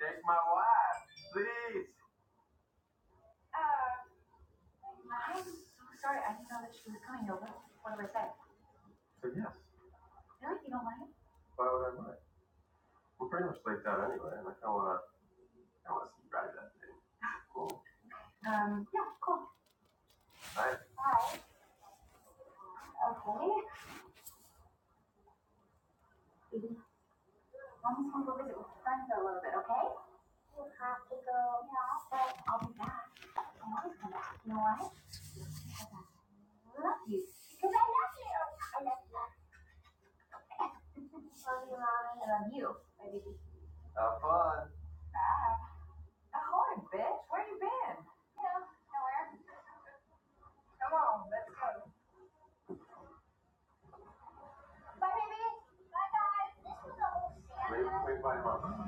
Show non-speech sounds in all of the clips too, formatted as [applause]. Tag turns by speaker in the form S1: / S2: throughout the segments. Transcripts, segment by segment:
S1: Take my wife, please. So yes, why would I mind? We're pretty much late out anyway, and I kind of wanna, I wanna see you ride that thing. Cool. Nice. Have fun. Wait, by month.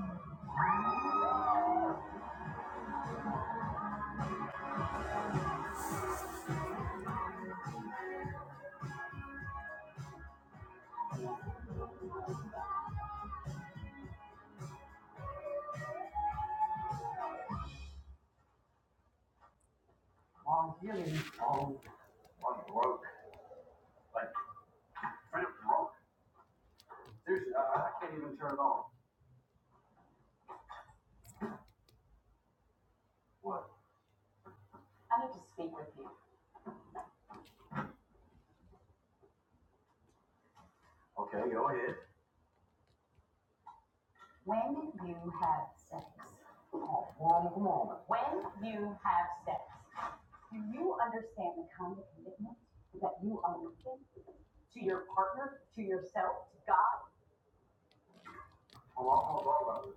S1: Long healing. Long, long broke. Like, pretty broke. Seriously, I, I can't even turn it on. What? Okay, go ahead. i I'm about it.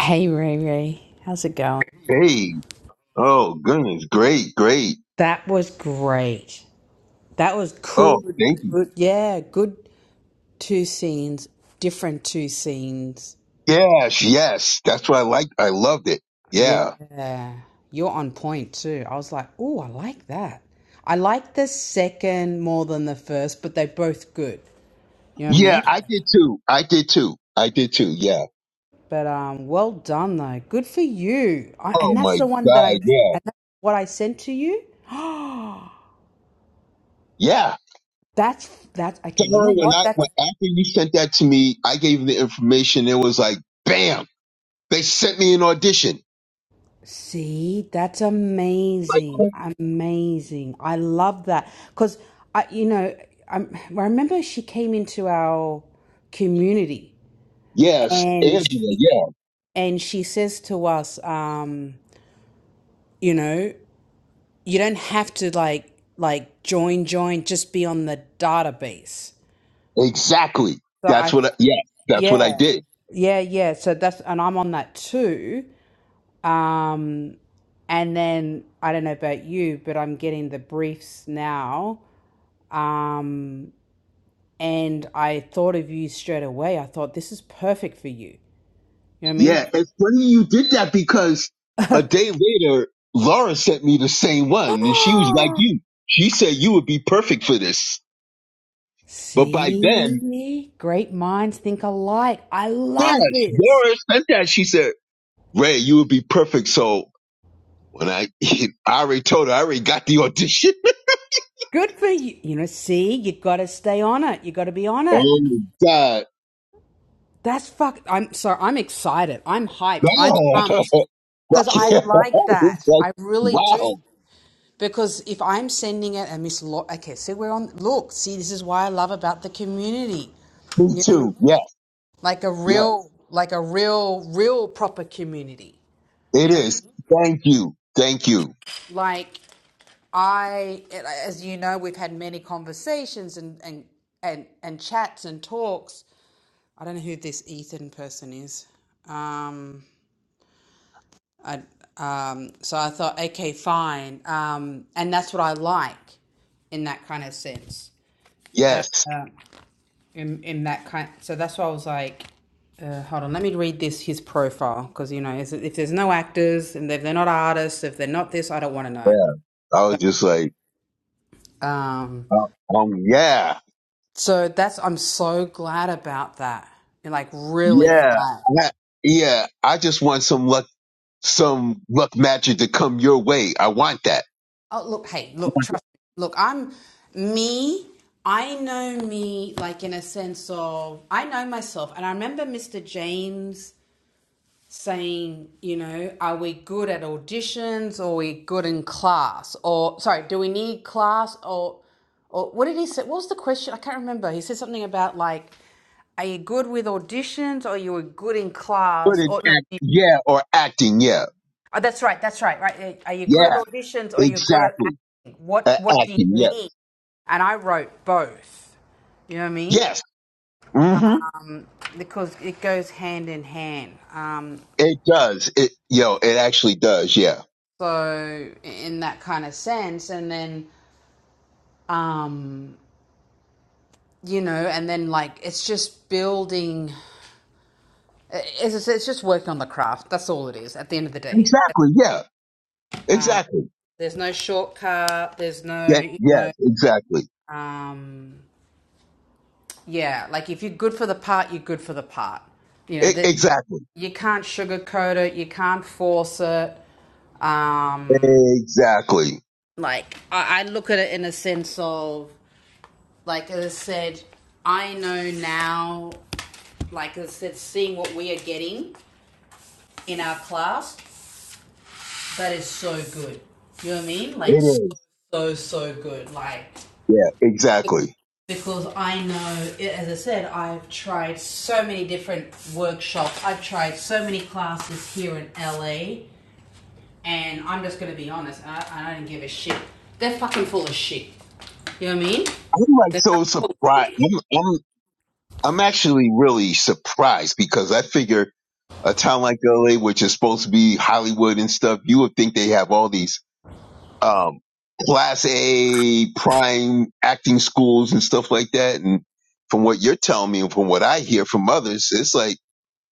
S1: Hey Ray Ray, how's it going?
S2: Hey, oh goodness, great, great.
S1: That was great. That was cool.
S2: Oh, thank you.
S1: Good. Yeah, good. Two scenes, different two scenes.
S2: Yes, yes. That's what I liked. I loved it. Yeah.
S1: Yeah, you're on point too. I was like, oh, I like that. I like the second more than the first, but they're both good. You know what I
S2: Yeah,
S1: mean?
S2: I did too. I did too. I did too. Yeah.
S1: But um, well done though. Good for you. I,
S2: Oh
S1: and that's
S2: my
S1: the one that I
S2: God. Yeah.
S1: and that's what I sent to you.
S2: Yeah.
S1: That's that. Okay, you know
S2: Sarah, when
S1: what?
S2: I,
S1: That's
S2: when after you sent that to me, I gave them the information. It was like, bam, they sent me an audition.
S1: See, that's amazing.
S2: Like,
S1: Amazing. I love that. Because, I, you know, I, I remember she came into our community
S2: yes,
S1: and
S2: Angela.
S1: she,
S2: Yeah,
S1: and she says to us, um, you know, you don't have to like, like join, join, just be on the database.
S2: exactly.
S1: So
S2: That's
S1: I,
S2: what I, yeah, that's what I
S1: yeah,
S2: did.
S1: yeah, yeah. So that's, and I'm on that too. Um, and then I don't know about you, but I'm getting the briefs now. Um, and I thought of you straight away. I thought this is perfect for you. You know what I
S2: Yeah,
S1: mean?
S2: it's funny you did that because a day later, Laura sent me the same one, and she was like you. She said you would be perfect for this. But by then,
S1: See, great minds think alike. I
S2: yes,
S1: love this.
S2: Laura sent that. She said, Ray, you would be perfect. So when I, [laughs] I already told her, I already got the audition.
S1: Good for you. You know, see, you got to stay on it. You got to be on
S2: [laughs]
S1: it.
S2: oh my God.
S1: That's fuck. I'm sorry. I'm excited. I'm hyped. I'm
S2: Wow.
S1: pumped
S2: [laughs]
S1: because I
S2: Yeah.
S1: like
S2: [laughs] it's
S1: that.
S2: like,
S1: I really do.
S2: wow.
S1: Because if I'm sending it and Miss Laura, okay, so we're on. Look, see, this is why I love about the community.
S2: Me
S1: You know what I
S2: too.
S1: mean?
S2: Yes.
S1: Like a
S2: Yes.
S1: real, like a real, real proper community.
S2: It
S1: You know, what
S2: is. Thank you. Thank you.
S1: like I, as you know, we've had many conversations and and and and chats and talks. I don't know who this Ethan person is. Um, I um, so I thought, okay, fine. Um, and that's what I like in that kind of sense.
S2: Yes.
S1: in in that kind. So that's why I was like, uh, hold on, let me read this his profile because you know is- if there's no actors and if they're not artists, if they're not this, I don't want to
S2: Yeah.
S1: know.
S2: I was just like,
S1: Um,
S2: Uh, um, yeah,
S1: so that's I'm so glad about that, and like really
S2: yeah,
S1: glad.
S2: I, yeah. I just want some luck, some luck magic to come your way. I want that.
S1: Oh look, hey, look, trust me. Look, I'm me. I know me, like in a sense of I know myself, and I remember Mr. James saying, you know, are we good at auditions or are we good in class? Or sorry, do we need class or or what did he say? What was the question? I can't remember. He said something about like, are you good with auditions or you were good in
S2: Good
S1: class?
S2: in
S1: Or no,
S2: act,
S1: you-
S2: yeah, or acting, yeah,
S1: oh, that's right, that's right, right. Are you good at
S2: yeah,
S1: auditions or you're good at
S2: exactly.
S1: acting?
S2: Uh,
S1: What what do you
S2: acting, yeah,
S1: need? And I wrote both. You know what I mean?
S2: yes. hmm
S1: Um, because it goes hand in hand. Um,
S2: It does. It, yo, it actually does. Yeah,
S1: so in that kind of sense and then um you know and then like it's just building it's, it's just working on the craft that's all it is at the end of the day
S2: exactly. Yeah, exactly.
S1: there's no shortcut there's no
S2: Yeah,
S1: you know
S2: yes, exactly.
S1: um yeah like if you're good for the part you're good for the part you know
S2: E-
S1: that
S2: exactly.
S1: you can't sugarcoat it you can't force it um
S2: Exactly.
S1: like I, I look at it in a sense of like as i said i know now like it's, said, seeing what we are getting in our class that is so good you know what i mean
S2: It
S1: like so
S2: is.
S1: so so good like
S2: Yeah, exactly.
S1: because i know as i said i've tried so many different workshops i've tried so many classes here in la and i'm just gonna be honest i, I don't give a shit they're fucking full of shit you know what i mean
S2: I'm like
S1: they're fucking
S2: so surprised. I'm. I'm actually really surprised because I figure a town like LA, which is supposed to be Hollywood and stuff, you would think they have all these um, class A prime acting schools and stuff like that. And from what you're telling me and from what I hear from others, it's like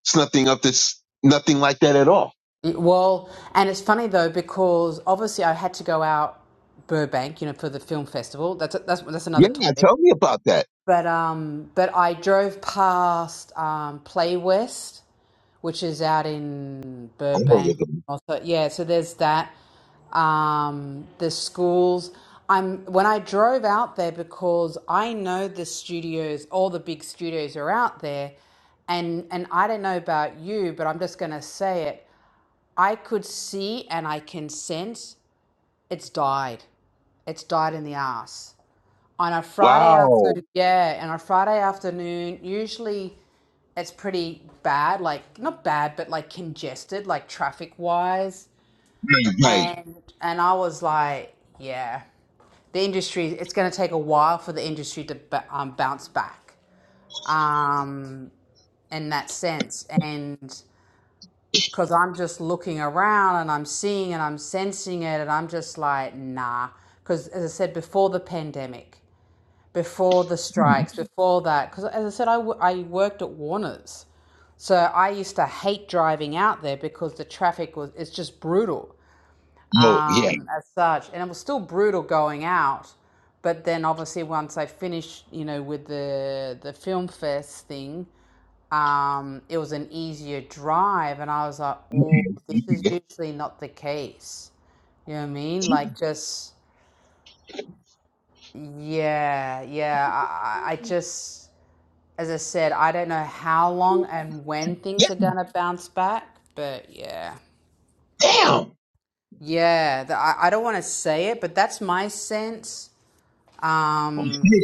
S2: it's nothing up this nothing like that at all.
S1: Well, and it's funny though because obviously I had to go out Burbank, you know, for the film festival. That's that's that's
S2: Yeah,
S1: another topic.
S2: tell me about that.
S1: But um, but I drove past um, Play West, which is out in
S2: I heard
S1: Burbank.
S2: of them.
S1: Also, yeah. So there's that. Um, the schools. I'm when I drove out there because I know the studios, all the big studios are out there, and and I don't know about you, but I'm just gonna say it. I could see and I can sense it's died. It's died in the ass. On a Friday
S2: Wow.
S1: afternoon, yeah, and on a Friday afternoon, usually it's pretty bad, like not bad, but like congested, like traffic wise.
S2: Right, right.
S1: And and I was like, yeah, the industry. It's going to take a while for the industry to ba- um, bounce back um, in that sense. And because I'm just looking around and I'm seeing and I'm sensing it, and I'm just like, nah. Because as I said, before the pandemic, before the strikes, before that, because as I said, I, w- I worked at Warner's. So I used to hate driving out there because the traffic was, it's just brutal
S2: Oh, yeah.
S1: um, as such. And it was still brutal going out. But then obviously once I finished, you know, with the, the film fest thing, um, it was an easier drive. And I was like,
S2: [laughs]
S1: oh, this is
S2: Yeah,
S1: usually not the case. You know what I mean? Like, just, yeah, yeah. I, I I just, as I said, I don't know how long and when things are going to bounce back, but yeah.
S2: damn. Okay.
S1: Yeah, the, I, I don't want to say it, but that's my sense. Um,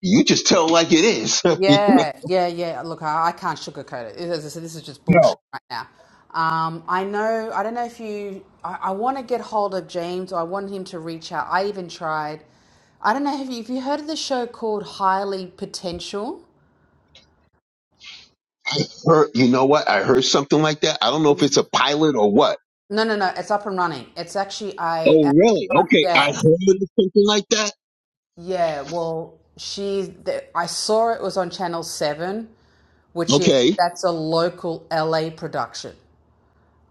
S2: You just tell like it is. [laughs]
S1: Yeah, yeah, yeah. Look, I, I can't sugarcoat it. It- As I said, this is just bullshit
S2: No.
S1: right now. Um, I know, I don't know if you, I, I want to get hold of James or I want him to reach out. I even tried, I don't know if you, if you heard of the show called Highly Potential.
S2: I heard, you know what? I heard something like that. I don't know if it's a pilot or what.
S1: No, no, no. It's up and running. It's actually I. uh,
S2: Oh,
S1: It's
S2: really?
S1: on.
S2: Okay. I
S1: Yeah,
S2: heard something like that.
S1: yeah. Well, she's. The, I saw it was on Channel Seven, which is
S2: Okay.
S1: that's a local LA production.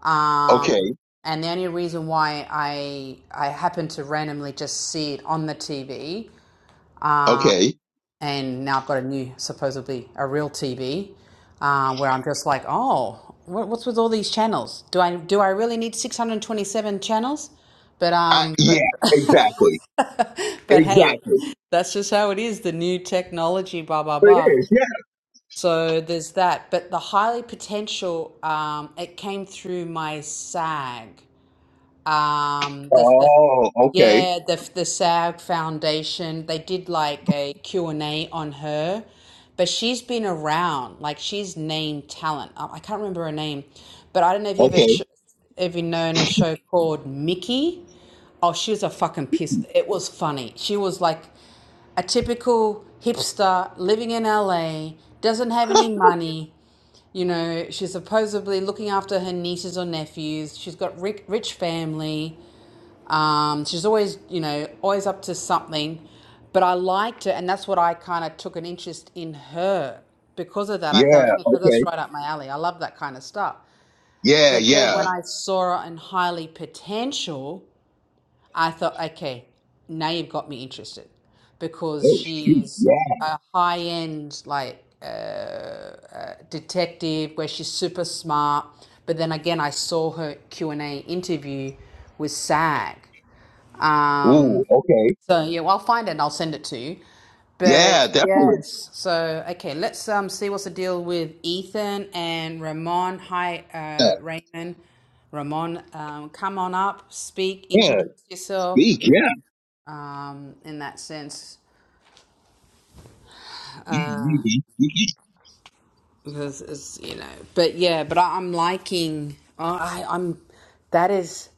S1: Um,
S2: Okay.
S1: and the only reason why I I happened to randomly just see it on the TV,
S2: Okay.
S1: and now I've got a new, supposedly a real TV, uh, where I'm just like, oh, what, what's with all these channels? Do I do I really need 627 channels? But
S2: I,
S1: um,
S2: yeah,
S1: but
S2: exactly.
S1: [laughs] but hey,
S2: Exactly.
S1: that's just how it is. The new technology, blah blah blah.
S2: It is. Yeah.
S1: So there's that. But the highly potential, um, it came through my SAG um the, the
S2: Oh, okay.
S1: yeah the the SAG Foundation they did like a Q and a on her but she's been around like she's named talent I, I can't remember her name but I don't know if you ever
S2: Okay.
S1: sh- ever known a show called Mickey oh she was a fucking piss it was funny she was like a typical hipster living in LA doesn't have any money you know, she's supposedly looking after her nieces or nephews. She's got rich, rich family. Um, she's always, you know, always up to something. But I liked her, and that's what I kind of took an interest in her. Because of that, I
S2: Yeah.
S1: thought, because that's
S2: Okay.
S1: right up my alley. I love that kind of stuff.
S2: Yeah.
S1: But then when
S2: Yeah.
S1: I saw her in Highly Potential, I thought, okay, now you've got me interested because
S2: Oh, shoot.
S1: she's
S2: Yeah.
S1: a high end like uh, uh, detective where she's super smart. But then again, I saw her Q and A interview with SAG,
S2: Ooh.
S1: um,
S2: Okay.
S1: so yeah, well, I'll find it and I'll send it to you.
S2: Yeah,
S1: But
S2: definitely.
S1: yes, so okay, let's um see what's the deal with Ethan and Ramon. Hi,
S2: Yeah.
S1: uh, Raymond, Ramon, um, come on up, speak,
S2: yeah,
S1: introduce yourself.
S2: Speak. Yeah.
S1: Um, in that sense,
S2: Mhm, mhm. mhm.
S1: because it's you know, but yeah, but I, I'm liking. Oh, I, I'm. That is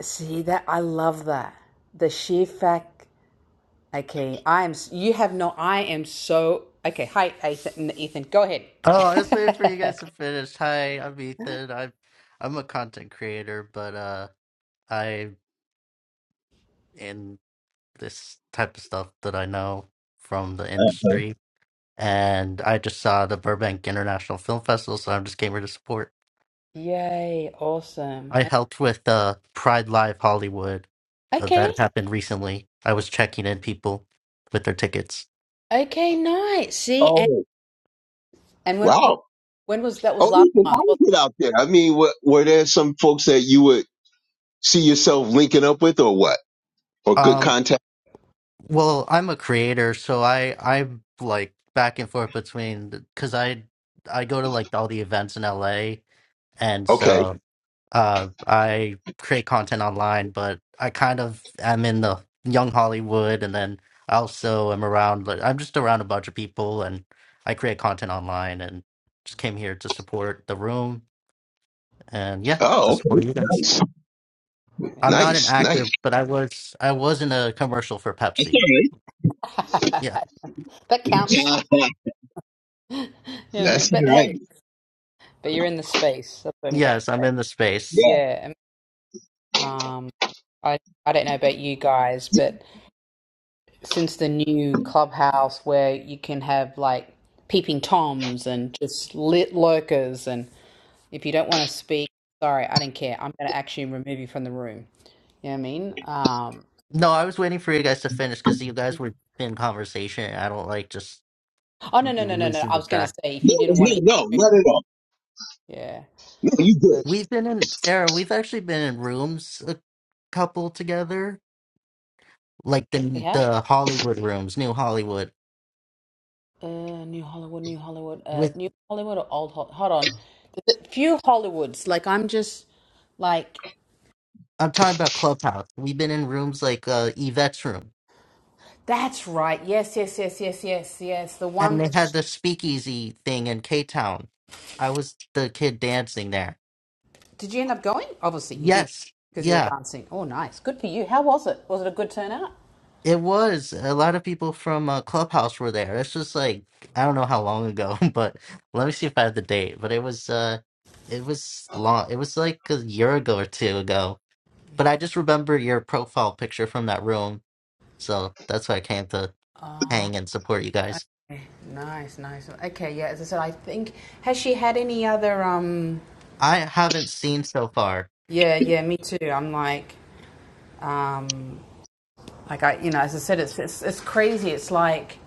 S1: see that I love that the sheer fact. Okay, I am. You have no. I am so. Okay, hi, Ethan. Ethan, go ahead.
S3: Oh, I was waiting for you
S1: [laughs]
S3: guys to finish. Hi, I'm Ethan. I'm I'm a content creator, but uh I'm in this type of stuff that I know from the industry. And I just saw the Burbank International Film Festival, so I'm just came here to support.
S1: Yay! Awesome.
S3: I helped with uh Pride Live Hollywood. Uh,
S1: Okay.
S3: that happened recently. I was checking in people with their tickets.
S1: Okay. Nice. See, and
S2: Oh,
S1: and when when
S2: wow.
S1: was that? Was
S2: Oh,
S1: last
S2: listen, how
S1: month.
S2: was
S1: wasn't
S2: it out there? I mean, were, were there some folks that you would? see yourself linking up with or what? Or good
S3: Um.
S2: contact?
S3: Well, I'm a creator, so I I'm like back and forth between because I I go to like all the events in LA, and
S2: Okay.
S3: so uh I create content online, but I kind of am in the young Hollywood, and then I also am around. Like, I'm just around a bunch of people, and I create content online, and just came here to support the room, and yeah, to
S2: Oh, okay.
S3: support you guys.
S2: nice.
S3: I'm
S1: it?
S3: not an
S2: Nice. Nice.
S3: actor, but I was I was in a commercial for Pepsi.
S1: Yeah.
S3: Yeah,
S1: [laughs] that counts.
S2: Yeah.
S1: [laughs] You know what I mean?
S2: That's
S1: But
S2: all right.
S1: hey, but you're in the space. That's what I'm trying to
S3: yes, I'm
S1: say.
S3: in the space.
S2: Yeah.
S1: Yeah. um, um, I I don't know about you guys, but. since the new clubhouse where you can have like peeping toms and just lit lurkers and if you don't want to speak sorry i don't care i'm going to actually remove you from the room you know what i mean um
S3: No, I was waiting for you guys to finish because you guys were in conversation. I don't like just
S1: oh no
S3: l-
S1: no no no no
S3: losing
S1: i
S3: the
S1: was going to
S3: track.
S1: say if you didn't want
S2: No, no,
S1: to
S2: not at all.
S1: yeah
S2: No, you
S1: so
S2: good.
S3: We've been in Sarah. We've actually been in rooms a couple together, like
S1: we
S3: the
S1: have
S3: the Hollywood rooms, New Hollywood.
S1: uh new hollywood new hollywood uh
S3: With
S1: new hollywood or old Hol- hold on there's a few hollywoods like i'm just like
S3: I'm talking about Clubhouse. We've been in rooms like uh, Yvette's room,
S1: that's right yes yes yes yes yes yes the one
S3: and they
S1: that
S3: had the speakeasy thing in K Town. I was the kid dancing there.
S1: Did you end up going? Obviously, you did
S3: Yes,
S1: because you were
S3: yeah.
S1: dancing. Oh, nice. Good for you. How was it? Was it a good turnout?
S3: It was. A lot of people from uh, Clubhouse were there. It's just like I don't know how long ago, [laughs] but let me see if I have the date. But it was uh it was long. It was like a year ago or two ago. But I
S1: Okay.
S3: just remember your profile picture from that room. So that's why I came to
S1: Oh,
S3: hang and support you guys.
S1: nice, nice. Okay, yeah. As I said, I think has she had any other? Um,
S3: I haven't seen so far,
S1: yeah, yeah. Me too. I'm like, um, like I, you know, as I said, it's it's, it's crazy. It's like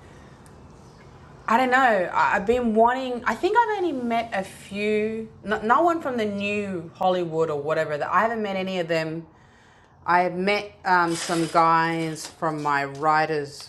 S1: I don't know. I, have been wanting. I think I've only met a few. No, no one from the new Hollywood or whatever. That I haven't met any of them. I have met um, some guys from my writers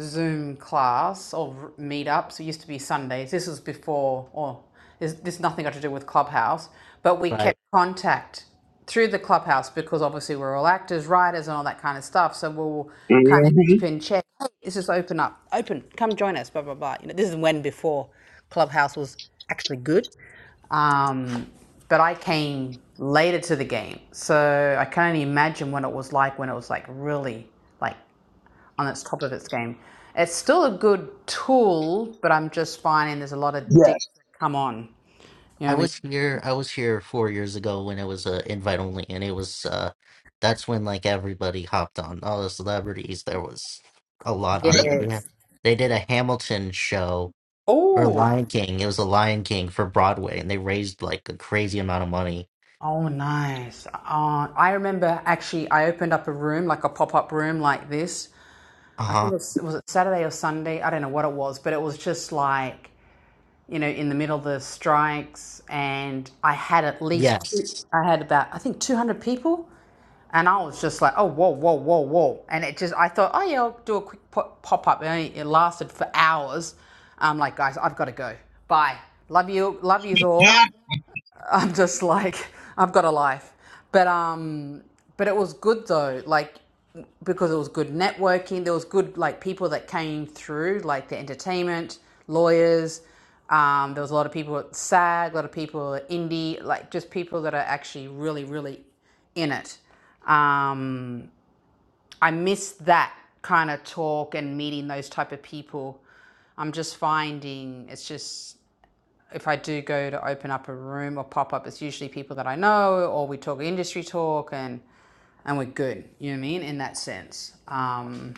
S1: Zoom class or meetups. It used to be Sundays. This was before, or this, this nothing got to do with Clubhouse, but we
S3: right?
S1: kept contact through the Clubhouse because obviously we're all actors, writers, and all that kind of stuff. So we'll kind of keep
S2: hmm
S1: in check. Hey, this is open up, open, come join us, blah, blah, blah. You know, this is when before Clubhouse was actually good. Um, but I came later to the game. So I can only imagine what it was like when it was like really like on its top of its game. It's still a good tool, but I'm just finding there's a lot of dicks
S2: Yes.
S1: that come on. You know what
S3: I
S1: I mean?
S3: was here. I was here four years ago when it was uh, invite only, and it was uh, that's when like everybody hopped on. All the celebrities. There was a lot on here. They had,
S1: Yes.
S3: they did a Hamilton show or
S1: Oh.
S3: Lion King. It was a Lion King for Broadway, and they raised like a crazy amount of money.
S1: Oh, nice. Uh, I remember actually, I opened up a room, like a pop up room like this.
S3: Uh
S1: I think
S3: huh.
S1: it was, was it Saturday or Sunday? I don't know what it was, but it was just like you know, in the middle of the strikes, and I had at least two,
S3: Yes.
S1: I had about I think 200 people, and I was just like, oh whoa whoa whoa whoa, and it just I thought, oh yeah, I'll do a quick pop up. It, it lasted for hours. I'm like, guys, I've got to go. Bye. Love you. Love yous all.
S2: Ah.
S1: I'm just like I've got a life. But um but it was good though, like because it was good networking, there was good like people that came through, like the entertainment, lawyers, um, there was a lot of people at SAG, a lot of people at Indie, like just people that are actually really, really in it. Um, I miss that kind of talk and meeting those type of people. I'm just finding it's just if I do go to open up a room or pop up, it's usually people that I know or we talk industry talk and and we're good. You know what I mean? In that sense. Um,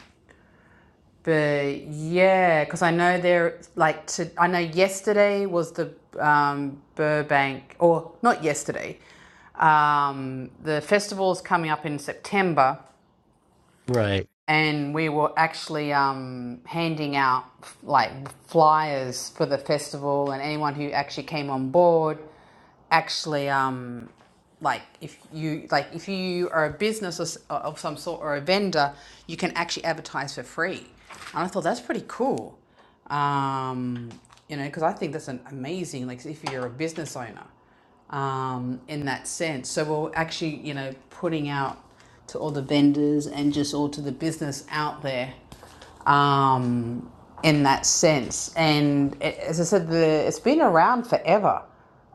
S1: but yeah, because I know there like to I know yesterday was the um, Burbank or not yesterday. Um, the festival's coming up in September
S3: Right.
S1: and we were actually um, handing out like flyers for the festival, and anyone who actually came on board actually um, like if you like if you are a business or s- of some sort or a vendor, you can actually advertise for free. And I thought that's pretty cool, um, you know, because I think that's an amazing like if you're a business owner um, in that sense. So we're actually, you know, putting out to all the vendors and just all to the business out there um, in that sense. And a- as I said, the, it's been around forever.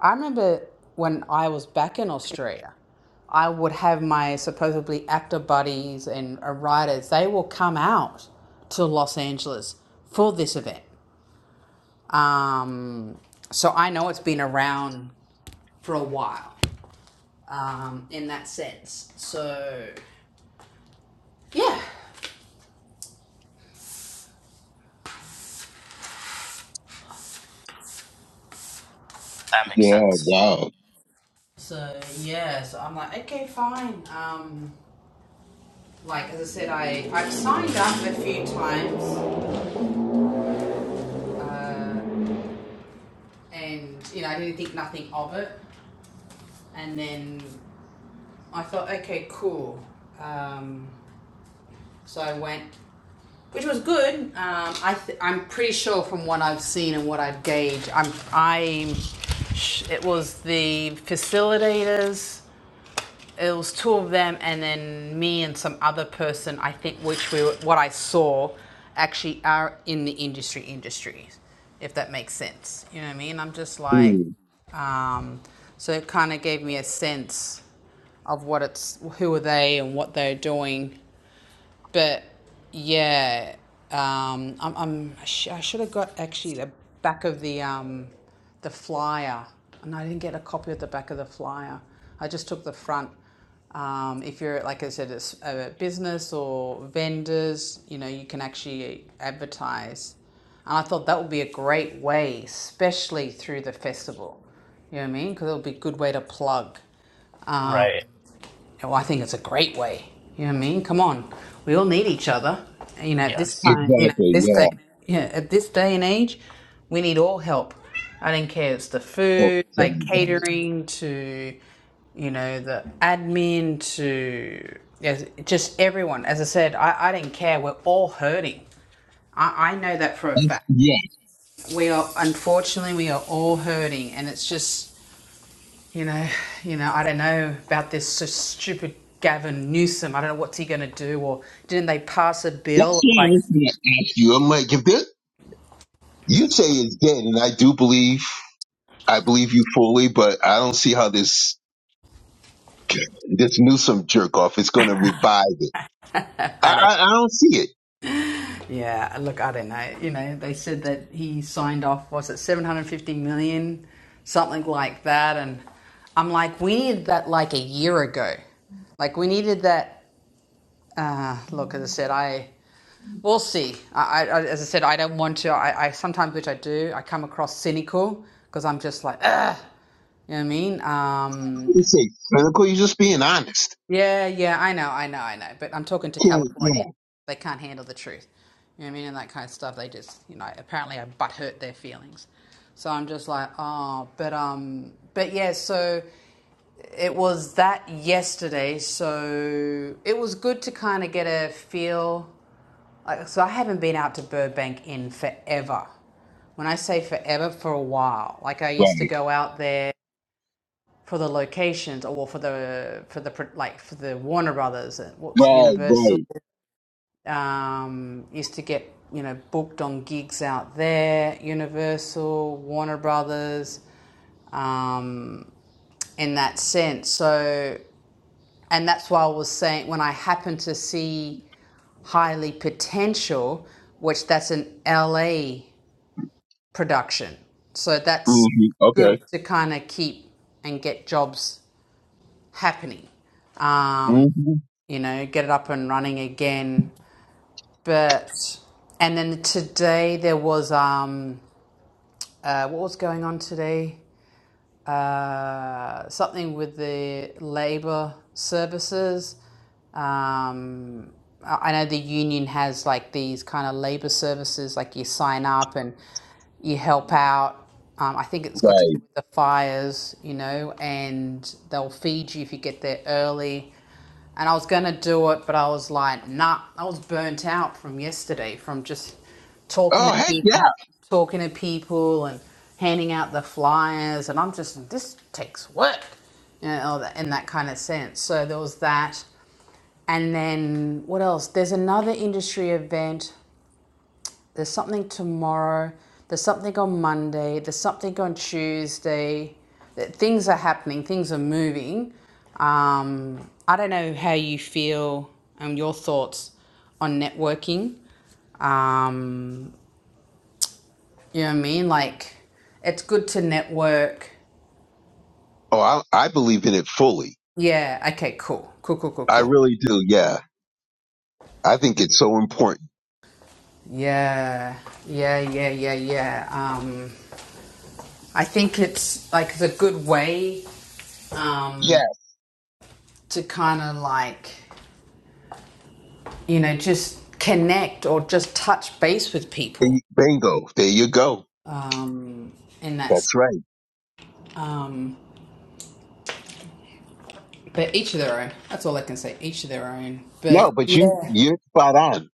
S1: I remember when I was back in Australia, I would have my supposedly actor buddies and uh, writers, they will come out to Los Angeles for this event. Um, so I know it's been around for a while um, in that sense. So yeah,
S3: That makes
S2: Yeah,
S3: sense.
S2: wow.
S1: so yeah, so I'm like, okay, fine. Um, like as I said, I I've signed up a few times, uh, and you know I didn't think nothing of it, and then I thought, okay, cool. Um, so I went, which was good. Um, I th- I'm pretty sure from what I've seen and what I've gauged, I'm I'm. It was the facilitators it was two of them and then me and some other person i think which we were, what i saw actually are in the industry industries if that makes sense you know what i mean i'm just like
S2: Mm,
S1: um, so it kind of gave me a sense of what it's who are they and what they're doing but yeah, um, I'm, I'm I, sh- I should have got actually the back of the um, the flyer, and I didn't get a copy of the back of the flyer. I just took the front. Um, if you're like I said, it's a business or vendors, you know, you can actually advertise. And I thought that would be a great way, especially through the festival. You know what I mean? Because it'll be a good way to plug. Um,
S3: Right.
S1: yeah, Well, I think it's a great way. You know what I mean? Come on, we all need each other. And, You know, at this
S3: Yes.
S1: time, you know,
S2: exactly.
S1: this day,
S2: Yeah.
S1: yeah, at this day and age, we need all help. I don't care. It's the
S2: Oh,
S1: food,
S2: tell
S1: like
S2: me about it.
S1: catering to, you know, the admin to, yes, just everyone. As I said, I, I don't care. We're all hurting. I, I know that for a
S2: That's,
S1: fact.
S2: yeah.
S1: We are unfortunately we are all hurting, and it's just you know, you know, I don't know about this so stupid Gavin Newsom. I don't know what's he going to do. Or didn't they pass a
S2: That's
S1: bill?
S2: what I
S1: Like,
S2: was going to ask you. I'm like, if there, you say it's dead, and I do believe, I believe you fully, but I don't see how this, this Newsom jerk off is going to revive it.
S1: [laughs]
S2: I,
S1: I don't.
S2: I, I don't see it.
S1: Yeah, look, I don't know. You know, they said that he signed off. Was it 750 million, something like that? And I'm like, we needed that like a year ago. Like, we needed that. Uh, look, as I said, I We'll see. I, I, I- as I said, I don't want to. I, I sometimes, which I do, I come across cynical because I'm just like, "Ugh," You know what I mean? Um,
S2: He critical. You just being honest.
S1: yeah, yeah, I know, I know, I know. But I'm talking to
S2: Can't- yeah.
S1: Californians. They can't handle the truth. You know what I mean? And that kind of stuff. They just, you know, apparently I butt hurt their feelings. So I'm just like, oh, but um, but yeah. So it was that yesterday. So it was good to kind of get a feel. Like, so I haven't been out to Burbank in forever. When I say forever, for a while. Like I used to
S2: Right,
S1: go out there for the locations or well, for the for the like for the Warner Brothers what's
S2: right,
S1: Universal
S2: right.
S1: um, used to get you know booked on gigs out there Universal Warner Brothers um, in that sense so and that's why I was saying when I happened to see highly potential which that's an LA production so that's
S2: hmm
S1: good
S2: Okay.
S1: to kind of keep and get jobs happening um,
S2: hmm
S1: you know, get it up and running again. But and then today there was um uh, what was going on today? uh, something with the labor services. Um, I know the union has like these kind of labor services, like you sign up and you help out. Um, I think it's got to do
S2: Right.
S1: with the fires, you know, and they'll feed you if you get there early. And I was going to do it, but I was like, nah, I was burnt out from yesterday, from just talking
S2: Oh,
S1: to
S2: heck
S1: people,
S2: yeah.
S1: talking to people, and handing out the flyers, and I'm just this takes work, you know, all that- in that kind of sense. So there was that, and then what else? There's another industry event. There's something tomorrow. There's something on Monday. There's something on Tuesday. That things are happening. Things are moving. Um, I don't know how you feel and your thoughts on networking. Um, you know what I mean? Like, it's good to network.
S2: Oh, I, I believe in it fully.
S1: Yeah. Okay. Cool. Cool. Cool. Cool.
S2: I
S1: Cool.
S2: really do. Yeah. I think it's so important.
S1: Yeah. Yeah. Yeah. Yeah. Yeah. Um, I think it's like it's a good way um,
S2: Yeah.
S1: to kind of like you know just connect or just touch base with people.
S2: b- Bingo. There you go.
S1: Um, and that's
S2: That's right.
S1: um, but each of their own. That's all I can say. Each of their own. But
S2: No, but you,
S1: yeah.
S2: you're spot on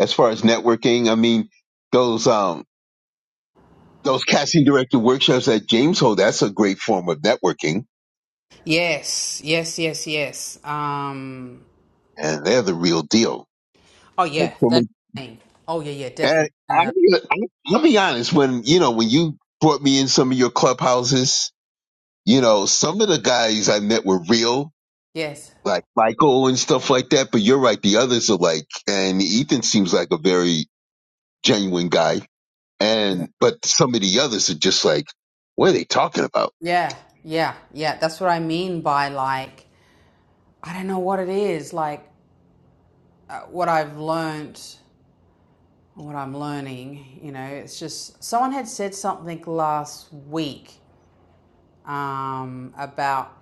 S2: as far as networking. I mean, those, um, those casting director workshops that James hold, that's a great form of networking
S1: Yes. Yes. Yes. Yes. Um,
S2: and they're the real deal.
S1: Oh
S2: And
S1: yeah,
S2: so
S1: they're not
S2: many.
S1: playing. Oh yeah, yeah, definitely.
S2: And
S1: And
S2: I'll
S1: uh,
S2: be, I'll I'll be honest, when, you know, when you brought me in some of your clubhouses, you know, some of the guys I met were real,
S1: yes,
S2: like Michael and stuff like that. But you're right. The others are like, and Ethan seems like a very genuine guy.
S1: yeah,
S2: And, but some of the others are just like, what are they talking about?
S1: yeah, yeah, yeah. That's what I mean by like I don't know what it is. Like uh, what I've learnt, what I'm learning. You know, it's just someone had said something last week um, about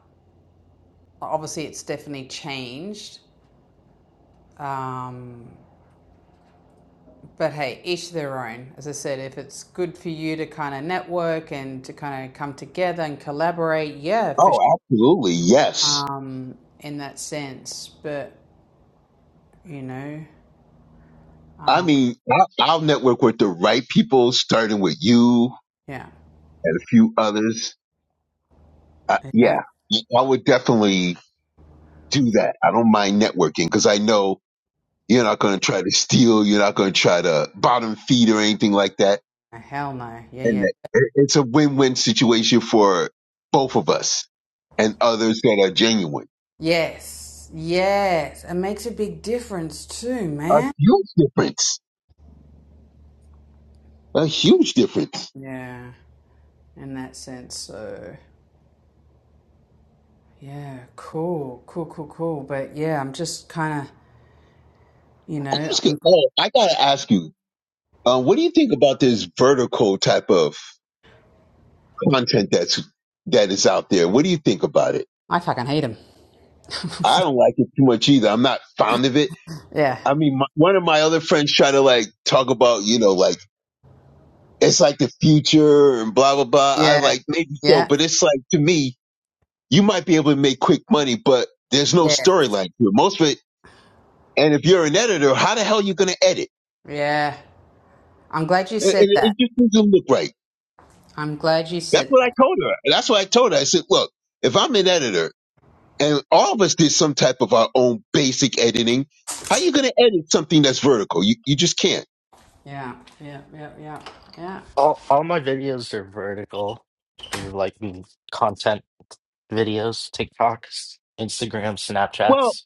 S1: obviously it's definitely changed. Um, but hey, each their own. As I said, if it's good for you to kind of network and to kind of come together and collaborate, yeah, for
S2: Oh, absolutely. Yes.
S1: um, in that sense. But you know,
S2: I
S1: um,
S2: mean, I- I'll network with the right people, starting with you
S1: yeah,
S2: and a few others. Uh,
S1: yeah,
S2: yeah. I would definitely do that. I don't mind networking because I know you're not going to try to steal. You're not going to try to bottom feed or anything like that.
S1: hell no, yeah,
S2: And
S1: yeah,
S2: that- it- it's a win-win situation for both of us and others that are genuine.
S1: yes, yes, it makes a big difference too,
S2: A
S1: man.
S2: huge difference. A huge difference.
S1: Yeah, in that sense. So yeah, cool, cool, cool, cool. But yeah, I'm just kind of, you
S2: I'm
S1: know,
S2: just gonna,
S1: I'm,
S2: oh, I gotta ask you, uh, what do you think about this vertical type of content that's that is out there? What do you think about it?
S1: I fucking hate him. [laughs]
S2: I don't like it too much either. I'm not fond of it
S1: yeah,
S2: I mean, my, one of my other friends try to like talk about, you know, like it's like the future and blah blah blah. I
S1: yeah,
S2: like maybe so,
S1: yeah,
S2: but it's like to me, you might be able to make quick money, but there's no
S1: yeah,
S2: storyline to it. Most of it, and if you're an editor, how the hell are you going to edit?
S1: yeah. I'm glad you
S2: And, and
S1: said that.
S2: it just doesn't look right.
S1: I'm glad you
S2: That's
S1: said
S2: what I
S1: that.
S2: told her. That's what I told her. I said, look, if I'm an editor, and all of us did some type of our own basic editing, how are you going to edit something that's vertical? You you just can't.
S1: Yeah, yeah, yeah, yeah, yeah.
S3: All all my videos are vertical, uh, like mm, content videos, TikToks, Instagram,
S2: Well,
S3: Snapchats.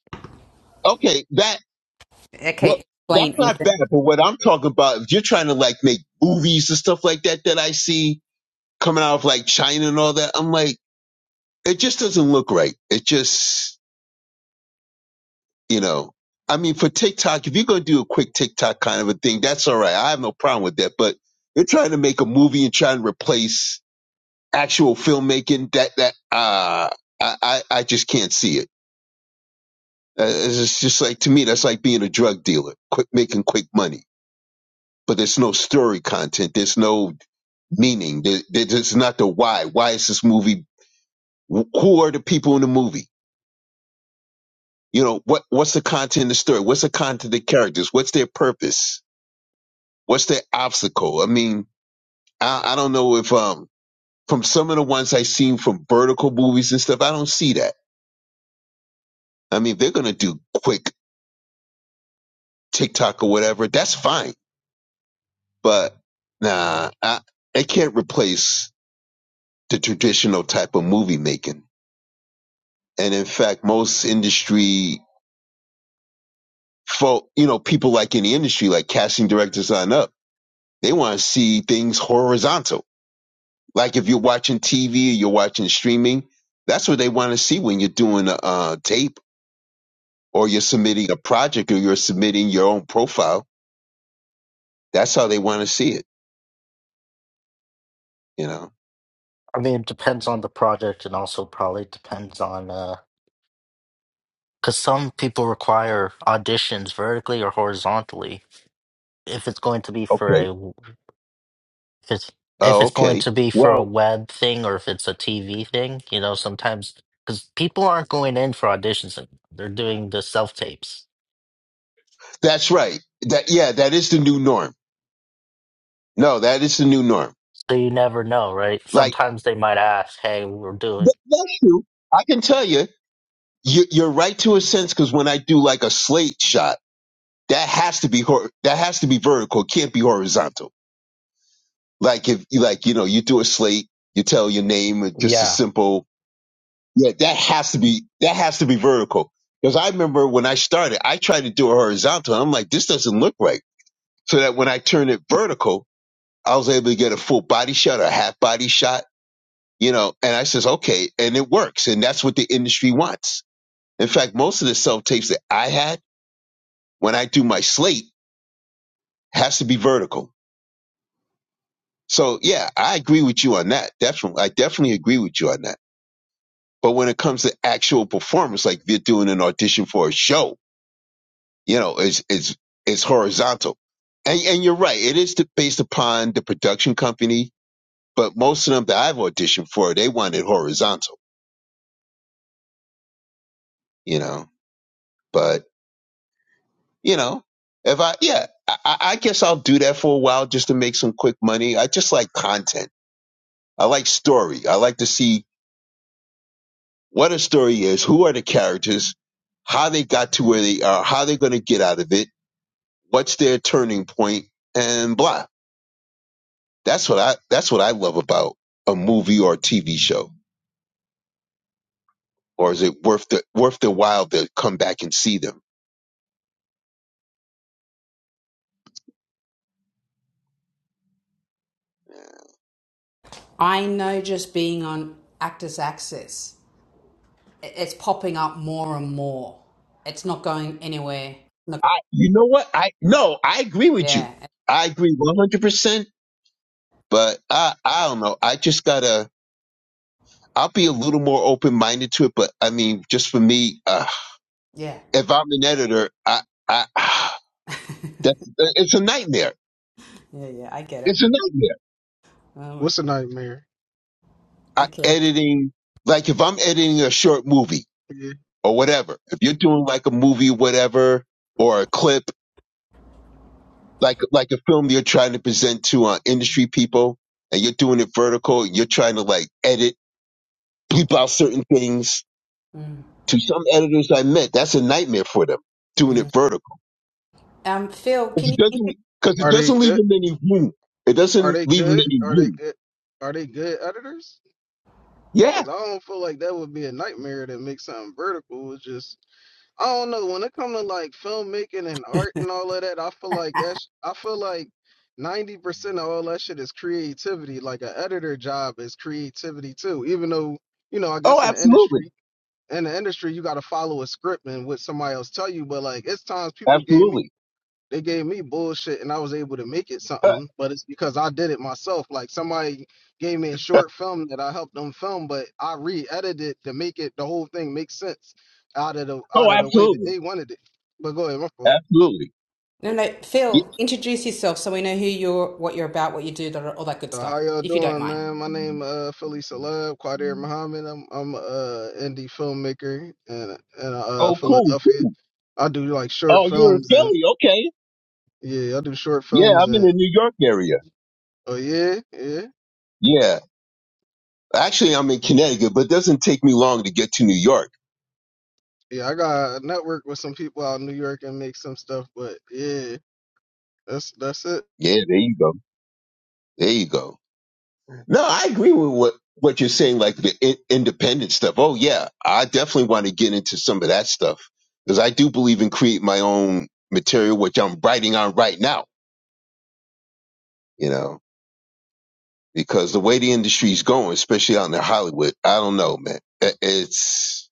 S2: okay, that Well,
S1: Okay, explain,
S2: that's not bad.
S1: Ethan.
S2: But what I'm talking about, if you're trying to like make movies and stuff like that, that I see coming out of like China and all that, I'm like, it just doesn't look right. It just, you know, I mean, for TikTok, if you're going to do a quick TikTok kind of a thing, that's all right. I have no problem with that. But you're trying to make a movie and trying to replace actual filmmaking that, that, uh, I, I, I just can't see it. Uh, It's just like, to me, that's like being a drug dealer, quick, making quick money. but there's no story content. There's no meaning. There, there- there's not the why. Why is this movie? Who are the people in the movie? You know, what, what's the content of the story? What's the content of the characters? What's their purpose? What's their obstacle? I mean, I, I don't know if, um, from some of the ones I've seen from vertical movies and stuff, I don't see that. I mean, they're going to do quick TikTok or whatever. That's fine. But nah, I, it can't replace the traditional type of movie making And in fact, most industry folk, you know, people like in the industry, like casting directors sign up, they want to see things horizontal. Like if you're watching TV, or you're watching streaming, that's what they want to see when you're doing a uh, tape or you're submitting a project or you're submitting your own profile. That's how they want to see it, you know?
S3: I mean, it depends on the project and also probably depends on uh because some people require auditions vertically or horizontally. If it's going to be for
S2: Okay.
S3: a if it's if
S2: Oh,
S3: it's going
S2: okay.
S3: to be for a
S2: Well,
S3: web thing or if it's a TV thing, you know, sometimes because people aren't going in for auditions, and they're doing the self tapes,
S2: that's right. That, yeah, that is the new norm. No, that is the new norm.
S3: so you never know, right?
S2: Like,
S3: Sometimes they might ask, "Hey, we're doing."
S2: th- that's true. I can tell you, you, you're right to a sense because when I do like a slate shot, that has to be hor- that has to be vertical. It can't be horizontal. Like if you like you know you do a slate, you tell your name, or just a
S3: Yeah,
S2: simple yeah. That has to be that has to be vertical. Because I remember when I started, I tried to do a horizontal. And I'm like, this doesn't look right. So that when I turned it vertical, I was able to get a full body shot or a half body shot, you know. And I says, okay, and it works, and that's what the industry wants. In fact, most of the self tapes that I had. when I do my slate has to be vertical. So yeah, I agree with you on that. Definitely. I definitely agree with you on that. But when it comes to actual performance, like they're doing an audition for a show, you know, it's, it's, it's horizontal. And, and you're right. It is based upon the production company, but most of them that I've auditioned for, they want it horizontal, you know, but you know, if I, yeah, I, I I guess I'll do that for a while just to make some quick money. I just like content. I like story. I like to see what a story is, who are the characters, how they got to where they are, how they're going to get out of it, what's their turning point, and blah. That's what I that's what I love about a movie or a TV show. Or is it worth the worth the while to come back and see them?
S1: I know just being on Actors Access, i- it's popping up more and more. It's not going anywhere. No-
S2: I you know what I no I agree with you.
S1: yeah,
S2: I agree one hundred percent. But I I don't know. I just gotta. I'll be a little more open minded to it, but I mean, just for me, uh,
S1: yeah,
S2: if I'm an editor, I, I, [sighs]
S1: [laughs]
S2: that's, it's a nightmare.
S1: yeah, yeah. I get it.
S2: It's a nightmare.
S1: Oh my.
S4: What's a nightmare?
S2: I,
S1: Okay.
S2: editing, like if I'm editing a short movie
S4: Yeah.
S2: or whatever, if you're doing like a movie, whatever, or a clip, like, like a film you're trying to present to uh, industry people and you're doing it vertical, you're trying to like edit, bleep out certain things.
S1: Mm,
S2: To some editors I met, that's a nightmare for them doing it
S1: mm.
S2: vertical
S1: Um, Phil,
S2: Because
S1: can
S2: it
S1: you? int-
S2: doesn't because it
S4: Are they
S2: doesn't leave
S4: good?
S2: him any room. It
S4: Are
S2: doesn't
S4: they
S2: leave him
S4: good?
S2: any
S4: Are they
S2: room.
S4: good? Are they good editors?
S2: Yeah.
S4: Because I don't feel like that would be a nightmare to make something vertical. It's just I don't know. When it comes to like filmmaking and art and all of that, I feel like that's I feel like ninety percent of all that shit is creativity. Like an editor job is creativity too. Even though you know, I
S2: Oh,
S4: guess in the
S2: absolutely.
S4: industry, in the industry, you got to follow a script and what somebody else tell you. But like, it's times people gave me
S2: Absolutely.
S4: They gave me bullshit and I was able to make it
S2: Uh,
S4: something, but it's because I did it myself. Like somebody gave me a short film that I helped them film, but I re-edited it to make it the whole thing make sense out of the out
S2: oh,
S4: of the way that
S2: absolutely.
S4: they wanted it. But go ahead, my fault.
S2: Absolutely.
S1: No, no,
S2: Ye-
S1: Phil, introduce yourself so we know who you're, what you're about, what you do, that, all that good
S4: So
S1: stuff,
S4: how y'all
S1: if you don't
S4: doing,
S1: mind.
S4: man? My name uh Philly Celeb, Quadir Muhammad. I'm I'm a uh, indie filmmaker in in uh
S2: Oh, cool.
S4: Philadelphia.
S2: cool.
S4: I do like short
S2: Oh, you're in
S4: films and
S2: Philly. Okay.
S4: yeah, I do short
S2: Yeah,
S4: films
S2: I'm in
S4: and
S2: the New York area.
S4: oh yeah, yeah.
S2: Yeah. Actually, I'm in Connecticut, but it doesn't take me long to get to New York.
S4: yeah, I got network with some people out in New York and make some stuff, but yeah, that's that's it.
S2: Yeah, there you go. There you go. No, I agree with what, what you're saying, like the in- independent stuff. Oh, yeah, I definitely want to get into some of that stuff because I do believe in create my own material, which I'm writing on right now, you know, because the way the industry's going, especially out in Hollywood, I don't know, man. I- It's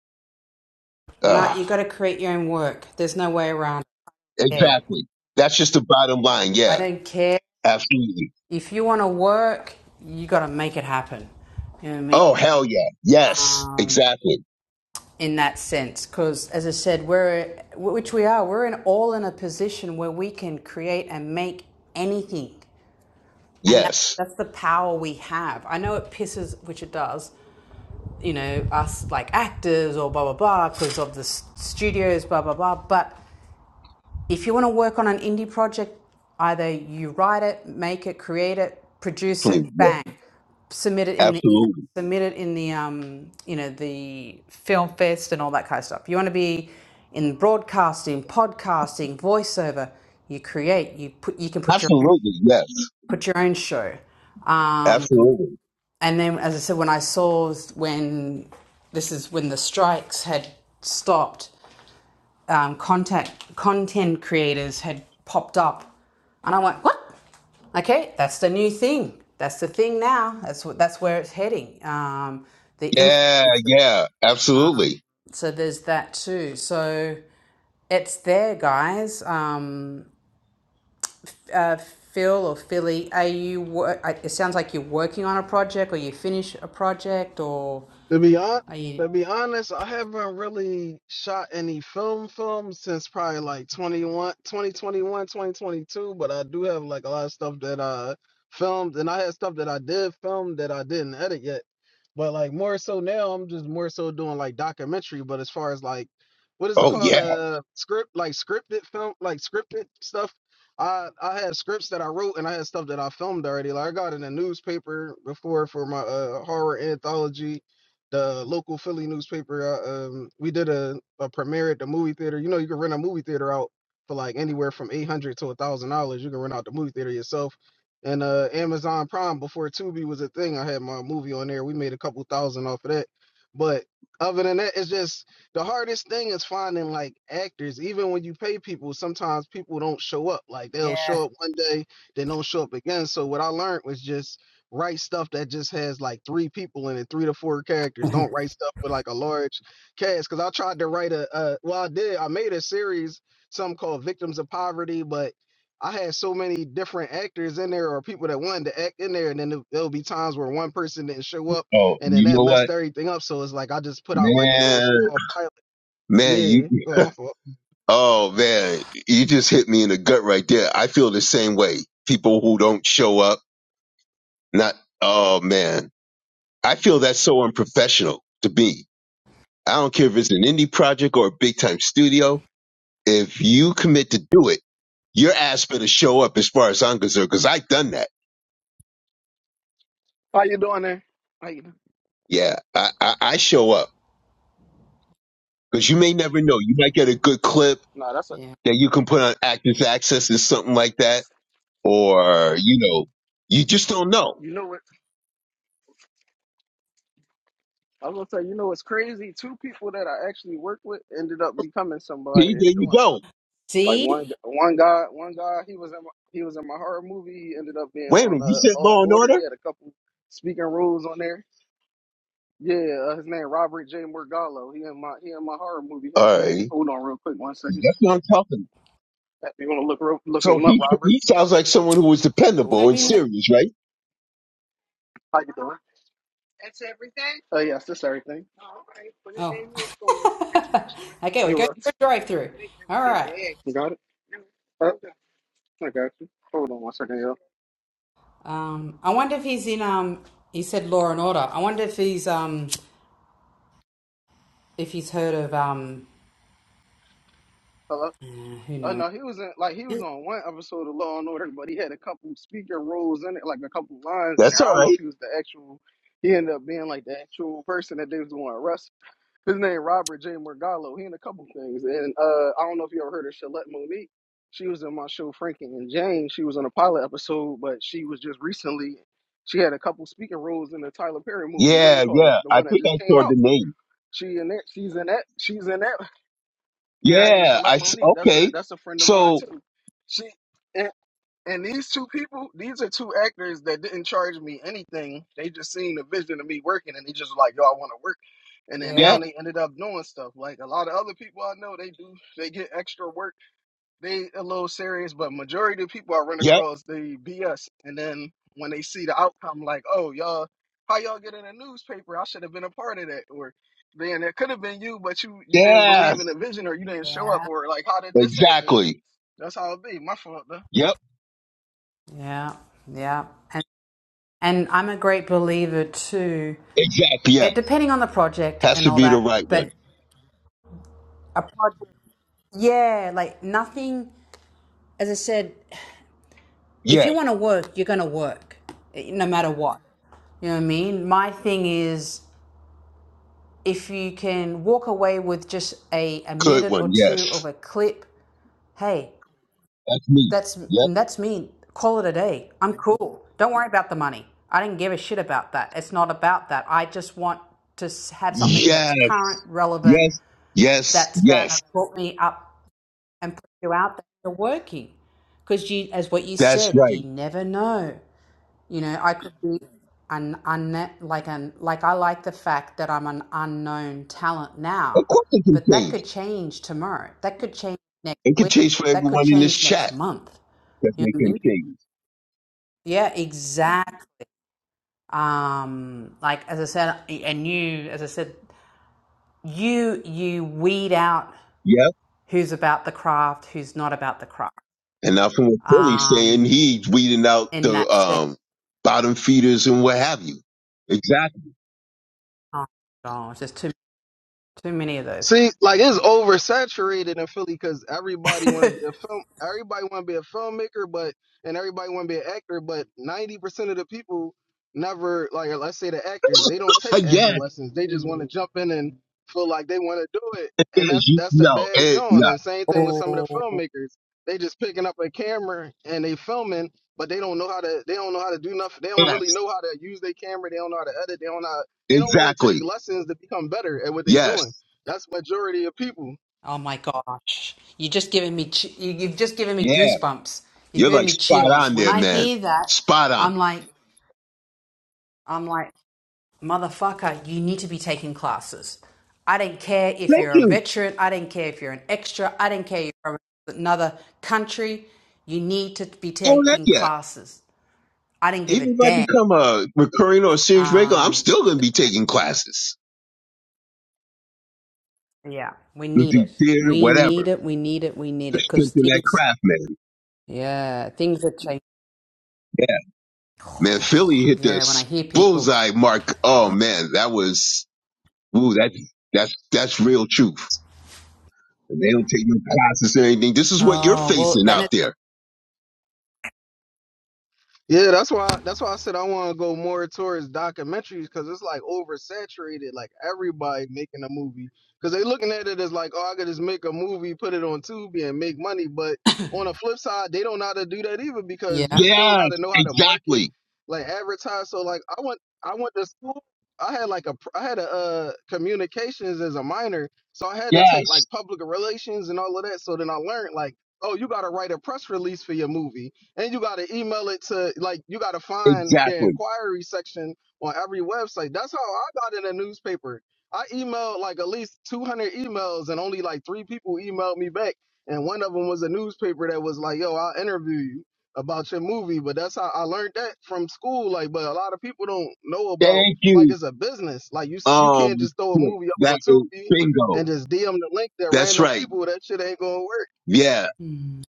S1: Nah,
S2: uh,
S1: you got to create your own work. There's no way around. it. Yeah,
S2: exactly that's just the bottom line.
S1: I
S2: Yeah,
S1: don't care.
S2: absolutely.
S1: if you want to work, you got to make it happen. You know what I mean?
S2: Oh, hell yeah. Yes,
S1: Um,
S2: exactly.
S1: in that sense, because as I said, we're which we are, we're in all in a position where we can create and make anything, and that,
S2: Yes,
S1: that's the power we have. I know it pisses, which it does, you know, us like actors or blah blah blah because of the studios, blah blah blah, but If you want to work on an indie project, either you write it, make it, create it, produce it,
S2: Definitely, yeah.
S1: bang, submit it in the
S2: absolutely.
S1: submit it in the um, you know the film fest and all that kind of stuff. You want to be in broadcasting, podcasting, voiceover. You create. You put. You can put your own,
S2: Absolutely. Yes,
S1: put your own show. Um,
S2: absolutely.
S1: and then, as I said, when I saw when this is when the strikes had stopped um, contact content creators had popped up, and I went, "What? Okay, that's the new thing. That's the thing now. That's what. That's where it's heading. Um, the
S2: Yeah,
S1: influencer.
S2: yeah, absolutely.
S1: So there's that too. So it's there, guys. Um, Phil or Philly, are you? wor- I- It sounds like you're working on a project, or you finish a project, or
S4: To be on,
S1: are you?
S4: to be honest, I haven't really shot any film film since probably like 21, 2021, 2022. but I do have like a lot of stuff that I filmed and I had stuff that I did film that I didn't edit yet. But like more so now I'm just more so doing like documentary, but as far as like what is it
S2: Oh
S4: called
S2: yeah.
S4: uh script like scripted film like scripted stuff I I had scripts that I wrote and I had stuff that I filmed already. Like I got in a newspaper before for my uh, horror anthology the local Philly newspaper. Uh, um, we did a, a premiere at the movie theater. You know, you can rent a movie theater out for like anywhere from eight hundred to a thousand dollars. You can rent out the movie theater yourself. And uh, Amazon Prime before Tubi was a thing. I had my movie on there. We made a couple thousand off of that. But other than that, it's just the hardest thing is finding like actors. Even when you pay people, sometimes people don't show up. Like they'll show
S1: Yeah.
S4: up one day, they don't show up again. So what I learned was just write stuff that just has like three people in it, three to four characters. Don't
S1: [laughs]
S4: write stuff with like a large cast. Cause I tried to write a, uh, well, I did. I made a series, something called Victims of Poverty, but I had so many different actors in there or people that wanted to act in there. And then there- there'll be times where one person didn't show up
S2: Oh,
S4: and then
S2: you
S4: that
S2: know what,
S4: messed everything up. So it's like I just put out like a little
S2: man,
S4: small pilot.
S2: man, you.
S4: Yeah. Go ahead, my fault.
S2: Oh man, you just hit me in the gut right there. I feel the same way. People who don't show up, not. Oh man, I feel that's so unprofessional to me. I don't care if it's an indie project or a big time studio. If you commit to do it, your ass better show up as far as I'm concerned, because I've done that.
S4: How you doing there? How you doing?
S2: Yeah, I, I, I show up because you may never know. You might get a good clip
S4: No, that's a.
S1: Yeah.
S2: that you can put on active access or something like that, or you know, you just don't know.
S4: You know what? I was gonna say, you know, it's crazy. Two people that I actually worked with ended up becoming somebody
S2: See, there
S4: and
S2: you
S4: doing stuff.
S2: go.
S4: Like
S1: See,
S4: one, one guy, one guy, he was in, my, he was in my horror movie. He ended up being
S2: Wait a
S4: on
S2: minute, you
S4: uh,
S2: said
S4: Law and
S2: Law and
S4: Order. He
S2: Order.
S4: had a couple speaking roles on there. Yeah, uh, his name Robert J. Morgallo. He in my, he in my horror movie.
S2: All
S4: Heck, man,
S2: right,
S4: hold on real quick, one second.
S2: that's what I'm talking.
S4: If You wanna look, real- look
S2: So
S4: him up,
S2: he
S4: Robert?
S2: he sounds like someone who was
S4: Hold
S1: put
S4: on,
S2: dependable and
S4: hold
S1: him in
S4: on.
S1: the
S2: serious, right?
S4: How you doing? Uh, yes, that's everything.
S1: Oh, [laughs] okay. We
S4: You
S1: go through
S4: uh,
S1: a drive-through. All right.
S4: got it? Uh, I got you. Hold on one second, yo.
S1: Um, I wonder if he's in. Um, he said Law and Order. I wonder if he's um if he's heard of um
S4: Hello.
S1: uh, who
S4: Oh
S1: knows.
S4: no, he was in like he was on one episode of Law and Order, but he had a couple speaker roles in it, like a couple lines in
S2: That's
S4: there. I
S2: all
S4: don't know if
S2: right.
S4: he was the actual. He ended up being like the actual person that they was going to arrest. His name Robert J. Morgallo. He in a couple things, and uh, I don't know if you ever heard of Shalette Monique. She was in my show Frankie and Jane. She was on a pilot episode, but she was just recently. She had a couple speaking roles in the Tyler Perry movie. What is it
S2: Yeah,
S4: called?
S2: yeah.
S4: The
S2: I
S4: one that
S2: think
S4: just
S2: I
S4: came
S2: saw
S4: out.
S2: the name.
S4: She in that. She's in that. She's in that. Yeah, her name's
S2: Yeah,
S4: Shalette
S2: I s-
S4: Monique. That's a
S2: okay.
S4: that's a friend of mine
S2: So
S4: too. She and, and these two people, these are two actors that didn't charge me anything. They just seen the vision of me working, and they just like, yo, I want to work. And then
S1: Yeah,
S4: now
S2: yeah,
S4: they ended up doing stuff. Like a lot of other people I know, they do they get extra work they a little serious, but majority of people I run
S2: yep,
S4: across they BS. And then when they see the outcome, like, oh y'all, how y'all get in a newspaper? I should have been a part of that, or man, that could have been you, but you you didn't believe in
S2: yes,
S4: the vision, or you didn't show up,
S1: yeah,
S4: or like, how did this happen?
S2: exactly.
S4: That's how it be. My fault. though.
S2: Yep,
S1: yeah, yeah. And and I'm a great believer too.
S2: exactly. Yes,
S1: It, depending on the project
S2: has
S1: and
S2: to
S1: all
S2: be the
S1: that,
S2: right
S1: but
S2: one.
S1: a project, yeah, like nothing. As I said, if
S2: Yes,
S1: you want to work, you're going to work, eh, no matter what. You know what I mean? My thing is If you can walk away with just a, a
S2: good
S1: minute
S2: one.
S1: or two of
S2: Yes,
S1: a clip, hey,
S2: that's me.
S1: that's
S2: Yep.
S1: that's me. Call it a day. I'm cool. Don't worry about the money. I didn't give a shit about that. It's not about that. I just want to have something that's
S2: Yes.
S1: current, relevant,
S2: Yes, yes,
S1: that's going to
S2: yes.
S1: put me up and put you out there working. Because you, as what you
S2: That's
S1: said,
S2: right.
S1: you never know. You know, I could be an un like an like I like the fact that I'm an unknown talent
S2: Of
S1: now,
S2: course it can
S1: but that
S2: change.
S1: could change tomorrow. That could change next
S2: It can
S1: week.
S2: change for
S1: That could
S2: everyone in this
S1: change next
S2: chat
S1: month.
S2: because
S1: You
S2: they
S1: know what I
S2: can
S1: mean?
S2: change.
S1: Yeah, exactly. Um, like as I said, and you, as I said, you you weed out
S2: Yep.
S1: who's about the craft, who's not about the craft.
S2: And now from what Philly's saying,
S1: Um,
S2: he's weeding out
S1: in
S2: the
S1: that sense.
S2: um, bottom feeders and what have you. Exactly.
S1: Oh gosh, there's too too many of those.
S4: See, like it's oversaturated in Philly because everybody want to
S1: [laughs]
S4: be a film, everybody want to be a filmmaker, but and everybody want to be an actor, but ninety percent of the people never like, let's say the actors, they don't
S2: Uh,
S4: take acting
S2: yes,
S4: lessons. They just want to jump in and feel like they want to do it,
S2: yes,
S4: and that's
S2: you,
S4: that's a
S2: no,
S4: bad
S2: it,
S4: John.
S2: no.
S4: And same thing with
S1: Oh.
S4: some of the filmmakers, they just picking up a camera and they filming, but they don't know how to, they don't know how to do nothing. They don't really
S2: Yes,
S4: know how to use their camera. They don't know how to edit. They don't know. How, they don't want to
S2: exactly.
S4: take lessons to become better at what they're doing
S2: Yes.
S4: that's majority of people.
S1: Oh my gosh. You're just giving me, ch- you- you've just given me
S2: Yeah.
S1: goosebumps. You're
S2: You're
S1: giving
S2: like
S1: me
S2: spot
S1: chills.
S2: on
S1: When
S2: there,
S1: I
S2: man.
S1: hear that,
S2: Spot on.
S1: I'm like, I'm like, motherfucker, you need to be taking classes. I don't care if
S2: Thank
S1: you're a
S2: you.
S1: veteran. I don't care if you're an extra. I don't care if you're from another country. You need to be
S2: Oh, heck
S1: taking
S2: yeah.
S1: classes. I didn't give a
S2: Even if I
S1: damn.
S2: become a recurring or a series regular, I'm
S1: Um,
S2: still going to be taking classes.
S1: yeah, we
S2: We
S1: need
S2: do
S1: it.
S2: theater,
S1: We need
S2: whatever,
S1: it. We need it. We need
S2: to
S1: it because
S2: strengthen that
S1: things,
S2: craft, man.
S1: yeah, things are changing.
S2: Yeah. Man, Philly hit the
S1: Yeah, when I hear people.
S2: bullseye mark. Oh man, that was, ooh, that's, that's, that's real truth. And they don't take no classes or anything. This is what you're
S1: Oh, well,
S2: facing
S1: and it,
S2: out there.
S4: Yeah, that's why. That's why I said I want to go more towards documentaries because it's like oversaturated. Like everybody making a movie because they looking at it as like, oh, I could just make a movie, put it on Tubi, and make money. But on the flip side, they don't know how to do that either because you
S1: yeah.
S4: still got
S2: Yes,
S4: to know how to market,
S2: exactly.
S4: like advertise. So like, I went, I went to school. I had like a, pr- I had a uh, communications as a minor, so I had to take
S2: Yes,
S4: like public relations and all of that. So then I learned like, oh, you got to write a press release for your movie and you got to email it to like you got to find the
S2: exactly.
S4: inquiry section on every website. That's how I got in a newspaper. I emailed like at least 200 emails and only like three people emailed me back. And one of them was a newspaper that was like, "Yo, I'll interview you about your movie." But that's how I learned that from school. Like, but a lot of people don't know about
S2: Thank
S4: like
S2: you.
S4: it's a business. Like you you
S2: Um,
S4: can't just throw a
S2: shit,
S4: movie up on
S2: that is
S4: Tubi
S2: bingo.
S4: and just DM the link to
S2: That's
S4: random
S2: right.
S4: people. That shit ain't gonna work.
S2: Yeah.
S1: Mm,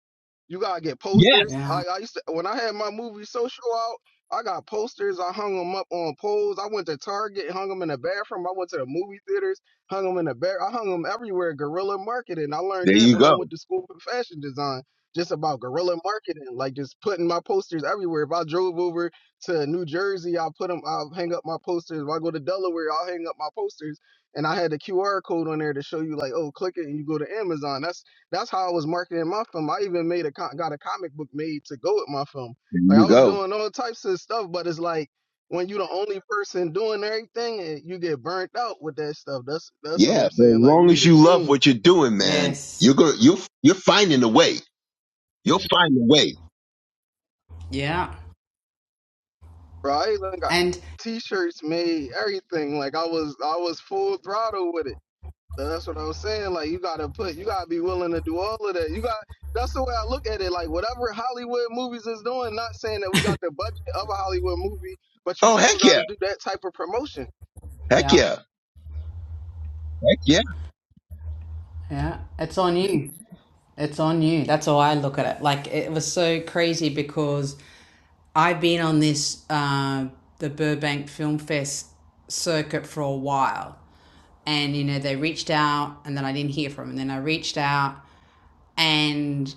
S4: You gotta get
S2: Yes.
S4: posters. I,
S1: Yeah.
S4: I used to when I had my movie social out. I got posters. I hung them up on poles. I went to Target, hung them in the bathroom. I went to the movie theaters, hung them in the bar. I hung them everywhere. Guerrilla marketing. I learned
S2: There
S4: that
S2: you
S4: when I
S2: go.
S4: went to school for fashion design, just about guerrilla marketing, like just putting my posters everywhere. If I drove over to New Jersey, I'll put them. I'll hang up my posters. If I go to Delaware, I'll hang up my posters. And I had the QR code on there to show you, like, oh, click it and you go to Amazon. That's that's how I was marketing my film. I even made a got a comic book made to go with my film.
S2: There
S4: Like
S2: you
S4: I was
S2: go.
S4: doing all types of stuff, but it's like when you're the only person doing everything and you get burnt out with that stuff. That's that's what
S2: Yeah,
S4: I'm
S2: but as
S4: saying. Like you
S2: long
S4: need
S2: as
S4: a
S2: you love
S4: team,
S2: what you're doing, man,
S1: Yes.
S2: you're gonna you're you're finding a way. You'll find a way.
S1: Yeah.
S4: bro. I even got
S1: And
S4: t-shirts made, everything. Like I was I was full throttle with it. That's what I was saying. Like you gotta put, you gotta be willing to do all of that. You got. That's the way I look at it. Like whatever Hollywood movies is doing, not saying that we got the budget of a Hollywood movie, but you
S2: Oh
S4: still
S2: heck
S4: got
S2: yeah,
S4: to do that type of promotion.
S2: heck
S1: yeah.
S2: yeah, heck yeah.
S1: Yeah. It's on you. It's on you. That's how I look at it. Like it was so crazy because I've been on this uh the Burbank Film Fest circuit for a while. And you know, they reached out and then I didn't hear from them. And then I reached out and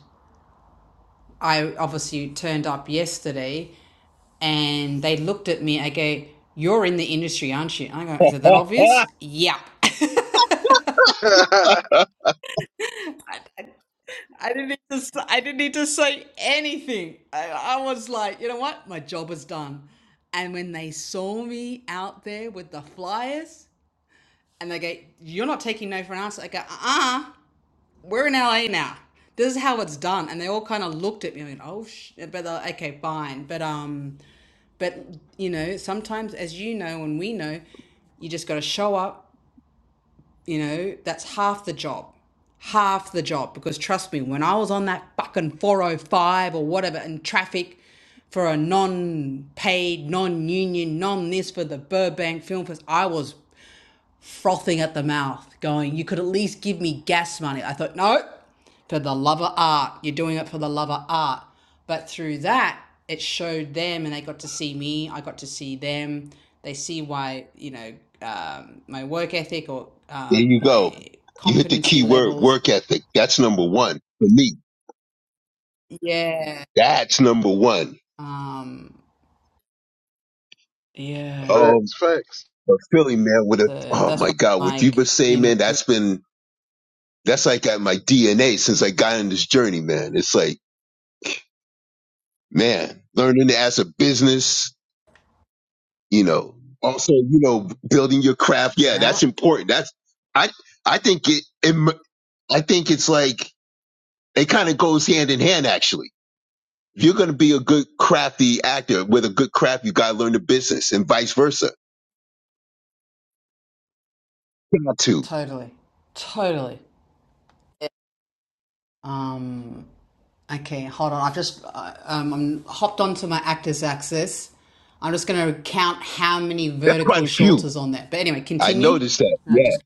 S1: I obviously turned up yesterday and they looked at me. I go, You're in the industry, aren't you? I go, Is it that obvious?
S2: [laughs]
S1: Yep. [laughs] I
S4: [laughs] facts,
S2: there
S1: I I didn't need to, s- I didn't need to say anything. I, I was like, you know what? My job is done. And when they saw me out there with the flyers and they go, You're not taking no for an answer, I go, Uh uh we're in LA now. This is how it's done. And they all kind of looked at me and went, oh, sh-. but they're like, okay, fine. But, um, but you know, sometimes as you know, and we know, you just got to show up, you know, that's half the job, half the job. Because trust me, when I was on that fucking 405 or whatever in traffic for a non paid, non union, non this for the Burbank Film Fest, I was frothing at the mouth, going, You could at least give me gas money. I thought, No, for the love of art. You're doing it for the love of art. But through that, it showed them and they got to see me. I got to see them. They see why, you know, um, my work ethic or um,
S2: you go.
S1: my
S2: You hit the
S1: competency
S2: key word,
S1: levels.
S2: work ethic. That's number one for me.
S1: Yeah.
S2: That's number one.
S1: Um, yeah.
S2: Oh,
S4: facts.
S2: but Philly man, with a
S1: So
S2: oh
S1: that's
S2: my
S1: why
S2: god,
S1: I'm
S2: what you've
S1: like,
S2: been
S1: you
S2: saying,
S1: know,
S2: man, that's been that's like at my DNA since I got on this journey, man. It's like man, learning as a business you know also you know building your craft yeah
S1: yeah,
S2: that's important that's i i think it, it i think it's like it kind of goes hand in hand actually if you're going to be a good crafty actor with a good craft you got to learn the business and vice versa got to
S1: totally. Totally. Um, Okay, hold on. I've just uh, um, I'm hopped onto my actor's axis. I'm just going to count how many
S2: that's quite
S1: vertical
S2: a
S1: shorts
S2: few
S1: is on there. But anyway,
S2: i
S1: continue.
S2: noticed that
S1: No,
S2: yeah
S1: just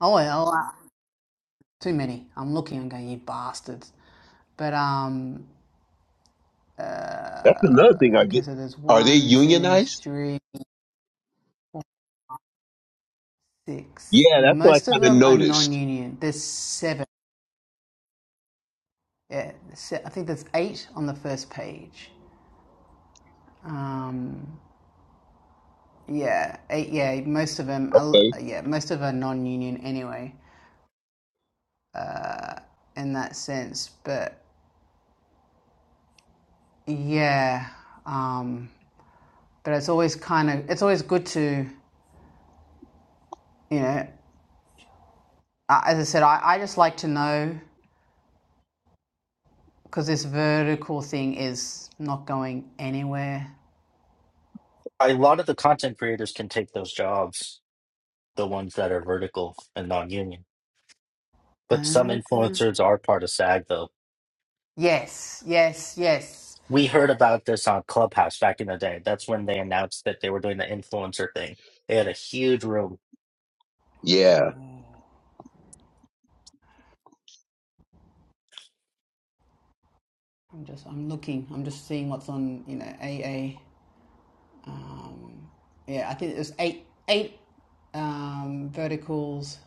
S1: oh well, uh, too many. I'm looking. I'm going, you bastards. But um,
S2: that's another thing
S1: uh,
S2: i
S1: okay.
S2: get
S1: So there's
S2: are they
S1: one, two,
S2: unionized
S1: three, six.
S2: yeah that's what i
S1: Most of
S2: kind of
S1: them are
S2: noticed
S1: non-union. There's seven. Yeah, se- I think there's eight on the first page. Um, Yeah, uh, yeah, most of them, are,
S2: okay
S1: yeah, most of them are non-union anyway, in that sense. But yeah, um, but it's always kind of, it's always good to, you know, as I said, I, I just like to know because this vertical thing is not going anywhere.
S3: a lot of the content creators can take those jobs, the ones that are vertical and non-union. But some
S1: Uh,
S3: influencers are part of SAG though.
S1: yes, yes, yes.
S3: We heard about this on Clubhouse back in the day. That's when they announced that they were doing the influencer thing. They had a huge room.
S2: yeah
S1: I'm just, I'm looking, I'm just seeing what's on, you know, AA. Um, yeah, I think it was eight, eight um, verticals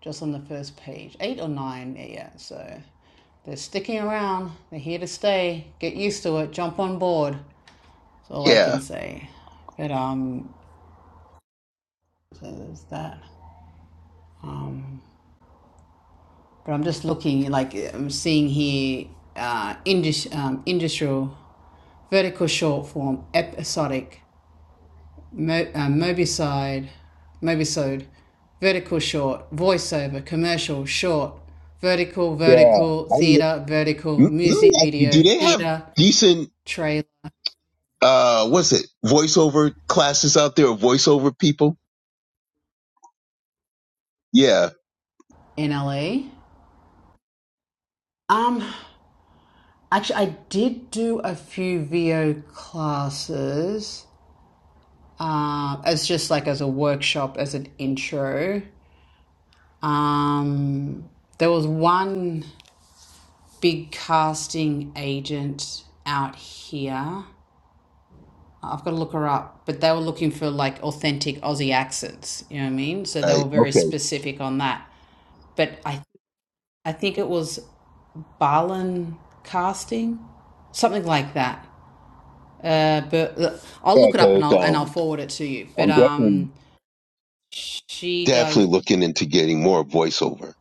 S1: just on the first page. Eight or nine, yeah, yeah. So they're sticking around. They're here to stay. Get used to it. Jump on board. That's all I
S2: yeah
S1: can say. But um, so there's that. Um, but I'm just looking, like I'm seeing here, uh, indus- um, industrial, vertical short form, episodic. Mo- uh, Mobicide, Mobisode, Vertical Short, Voiceover, Commercial Short, Vertical,
S2: yeah
S1: Vertical,
S2: i let
S1: Theatre, Vertical,
S2: me
S1: Music
S2: ask you do
S1: Video,
S2: they have
S1: Theatre,
S2: decent
S1: Trailer,
S2: uh what's it voiceover classes out there or voiceover people yeah
S1: NLE. Um, actually, I did do a few VO classes uh, as just like as a workshop, as an intro. Um, there was one big casting agent out here I've got to look her up, but they were looking for like authentic Aussie accents. You know what I mean? So they
S2: right
S1: were very
S2: okay
S1: specific on that. But I, I think it was Barlin casting, something like that. Uh, but uh, I'll
S2: yeah
S1: look it up and
S2: because
S1: I'll and I'll
S2: um
S1: forward it to you. But
S2: i'm definitely
S1: um, she does.
S2: definitely looking into getting more voiceover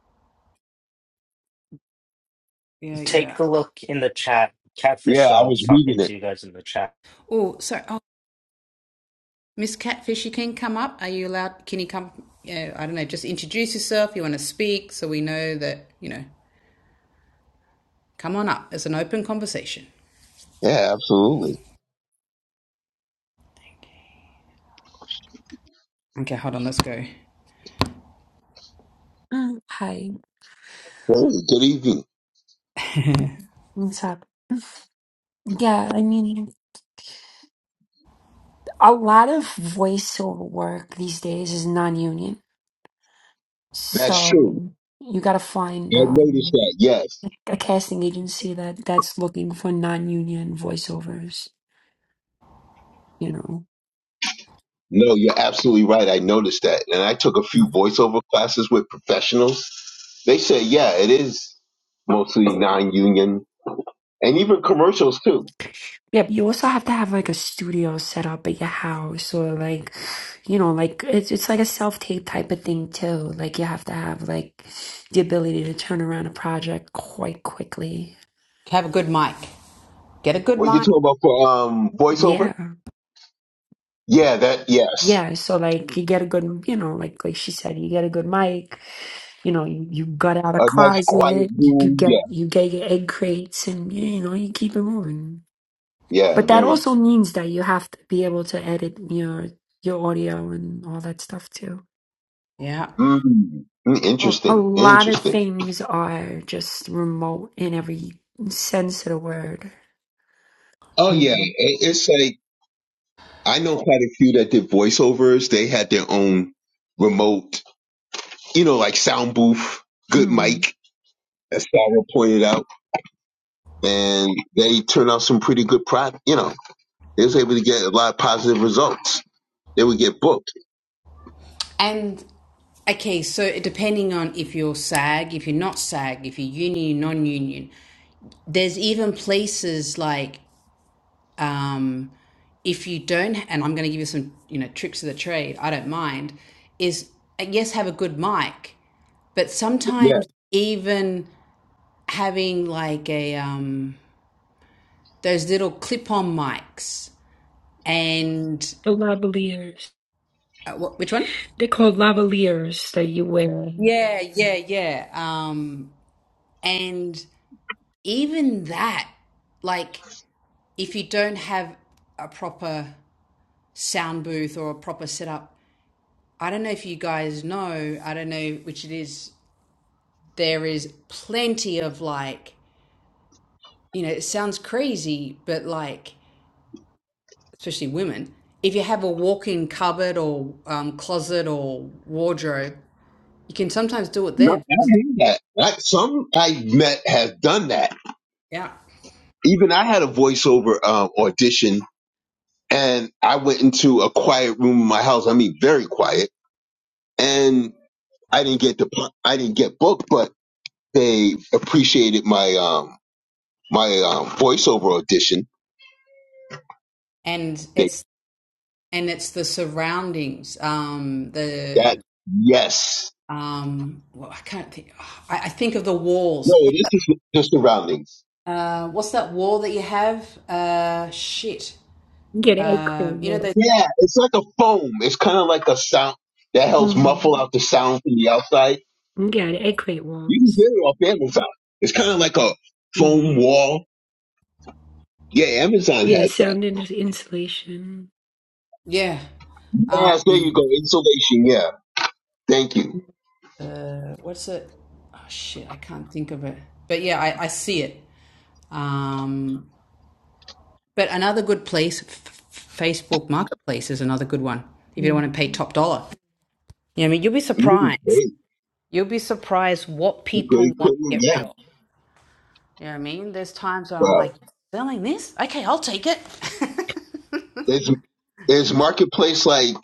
S1: Yeah, yeah.
S3: Take a look in the chat.
S2: yeah
S3: Catfish
S2: i
S3: Doll was
S2: was
S3: talking
S2: reading
S3: to
S2: it
S3: you guys in the chat.
S1: Oh, sorry. Oh, Miss Catfish, you can come up. Are you allowed? Can you come? Yeah, I don't know. Just introduce yourself. You want to speak, so we know that you know. Come on up. It's an open conversation.
S2: yeah absolutely
S1: Okay, hold on, let's go.
S5: Mm, Hi,
S2: hey good evening
S5: what's up? [laughs] Yeah, I mean, a lot of voiceover work these days is non-union,
S2: that's true
S5: so you got to find
S2: i noticed
S5: um,
S2: that yes
S5: a casting agency that that's looking for non-union voiceovers, you know.
S2: no you're absolutely right i noticed that and i took a few voiceover classes with professionals they said yeah it is mostly non-union and even commercials too
S5: yep. you also have to have like a studio set up at your house or like, you know, like it's it's like a self-tape type of thing too. Like you have to have like the ability to turn around a project quite quickly.
S1: Have a good mic. Get a good
S2: what you
S1: mic.
S2: talking about for um voiceover
S5: Yeah.
S2: Yeah, that, yes.
S5: yeah, so like you get a good, you know, like like she said, you get a good mic, you know, you, you got out of
S2: A nice quiet
S5: closet, you, you
S2: room.
S5: get
S2: Yeah.
S5: you get your egg crates, and you know you keep it moving.
S2: Yeah,
S5: But that
S2: very,
S5: also means that you have to be able to edit your your audio and all that stuff too.
S1: Yeah.
S2: mm, mm,
S5: A, a
S2: interesting.
S5: lot of
S2: Interesting.
S5: things are just remote in every sense of the word.
S2: Oh, yeah.
S5: Mhm.
S2: It, it's like, I know quite a few that did voiceovers. They had their own remote, you know, like sound booth, good
S5: Mm.
S2: mic, as Sarah pointed out. And they turned out some pretty good product. You know, they was able to get a lot of positive results. They would get booked.
S1: And okay, so depending on if you're SAG, if you're not SAG, if you're union, non-union, there's even places like um, if you don't, and I'm going to give you some, you know, tricks of the trade. I don't mind. Is uh, yes, have a good mic, but
S2: Yeah.
S1: sometimes even having like a um, those little clip-on mics and
S5: The lavaliers,
S1: uh, what, which one?
S5: they are called lavaliers that you wear.
S1: Yeah, yeah, yeah. Um, and even that, like, if you don't have a proper sound booth or a proper setup, I don't know if you guys know, I don't know which it is, there is plenty of like, you know, it sounds crazy, but like, especially women, if you have a walk-in cupboard or um, closet or wardrobe, you can sometimes do it
S2: No,
S1: there.
S2: I hear that. Like, some I met have done that
S1: Yeah.
S2: even I had a voiceover um, audition, and I went into a quiet room in my house. I mean, very quiet, and I didn't get the I didn't get booked, but they appreciated my um my um, voiceover audition.
S1: And
S2: They
S1: it's and it's the surroundings um
S2: that
S1: the
S2: yes,
S1: um well, i can't think I, I think of the
S2: no,
S1: walls
S2: it is just the surroundings.
S1: uh what's that wall that you have uh shit
S5: Get egg
S1: um you know
S5: crate.
S1: those
S2: Yeah, it's like a foam. It's kind of like a sound that helps muffle out the sound from the outside.
S5: Yeah, the earthquake
S2: You can get
S5: walls.
S2: it off Amazon. It's kind of like a foam
S5: hmm
S2: wall. Yeah, Amazon
S5: Yeah,
S2: has that.
S5: sound in- insulation.
S1: yeah um
S2: Yes, there you go. Insulation. Yeah. Thank you.
S1: uh what's it oh shit i can't think of it but yeah i, I see it um but another good place f- facebook marketplace is another good one if you don't want to pay
S5: Mhm.
S1: top dollar you know, i mean you'll be
S2: Mm,
S1: surprised
S2: great.
S1: you'll be surprised what
S2: Good
S1: people want to
S2: equipment.
S1: get rid
S2: Yeah.
S1: of You know what I mean? There's times where I'm
S2: Wow.
S1: like, selling this? Okay, I'll take it. [laughs] no,
S2: Is is marketplace like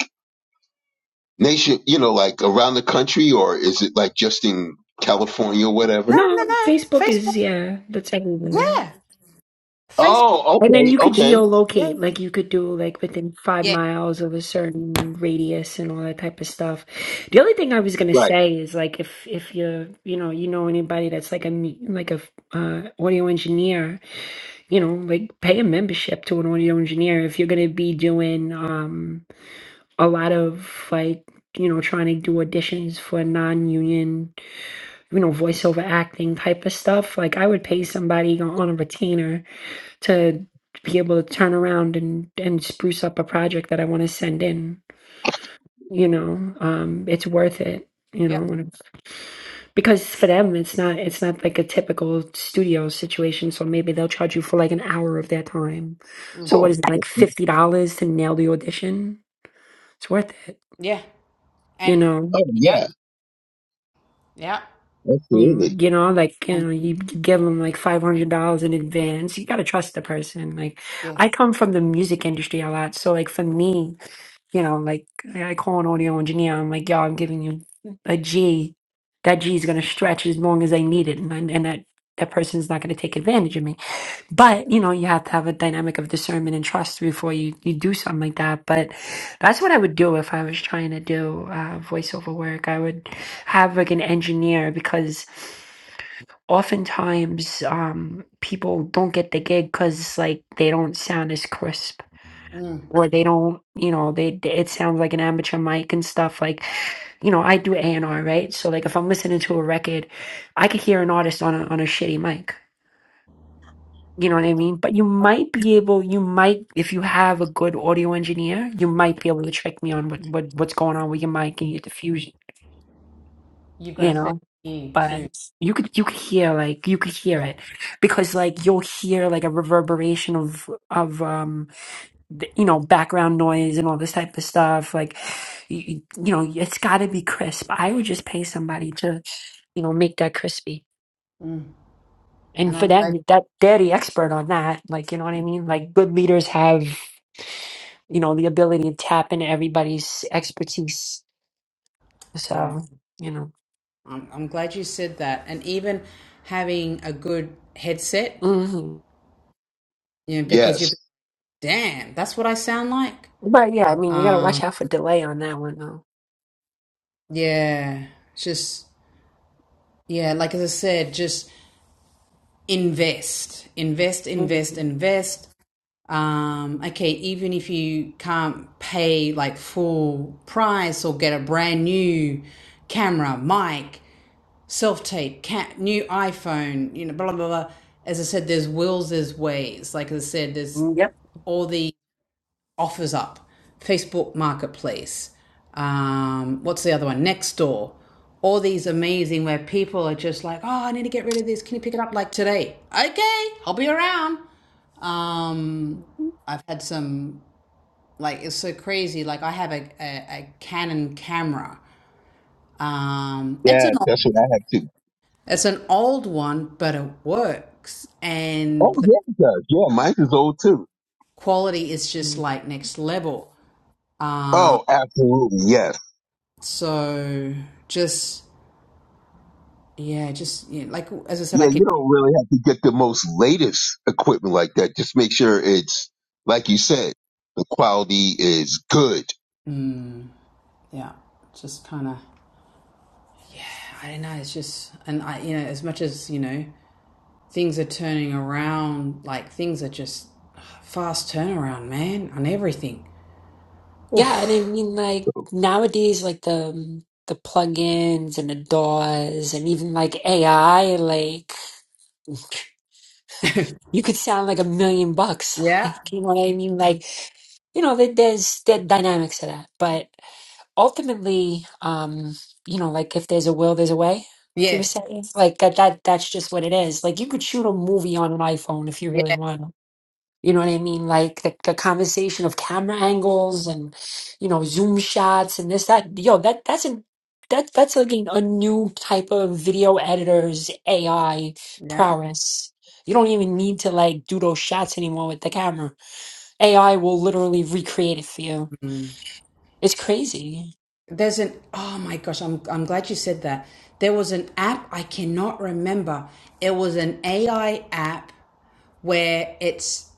S2: nation? You know, like around the country, or is it like just in California or whatever?
S1: no, no,
S5: No,
S1: no.
S5: Facebook
S1: Facebook.
S5: is, yeah, that's everywhere.
S1: Yeah. Facebook.
S2: Oh,
S5: And then
S2: okay,
S5: you could
S2: okay,
S1: Yeah.
S5: geolocate, like you could do like within five
S1: Yeah.
S5: miles of a certain radius and all that type of stuff. The only thing I was gonna
S2: right.
S5: say is like if if you're you know you know anybody that's like a me- like a uh, audio engineer, you know like pay a membership to an audio engineer if you're gonna be doing um a lot of like you know trying to do auditions for non-union you know voiceover acting type of stuff like i would pay somebody on on a retainer to be able to turn around and and spruce up a project that i want to send in you know um it's worth it you
S1: Yeah.
S5: know when it- because for them it's not it's not like a typical studio situation so maybe they'll charge you for like an hour of their time
S1: Mm.
S5: so what
S2: Cool.
S5: is it like
S2: Oh
S5: $50 to nail the audition it's worth it
S1: Yeah.
S5: you
S1: And
S5: know
S1: yeah.
S2: yeah,
S1: Yeah.
S2: absolutely.
S5: Mm, You know, like you
S1: Um,
S5: know, you give them like five hundred dollars in advance. You gotta trust the person. Like, I
S1: yes.
S5: come from the music industry a lot, so like for me, you know, like I I call an audio engineer. I'm like, yo, I'm giving you a G. That G is gonna stretch as long as I need it, and I- and that that person's not gonna take advantage of me. But you know, you have to have a dynamic of discernment and trust before you you do something like that. But that's what I would do if I was trying to do uh, voiceover work. I would have like an engineer because oftentimes um, people don't get the gig because like they don't sound as crisp
S1: Mm.
S5: or they don't you know they they- it sounds like an amateur mic and stuff like you know i do a&r right so like if i'm listening to a record i could hear an artist on a, on a shitty mic you know what I mean? But you might be able, you might, if you have a good audio engineer, you might be able to check me on what, what what's going on with your mic and your diffusion,
S1: You've got
S5: you
S1: to fit
S5: know?
S1: in too.
S5: But you could you could hear like you could hear
S1: Yeah.
S5: it because like you'll hear like a reverberation of of um th- you know background noise and all this type of stuff like you, you know it's got to be crisp. I would just pay somebody to you know make that crispy.
S1: Mm. And
S5: and for
S1: I'm glad.
S5: them, that they're the expert on that like you know what i mean like good leaders have you know the ability to tap into everybody's expertise
S1: Yeah.
S5: so you know
S1: I'm, I'm glad you said that. And even having a good headset,
S5: hmm
S1: you know, because you're,
S2: Yes.
S1: damn, that's what I sound like.
S5: but yeah i mean you gotta
S1: Um,
S5: watch out for delay on that one though
S1: yeah. Just, yeah, like as I said, just invest, invest,
S5: hmm
S1: invest, invest. Um, okay, even if you can't pay like full price or get a brand new camera, mic, self tape, ca- new iPhone, you know, blah, blah, blah. As I said, there's wills, there's ways. Like I said, there's
S5: Yep.
S1: all the offers up, Facebook Marketplace, um, what's the other one? Nextdoor. All these amazing where people are just like, oh, I need to get rid of this. Can you pick it up like today? Okay, I'll be around. Um, I've had some like it's so crazy. Like I have a, a, a Canon camera. Um, it's
S2: Yeah,
S1: an old,
S2: that's what I have too.
S1: it's an old one, but it works, and
S2: Oh
S1: the
S2: yeah, it does. Yeah, mine is old too.
S1: quality is just
S5: Mm.
S1: like next level. Um,
S2: Oh, absolutely. Yes.
S1: so just yeah, just you know, like as I said, I
S2: Yeah,
S1: can.
S2: you don't really have to get the most latest equipment like that. Just make sure it's, like you said, the quality is good.
S1: Mm, yeah, just kind of. Yeah, I don't know. It's just, and I, you know, as much as you know, things are turning around. Like things are just fast turnaround, man, on everything.
S5: yeah and i
S1: Oof.
S5: mean like nowadays like the the plugins and the DAWs and even like AI, like you could sound like a million bucks.
S1: Yeah.
S5: [laughs] Like, you know what I mean? Like, you know, there- there's the dynamics to that. But ultimately, um, you know, like if there's a will, there's a way. Like you were
S1: Yes.
S5: saying, like that, that that's just what it is. Like you could shoot a movie on an iPhone if you really
S1: Yeah.
S5: want. You know what I mean? Like the, the conversation of camera angles and you know zoom shots and this that yo that that's an that that's like an- a new type of video editor's AI
S1: Yeah.
S5: prowess. You don't even need to like do those shots anymore with the camera. AI will literally recreate it for you.
S1: Mm.
S5: It's crazy.
S1: There's an. Oh my gosh, I'm I'm glad you said that. There was an app I cannot remember. It was an AI app where it's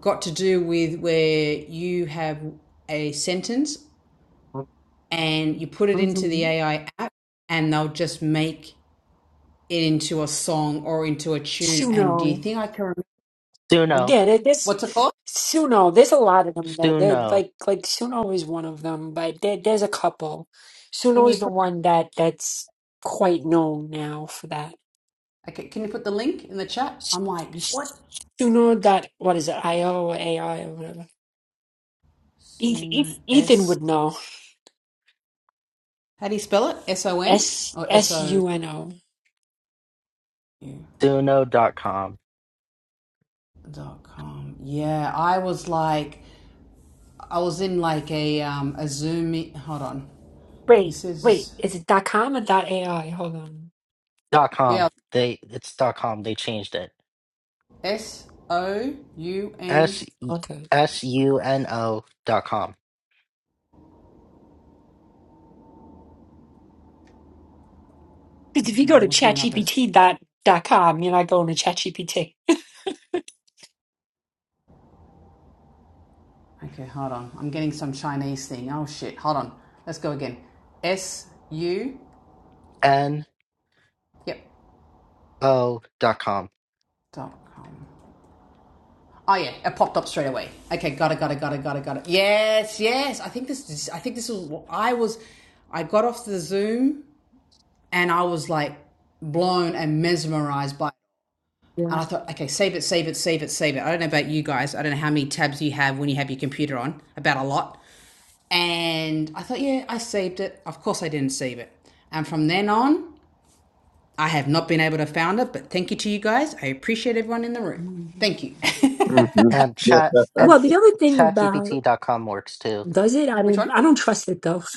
S1: got to do with where you have a sentence and you put it into the
S5: Mm-hmm.
S1: AI app and they'll just make it into a song or into a tune. And do you think I can remember
S3: Stuno,
S5: Yeah, there- there's
S1: what's it called?
S5: Suno. There's a lot of them though. They're
S3: Stuno,
S5: like like Suno is one of them, but there, there's a couple.
S1: Can
S5: Suno
S1: you
S5: is the
S1: put
S5: one that that's quite known now for that.
S1: okay, can you put the link in the chat?
S5: S-
S1: I'm like,
S5: s-
S1: what?
S5: Suno dot what is it? I O or A I or whatever. Eth-
S1: Sono
S5: Eth- Ethan
S1: S
S5: would know.
S1: how do you spell it? S O N
S5: S
S1: or S
S5: S
S1: O
S5: U N O.
S1: U
S3: Stuno.com.
S1: dot com. Yeah, I was like I was in like a um a Zoom meet- hold on. You
S5: Wait, wait.
S1: says
S5: Is it dot com or dot A I? Hold on.
S3: Dot
S1: Yeah.
S3: com. They it's dot com. They changed it.
S1: S O U N.
S3: S
S5: Okay.
S3: S U N O dot com.
S5: Because if you
S1: Okay,
S5: go to
S1: I'm looking it up as.
S5: ChatGPT dot dot com, you're not going to ChatGPT. [laughs]
S1: Okay, hold on. I'm getting some Chinese thing. Oh shit, hold on. Let's go again. S U.
S3: N
S1: Yep.
S3: O dot com.
S1: Dot com. Oh yeah, it popped up straight away. Okay, got it, got it, got it, got it, got it. Yes, yes. I think this. is- I think this was. what I was. I got off the Zoom and I was like blown and mesmerized by. it.
S5: Yeah.
S1: And I thought, okay, save it, save it, save it, save it. I don't know about you guys. I don't know how many tabs you have when you have your computer on. About a lot. And I thought, yeah, I saved it. Of course, I didn't save it. And from then on, I have not been able to found it. But thank you to you guys. I appreciate everyone in the room.
S5: Mm.
S1: Thank you.
S2: hmm
S1: [laughs]
S3: And
S2: Yeah.
S3: chat
S5: Well,
S3: and
S5: the other thing
S3: chat G P
S5: about
S3: T dot com works too.
S5: does it? I
S1: Which
S5: don't.
S1: one?
S5: I don't trust it though. [laughs]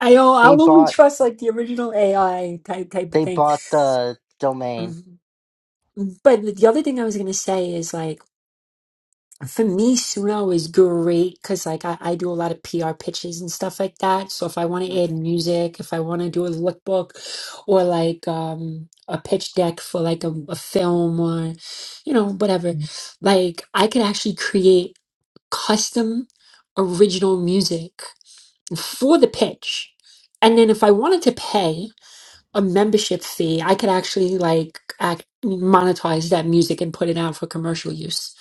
S5: I don't, I o-
S3: They
S5: I'll only
S3: bought
S5: trust like the original AI type type of
S3: They
S5: thing.
S3: bought the domain
S5: Mhm. But the other thing I was gonna say is like for me, Suno is great because like I, I do a lot of PR pitches and stuff like that. So if I want to add music, if I want to do a lookbook or like um a pitch deck for like a, a film or you know whatever, Mm. like I could actually create custom original music for the pitch. And then if I wanted to pay. a membership fee, I could actually like act, monetize that music and put it out for commercial use.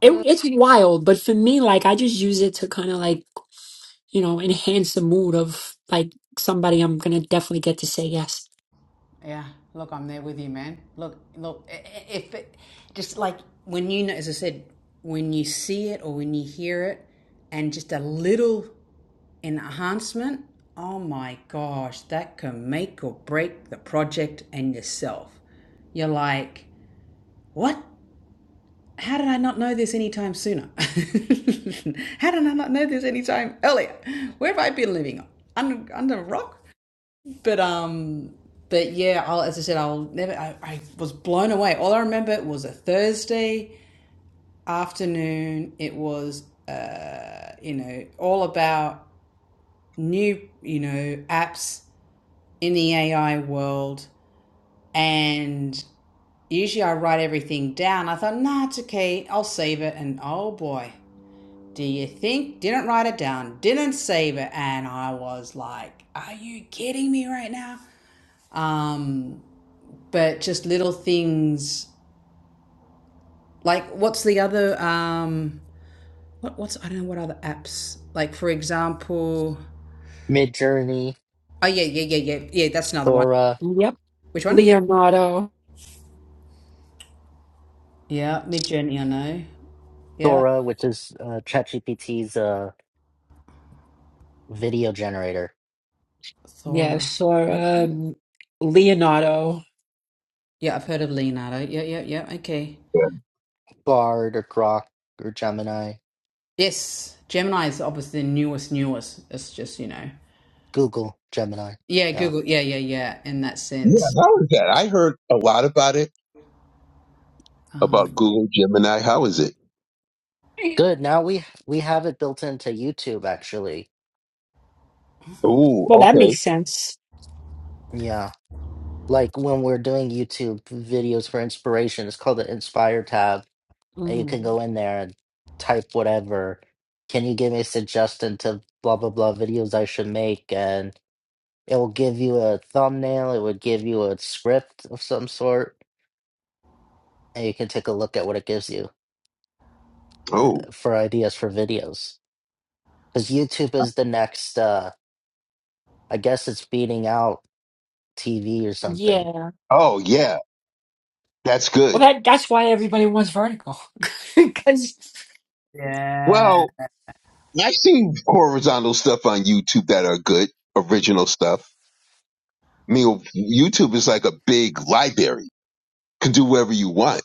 S5: It, it's wild, but for me, like I just use it to kind of like you know enhance the mood of like somebody I'm gonna definitely get to say yes.
S1: Yeah. Look, I'm there with you, man. Look, look. If it, just like when you, know, as I said, when you see it or when you hear it, and just a little enhancement. Oh my gosh, that can make or break the project and yourself. You're like, what? how did I not know this any time sooner? [laughs] how did I not know this any time earlier? Where have I been living? Under, under a rock? But um, but yeah, I'll, as I said, I'll never. I, I was blown away. All I remember was a Thursday afternoon. It was uh, you know all about new you know apps in the AI world, and usually I write everything down. I thought, nah, it's okay. I'll save it, and oh boy Do you think? Didn't write it down, didn't save it, and I was like, are you kidding me right now? Um, but just little things like what's the other um what what's I don't know what other apps? Like for example
S3: Midjourney
S1: Oh yeah, yeah, yeah, yeah. Yeah, that's another one.
S3: Dora
S5: Yep,
S1: Which one?
S5: Leonardo.
S1: Yeah, Mid Journey, I know. Yeah.
S3: Dora, which is uh, ChatGPT's uh, video generator.
S1: Thora.
S5: Yes, or
S1: Okay.
S5: um, Leonardo.
S1: Yeah, I've heard of Leonardo. Yeah, yeah, yeah. Okay.
S3: Bard or Grok or Gemini,
S1: Yes, Gemini is obviously the newest, newest. It's just you know.
S3: Google Gemini.
S1: Yeah,
S3: Yeah,
S1: Google. Yeah, yeah, yeah. In that
S2: yeah,
S1: sense.
S2: how is that? I heard a lot about it, about
S1: Um,
S2: Google Gemini. How is it?
S3: good. Now we we have it built into YouTube actually.
S2: Oh,
S5: Well, that makes
S2: okay.
S5: sense.
S3: Yeah, like when we're doing YouTube videos for inspiration, it's called the Inspire tab, and you can
S5: Mm,
S3: go in there and type whatever. Can you give me a suggestion to blah blah blah videos I should make? and. It will give you a thumbnail, it would give you a script of some sort, and you can take a look at what it gives you
S2: Oh,
S3: uh, for ideas for videos. Because YouTube is the next, uh, I guess it's beating out TV or something.
S5: yeah.
S2: oh, yeah, that's
S5: Well,
S2: good.
S5: that that's why everybody wants Vertical [laughs] because
S1: yeah.
S2: Well, I've seen horizontal stuff on YouTube that are good, original stuff. I mean, YouTube is like a big library, can do whatever you want.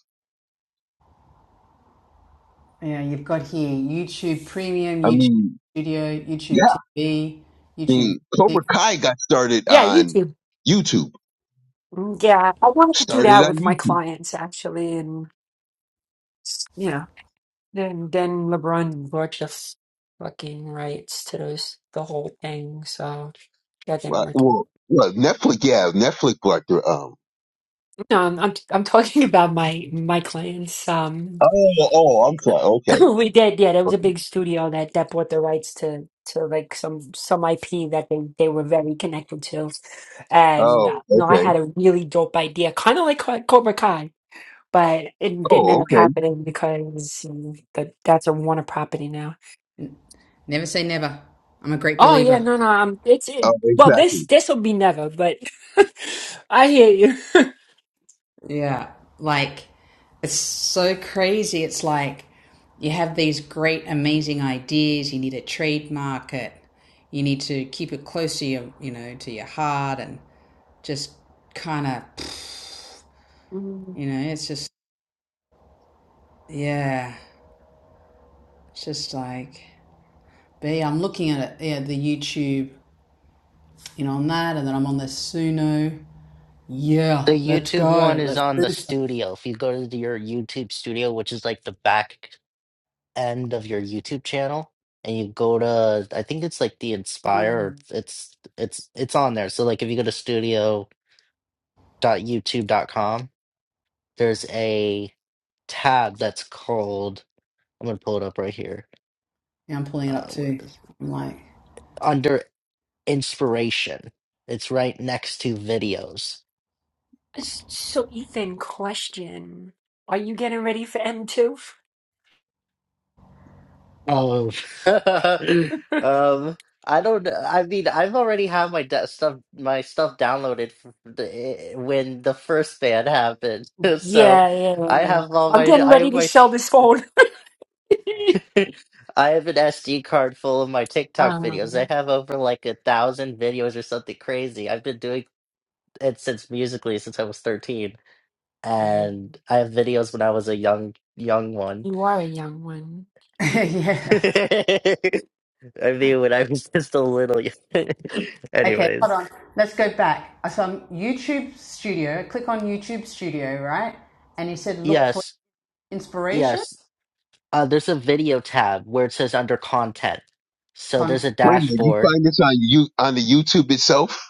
S1: Yeah, you've got here YouTube Premium,
S2: I
S1: YouTube
S2: mean,
S1: Studio,
S2: yeah.
S1: YouTube TV, YouTube
S2: mean,
S1: Music.
S2: Cobra Kai got started
S5: yeah,
S2: on
S5: YouTube.
S2: YouTube.
S5: Mm, Yeah, I wanted to do
S2: Started
S5: that
S2: on
S5: with my
S2: YouTube.
S5: clients actually, and you know, then then LeBron bought the f- fucking rights to those the whole thing, so that didn't
S2: Right?
S5: work.
S2: Well, well, Netflix, yeah, Netflix brought the um,
S5: No, I'm I'm, I'm talking [laughs] about my my clients. Um,
S2: oh, oh, I'm sorry.
S5: [laughs]
S2: Okay.
S5: we did, yeah, there was
S2: okay.
S5: a big studio that that bought the rights to to like some some IP that they they were very connected to, and
S2: Oh,
S5: uh, you know, I
S2: okay.
S5: had a really dope idea, kind of like Co- Cobra Kai. but it didn't end
S2: Oh,
S5: up
S2: okay.
S5: happening because mm, the, that's a Warner property now.
S1: Never say never. I'm a great
S5: Oh yeah,
S1: believer.
S5: no, no, um, it's it,
S2: Oh,
S5: well, this
S2: exactly.
S5: this will be never, but [laughs] I hear you. [laughs]
S1: Yeah. Like, it's so crazy. It's like you have these great, amazing ideas. You need to trademark it. You need to keep it close to your, you know, to your heart and just kind of,
S5: Mm,
S1: you know, it's just, yeah, it's just like. B, I'm looking at it, yeah, the YouTube, you know, on that, and then I'm on the Suno.
S3: The
S1: Yeah, let's
S3: YouTube
S1: go.
S3: one is
S1: Let's
S3: on
S1: do
S3: the
S1: this.
S3: studio. If you go to your YouTube studio, which is like the back end of your YouTube channel, and you go to, I think it's like the Inspire, or
S5: mm.
S3: it's it's it's on there. So like if you go to studio. Dot Dot youtube. dot com. there's a tab that's called I'm gonna pull it up right here.
S1: Yeah, I'm pulling it up
S3: Uh, where
S1: too.
S3: is it?
S1: I'm like,
S3: Under inspiration. It's right next to videos.
S5: S- So Ethan, question: Are you getting ready for M two?
S3: Oh,
S5: [laughs] Yeah,
S3: [laughs] um, I don't. know. I mean, I've already had my de- stuff, my stuff downloaded f- the, eh, when the first ban happened. [laughs] so
S5: yeah,
S3: I
S5: yeah.
S3: have all
S5: I'm
S3: my,
S5: getting
S3: I
S5: ready
S3: have
S5: to
S3: my,
S5: sell
S3: sh-
S5: this phone. [laughs]
S3: [laughs] I have an SD card full of my TikTok videos.
S5: um,
S3: I have over like a thousand videos or something crazy. I've been doing and since musically since I was 13 and I have videos when I was a young young one.
S5: you are a young one.
S1: [laughs]
S3: [laughs]
S1: yeah.
S3: I mean when I was [laughs] just a little y- [laughs]
S1: Okay, hold
S3: anyways.
S1: on. Let's go back. So I'm YouTube Studio. Click on YouTube Studio, right? And you said look for
S3: Yes,
S1: inspiration.
S3: yes. Uh there's a video tab where it says under content. So there's
S1: Con-
S3: a
S2: Wait a minute. You
S3: dashboard.
S2: find this on you, on the YouTube itself?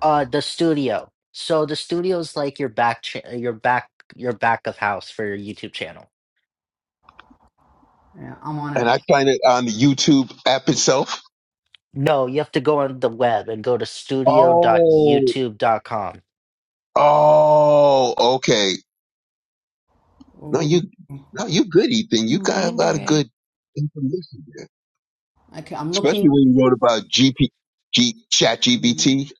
S3: Uh the studio. So the studio is like your back cha- your back your back of house for your YouTube channel.
S1: yeah, I'm on it.
S2: And I find it on the YouTube app itself?
S3: No, you have to go on the web and go to studio. dot
S2: Oh,
S3: YouTube. dot Com.
S2: oh, okay. No,
S1: Ooh.
S2: you, no, you good, Ethan. You got a
S5: Wonder
S2: lot of
S5: it.
S2: good information.
S1: Okay, I'm looking
S2: Especially when you wrote about G P G G, Chat
S5: Mhm.
S2: GBT.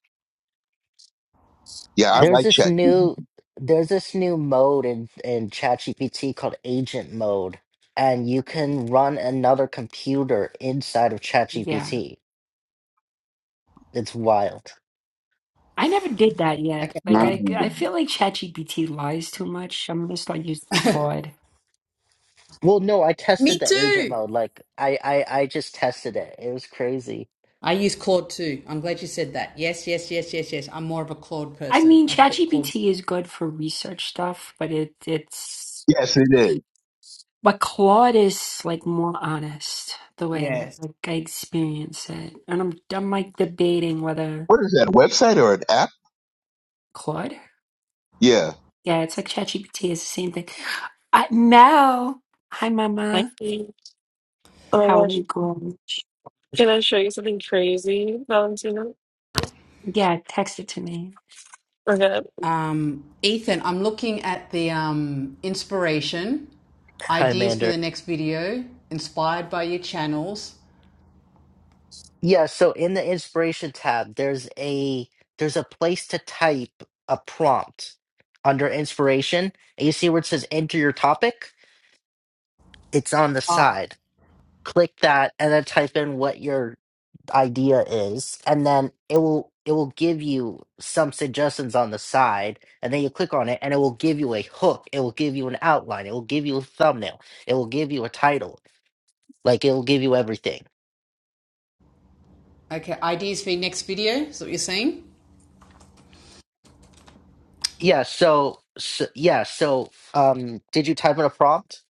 S2: Yeah, I
S1: as.
S3: There's
S2: like
S3: this
S2: Chat
S3: new there's this new mode in in ChatGPT called agent mode, and you can run another computer inside of
S5: Yeah.
S3: ChatGPT. It's wild.
S5: I never did that yet.
S1: Okay,
S5: Like
S2: GBT.
S1: hold
S5: I, I feel like ChatGPT lies too much. I'm gonna start using
S1: on.
S5: Claude.
S3: Well, no, I
S1: [laughs] Me
S3: tested the agent
S1: too.
S3: mode. Like I I I just tested it. It was crazy.
S1: I use Claude too. I'm glad you said that. Yes, yes, yes, yes, yes. I'm more of a Claude
S5: I
S1: person.
S5: mean,
S1: A Claude
S5: ChatGPT is good for research stuff, but it it's
S2: Yes, it is.
S5: but Claude is like more honest the way
S1: Yes.
S5: like I experience it, and I'm I'm like debating whether
S2: What is that, a website or an app?
S5: Claude.
S2: Yeah.
S5: Yeah, it's like ChatGPT is the same thing. I, Mel, hi
S6: Like,
S5: Mama,
S6: oh my
S5: how are you
S6: gosh,
S5: going?
S6: can I show you something crazy, Valentina?
S5: Yeah, text it to me.
S6: Okay.
S1: Um, Ethan, I'm looking at the um, inspiration,
S3: Hi,
S1: ideas for
S3: Mander.
S1: the next video, inspired by your channels.
S3: Yeah, so in the inspiration tab, there's a there's a place to type a prompt under inspiration. And you see where it says enter your topic? It's on the
S1: Ah,
S3: side. click that and then type in what your idea is and then it will it will give you some suggestions on the side and then you click on it and it will give you a hook it will give you an outline it will give you a thumbnail it will give you a title like it will give you everything
S1: okay, ideas for your next video is what you're saying.
S3: yeah so, so yeah so um did you type in a prompt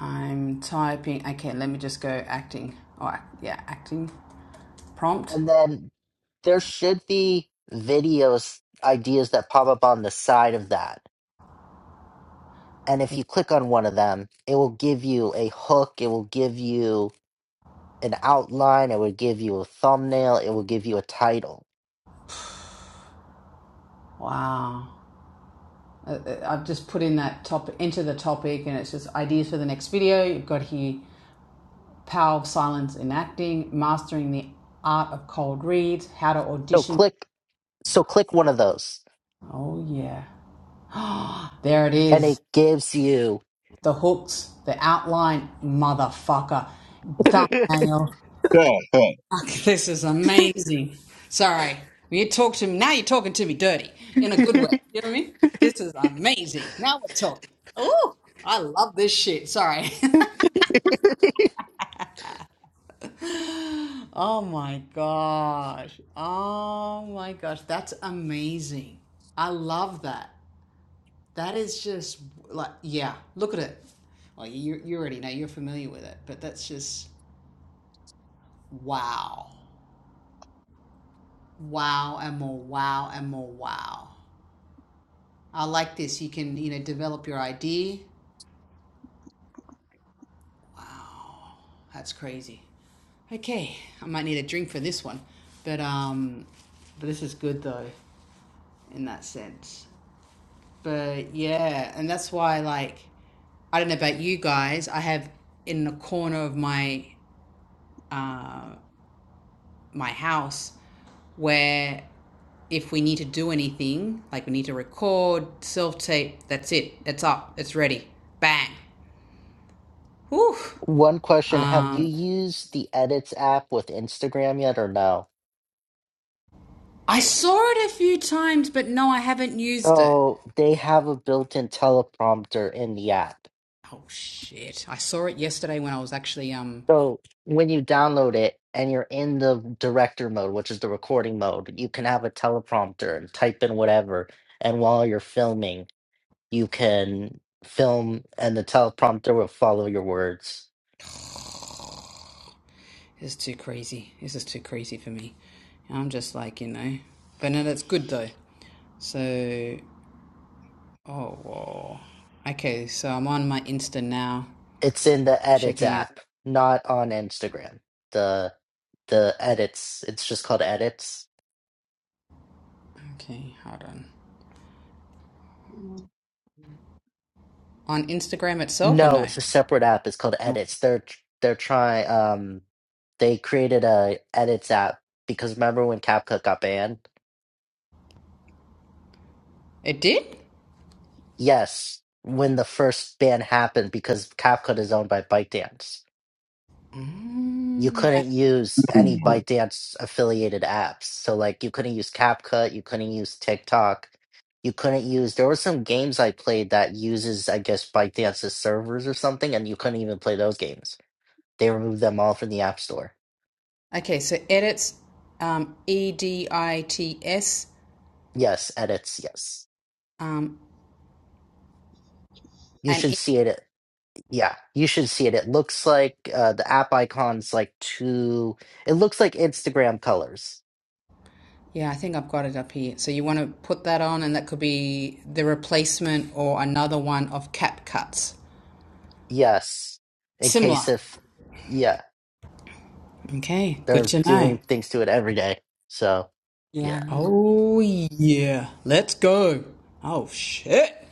S1: I'm typing, okay, let me just go acting. All right, yeah, acting prompt.
S3: and then there should be videos ideas that pop up on the side of that And if you click on one of them, it will give you a hook, it will give you an outline, it will give you a thumbnail, it will give you a title.
S1: Wow. Uh, uh, I've just put in that top, enter the topic, and it's just ideas for the next video. You've got here power of silence in acting, mastering the art of cold reads, how to
S3: So
S1: audition
S3: click so click one of those
S1: Oh, yeah. [gasps] there it
S3: and
S1: is.
S3: it gives you
S1: The hooks, the outline, motherfucker. Thumbnail.
S2: [laughs] yeah. yeah.
S1: Fuck, this is amazing. Sorry. You talk to me. Now you're talking to me dirty in a
S3: [laughs]
S1: good way. You know what I mean? This is amazing. Now we're talking. Oh, I love this shit. Sorry. [laughs] oh my gosh. Oh my gosh. That's amazing. I love that. That is just like yeah. Look at it. Well, you you already know you're familiar with it, but that's just wow, wow, and more wow, and more wow. I like this. You can you know develop your idea. Wow, that's crazy. Okay, I might need a drink for this one, but um, but this is good though in that sense. But yeah, and that's why like I don't know about you guys. I have in the corner of my uh. my house where if we need to do anything, like we need to record, self tape, that's it. It's up. It's ready. Bang. Whew.
S3: one question, have you
S1: Um,
S3: used the Edits app with Instagram yet or no?
S1: I saw it a few times, but no, I haven't used it.
S3: So they have a built-in teleprompter in the app.
S1: Oh shit! I saw it yesterday when I was actually um.
S3: So when you download it and you're in the director mode, which is the recording mode, you can have a teleprompter and type in whatever. And while you're filming, you can film and the teleprompter will follow your words.
S1: This is too crazy. This is too crazy for me. I'm just like you know, but no, that's good though. So oh whoa. Okay, so I'm on my Insta now,
S3: It's in the edits
S1: checking it
S3: app, not on Instagram. The the edits, it's just called edits.
S1: Okay, hold on. On Instagram itself or
S3: No,
S1: no?
S3: it's a separate app. It's called edits. They're they're trying um they created a edits app because remember when CapCut got banned?
S1: It did?
S3: Yes, when the first ban happened, because CapCut is owned by ByteDance, you
S1: Mm.
S3: couldn't use any ByteDance affiliated apps. So, like, you couldn't use CapCut, you couldn't use TikTok, you couldn't use. There were some games I played that uses, I guess, ByteDance's servers or something, and you couldn't even play those games. They removed them all from the App Store.
S1: Okay, so edits um, E D I T S
S3: Yes, edits. Yes,
S1: um,
S3: you
S1: and
S3: should
S1: it-
S3: see it. at- Yeah, you should see it. It looks like uh, the app icon's like two. It looks like Instagram colors
S1: yeah, I think I've got it up here. So you want to put that on, and that could be the replacement or another one of cap cuts.
S3: Yes, in case
S1: Similar.
S3: if yeah,
S1: Okay, good
S3: they're
S1: to know.
S3: doing things to it every day. So yeah,
S5: Yeah.
S1: Oh yeah, let's go. Oh shit.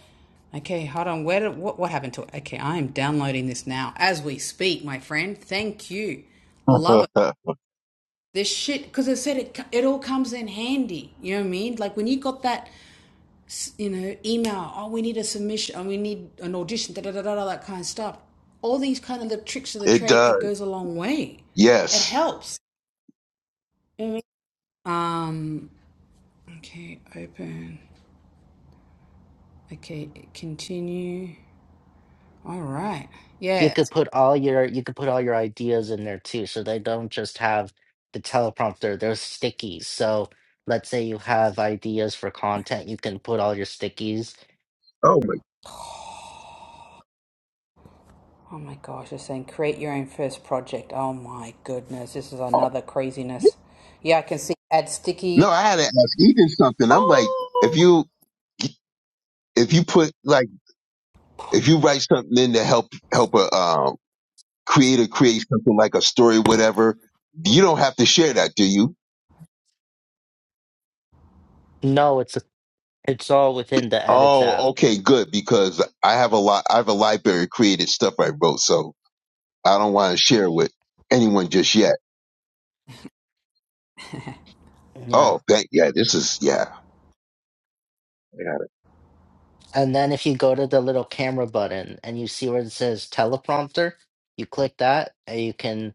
S1: Okay, hold on. Where did, what what happened to it? Okay, I am downloading this now as we speak, my friend. Thank you. Love it.
S2: Mm.
S1: This shit because I said it it all comes in handy. You know what I mean? Like when you got that, you know, email. Oh, we need a submission. Oh, we need an audition. Da da da da da. That kind of stuff. All these kind of the tricks of
S2: [laughs]
S1: the
S2: it
S1: trade. It
S2: does.
S1: goes a long way. It
S2: Yes.
S1: helps. You know what I mean? Um. Okay. Open. Okay. Continue. All right.
S3: you
S1: Yeah.
S3: could put all your you could put all your ideas in there too, so they don't just have the teleprompter. There's stickies. So let's say you have ideas for content, you can put all your stickies.
S2: Oh my
S1: Oh my gosh, it's saying create your own first project. Oh my goodness, this is
S2: God.
S1: another craziness. Yeah, I can see add sticky.
S2: No, I had to ask Ethan something. I'm like, if
S1: Oh,
S2: you, if you put like, if you write something in to help, help a, um, creator create something like a story, whatever, you don't have to share that, do you?
S3: No, it's it's all within the edits app.
S2: Oh, okay, good because I have a lot. I have a library of creative stuff I wrote, so I don't want to share with anyone just yet.
S3: Yeah,
S2: Oh, that yeah, this is yeah. I got it.
S3: and then if you go to the little camera button and you see where it says teleprompter, you click that, and you can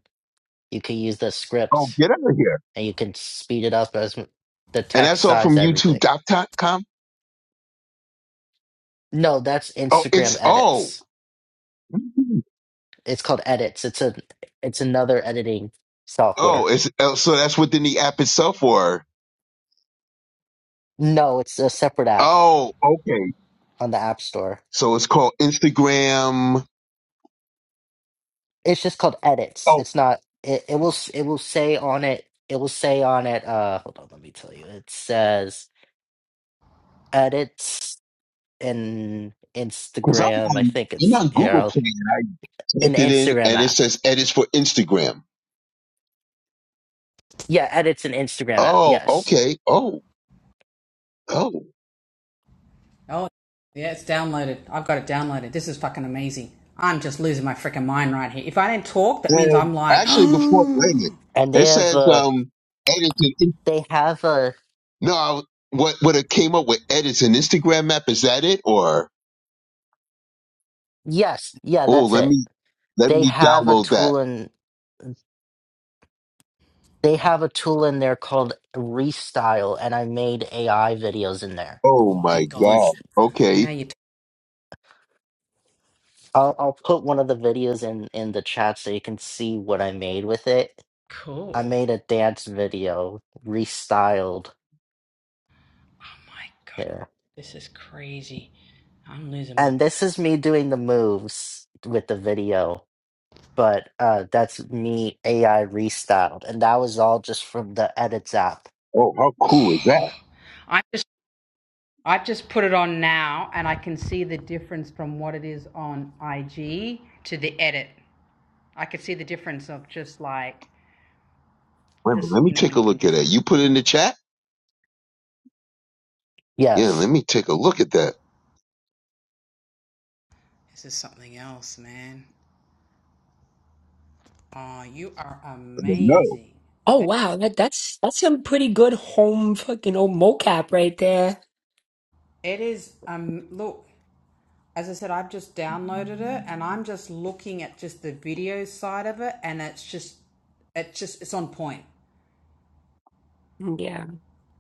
S3: you can use the
S2: Oh,
S3: script
S2: get out of here!
S3: and you can speed it up as m- the
S2: And
S3: text
S2: that's all
S3: size,
S2: from YouTube
S3: everything.
S2: dot com.
S3: No, that's
S2: Oh,
S3: Instagram
S2: it's oh
S3: edits. It's called edits. It's a it's another editing
S2: oh
S3: software.
S2: it's oh, so that's within the app itself, or
S3: No, it's a separate app
S2: oh okay,
S3: on the App Store.
S2: so it's called Instagram.
S3: It's just called edits.
S2: Oh,
S3: It's not. It, it will s- it will say on it. It will say on it. Uh, hold on, let me tell you. It says edits in
S2: because I'm
S3: Instagram. I
S2: on
S3: think
S2: I'm
S3: it's
S2: on
S3: here.
S2: Google
S3: I'll,
S2: Play and I
S3: an
S2: typed it in
S3: Instagram
S2: and it
S3: app.
S2: says edits for Instagram.
S3: Yeah, edits an Instagram app.
S2: Oh,
S3: Yes,
S2: okay. Oh, oh.
S1: oh, yeah, it's downloaded. I've got it downloaded. This is fucking amazing. I'm just losing my freaking mind right here. If I don't talk, that means
S2: And
S1: I'm like, [gasps]
S2: actually, before playing it,
S1: oh
S3: and they
S2: it
S3: have
S2: says
S3: a
S2: um, Edison.
S3: they have a
S2: No, I, what what it came up with Edison Instagram map is that it or
S3: Yes, yeah,
S2: oh
S3: that's
S2: let
S3: it.
S2: me let
S3: They
S2: me
S3: have a
S2: download that.
S3: tool in they have a tool in there called Restyle, and I made AI videos in there.
S2: Oh
S1: my
S3: You,
S2: my
S3: you,
S1: gosh.
S2: god.
S3: c-
S2: Okay.
S1: Now you talk.
S3: I'll, I'll put one of the videos in in the chat so you can see what I made with it. I
S1: Cool.
S3: made a dance video restyled
S1: Oh my god,
S3: here,
S1: this is crazy. I'm losing my.
S3: and this is me doing the moves with the video. But uh, that's me AI restyled, and that was all just from the Edits app.
S2: Oh, how cool is that?
S1: I'm just. I just put it on now and I can see the difference from what it is on IG to the edit. I could see the difference of just like
S2: Wait a minute,
S1: just
S2: let
S1: you
S2: me
S1: know
S2: take
S1: when
S2: a
S1: you can
S2: look at
S1: just
S2: that. You put it in the chat? Yeah,
S3: Yes.
S2: let me take a look at that.
S1: this is something else, man. Oh, you are
S2: I mean, no.
S1: amazing.
S5: Oh wow, that that's that's some pretty good home fucking old mocap right there.
S1: It is um look, as I said I've just downloaded it and I'm just looking at just the video side of it and it's just it's just it's on point point.
S5: Yeah.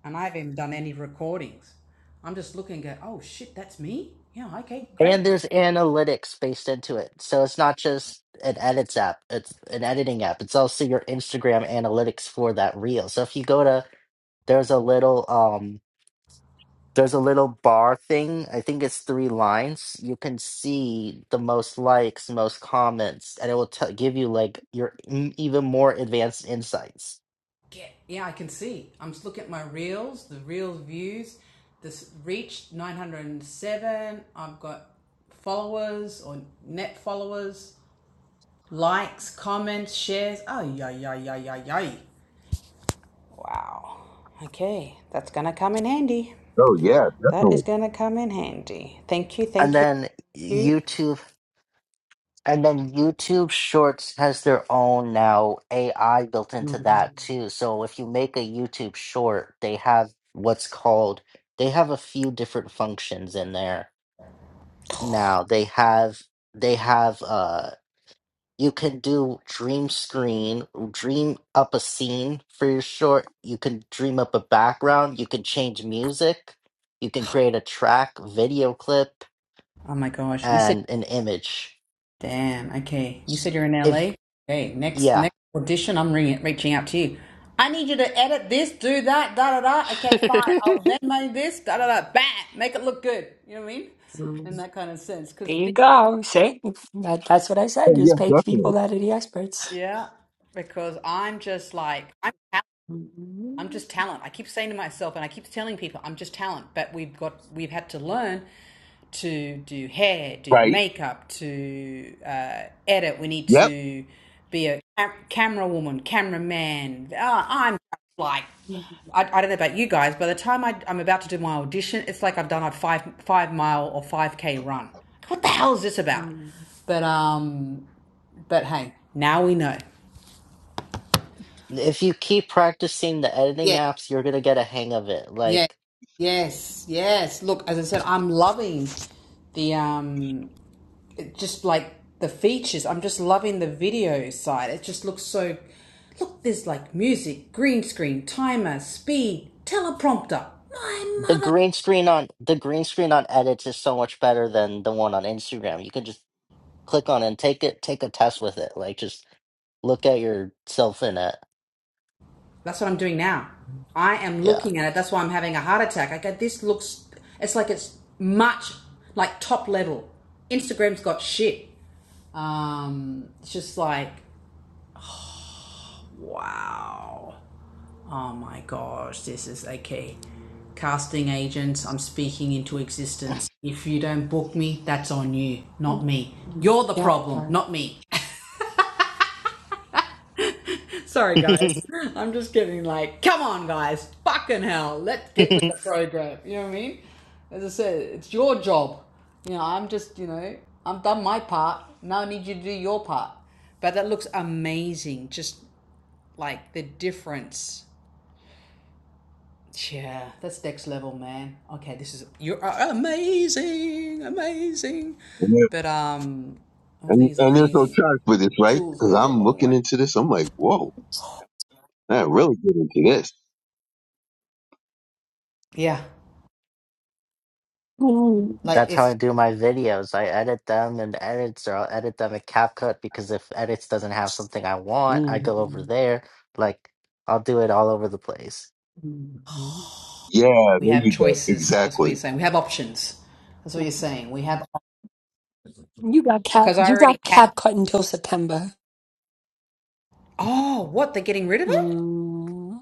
S1: and i haven't done any recordings i'm just looking at oh shit that's me yeah okay great
S3: And there's analytics based into it. So it's not just an edits app, it's an editing app. It's also your Instagram analytics for that reel. So if you go to there's a little um there's a little bar thing. I think it's three lines. You can see the most likes, most comments, and it will tell give you like your m- even more advanced insights.
S1: get yeah i can see i'm just looking at my reels the reels views this reached 907 i've got followers or net followers likes comments shares oh yeah yeah yeah yeah yeah Wow. Okay, that's gonna come in handy.
S2: Oh yeah,
S1: That
S2: definitely.
S1: is gonna come in handy. Thank you,
S3: And
S1: thank you.
S3: then
S1: thank you.
S3: YouTube And then YouTube Shorts has their own now AI built into
S5: Mm.
S3: that too. So if you make a YouTube short, they have what's called they have a few different functions in there. Now they have they have uh you can do dream screen, dream up a scene for your short. You can dream up a background, you can change music, you can create a track, video clip,
S1: Oh my gosh, you said.
S3: and an image.
S1: Damn. Okay. You said you're in
S3: If
S1: LA. Okay. Next
S3: yeah.
S1: next audition, I'm ringing, reaching out to you. I need you to edit this, do that, da da da. Okay,
S3: [laughs]
S1: fine. I'll Venmo this, da da da. Bam. Make it look good. You know what I mean? In
S5: Mm.
S1: that kind of sense, because
S5: There you go. See? That that's what I said.
S2: Oh yeah,
S5: Just pick people
S2: definitely.
S5: that are the experts.
S1: yeah, because I'm just like I'm. I'm
S5: Mm.
S1: just talent. I keep saying to myself, and I keep telling people, I'm just talent. But we've got, we've had to learn to do hair, do
S2: Right.
S1: makeup, to uh, edit. We need
S2: Yep.
S1: to be a cam- camera woman, cameraman. Ah, I'm like, I, I don't know about you guys. By the time I, I'm about to do my audition, it's like I've done a five five mile or five k run. What the hell is this about? But um, but hey, now we know.
S3: If you keep practicing the editing
S1: Yeah.
S3: apps, you're gonna get a hang of it.
S1: Yes,
S3: Like
S1: yes, yes. Look, as I said, I'm loving the um, it just like the features. I'm just loving the video side. It just looks so. Look, there's like music, green screen, timer, speed, teleprompter. My
S3: the
S1: mother.
S3: green screen on the green screen on edits is so much better than the one on Instagram. You can just click on it and take it, take a test with it. Like just look at yourself in it.
S1: That's what I'm doing now. I am
S3: Yeah.
S1: looking at it. That's why I'm having a heart attack. I go, this looks. It's like it's much like top level. Instagram's got shit. Um, it's just like wow. Oh my gosh, this is okay. Casting agents, I'm speaking into existence. If you don't book me, that's on you, not me. You're the
S5: Yeah. All
S1: problem,
S5: right.
S1: not me. [laughs] Sorry, guys.
S3: [laughs]
S1: I'm just getting like, come on, guys. Fucking hell. Let's get with the program. You know what I mean? As I said, it's your job. You know, I'm just, you know, I've done my part. Now I need you to do your part. But that looks amazing. Just like the difference. Yeah, that's next level, man. Okay, this is you're amazing, amazing.
S2: And, there-
S1: But um, all
S2: and,
S1: these
S2: and there's no
S1: amazing
S2: charge for this, right?
S1: tools
S2: Because
S1: goes a
S2: I'm
S1: long
S2: looking
S1: way.
S2: into this. I'm like, whoa, I really get into this.
S1: Yeah, like
S3: That's how
S1: it's
S3: I do my videos. I edit them in edits, or I'll edit them in CapCut because if edits doesn't have something I want, I go over
S5: Mm.
S3: there. Like I'll do it all over the place.
S2: Yeah, there
S1: we have
S2: you go.
S1: choices. That's what you're
S2: Exactly.
S1: saying. We have options. That's what you're saying. We have
S5: You got cap
S1: because I
S5: you
S1: already
S5: got
S1: had.
S5: cap cut until September.
S1: Oh, what they're getting rid of it?
S5: Mm.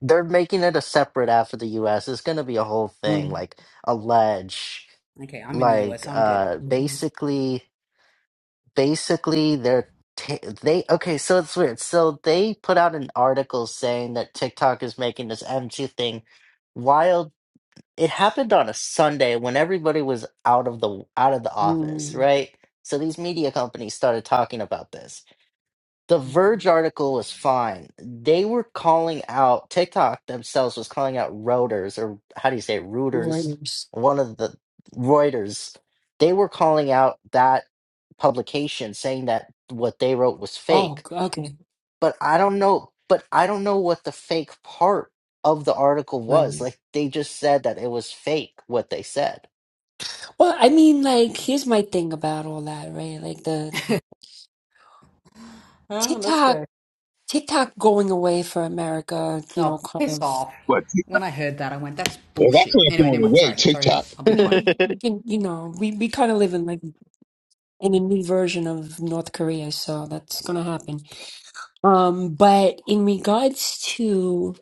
S3: They're making it a separate after the US. It's gonna be a whole thing,
S5: Mm.
S3: like allege,
S1: Okay, I'm in the
S3: like
S1: US. I'm good.
S3: uh basically basically they're ta they okay, so it's weird. So they put out an article saying that TikTok is making this MG thing wild. It happened on a Sunday when everybody was out of the out of the office,
S5: Mm.
S3: right? So these media companies started talking about this the Verge
S5: Mm.
S3: article was fine. They were calling out TikTok themselves was calling out routers or how do you say it? rooters?
S5: Reuters.
S3: One of the Reuters. They were calling out that publication saying that what they wrote was
S5: Oh,
S3: fake.
S5: okay.
S3: But I don't know but I don't know what the fake part of the article was.
S5: Right.
S3: Like they just said that it was fake what they said.
S5: Well, I mean, like, here's my thing about all that, right? Like the
S1: Oh, let's
S5: TikTok,
S1: go.
S5: TikTok going away for America, you know,
S1: Oh,
S5: kind
S1: piss
S5: of.
S1: off.
S2: What?
S1: When I heard that, I went, "That's
S2: Well, that's
S1: bullshit."
S2: not
S1: Anyway,
S2: going
S1: never mind.
S2: away.
S1: Sorry, sorry.
S2: TikTok.
S1: I'll
S3: [laughs]
S5: I
S1: be quiet.
S5: mean,
S3: yeah,
S5: you you know, we we kind of live in like in a new version of North Korea, so that's gonna happen. Um, but in regards to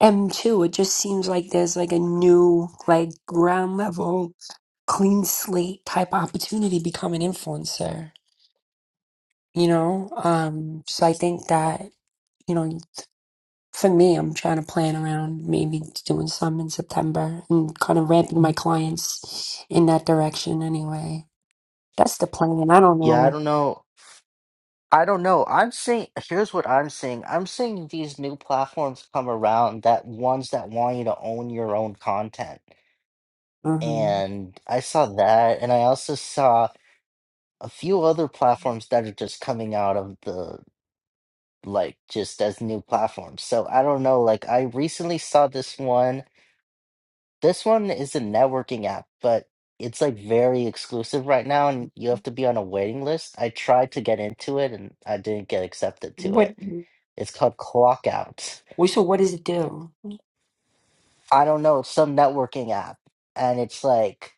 S5: M2, it just seems like there's like a new, like ground level, clean slate type opportunity to become an influencer, you know? Um, so I think that. You know, for me, I'm trying to plan around maybe doing some in September and kind of ramping my clients in that direction anyway. That's the plan. I don't
S3: I
S5: know.
S3: don't know. I don't know. I'm seeing, here's what I'm seeing. I'm seeing these new platforms come around that ones that want you to own your own content.
S5: hmm
S3: And I saw that, and I also saw a few other platforms that are just coming out of the like just as new platforms. So I don't know, like I recently saw this one This one is a networking app, but it's like very exclusive right now, and you have to be on a waiting list. I tried to get into it, and I didn't get accepted to it.
S5: What,
S3: It's called Clockout.
S5: wait, so what does it do?
S3: I don't know, it's some networking app, and it's like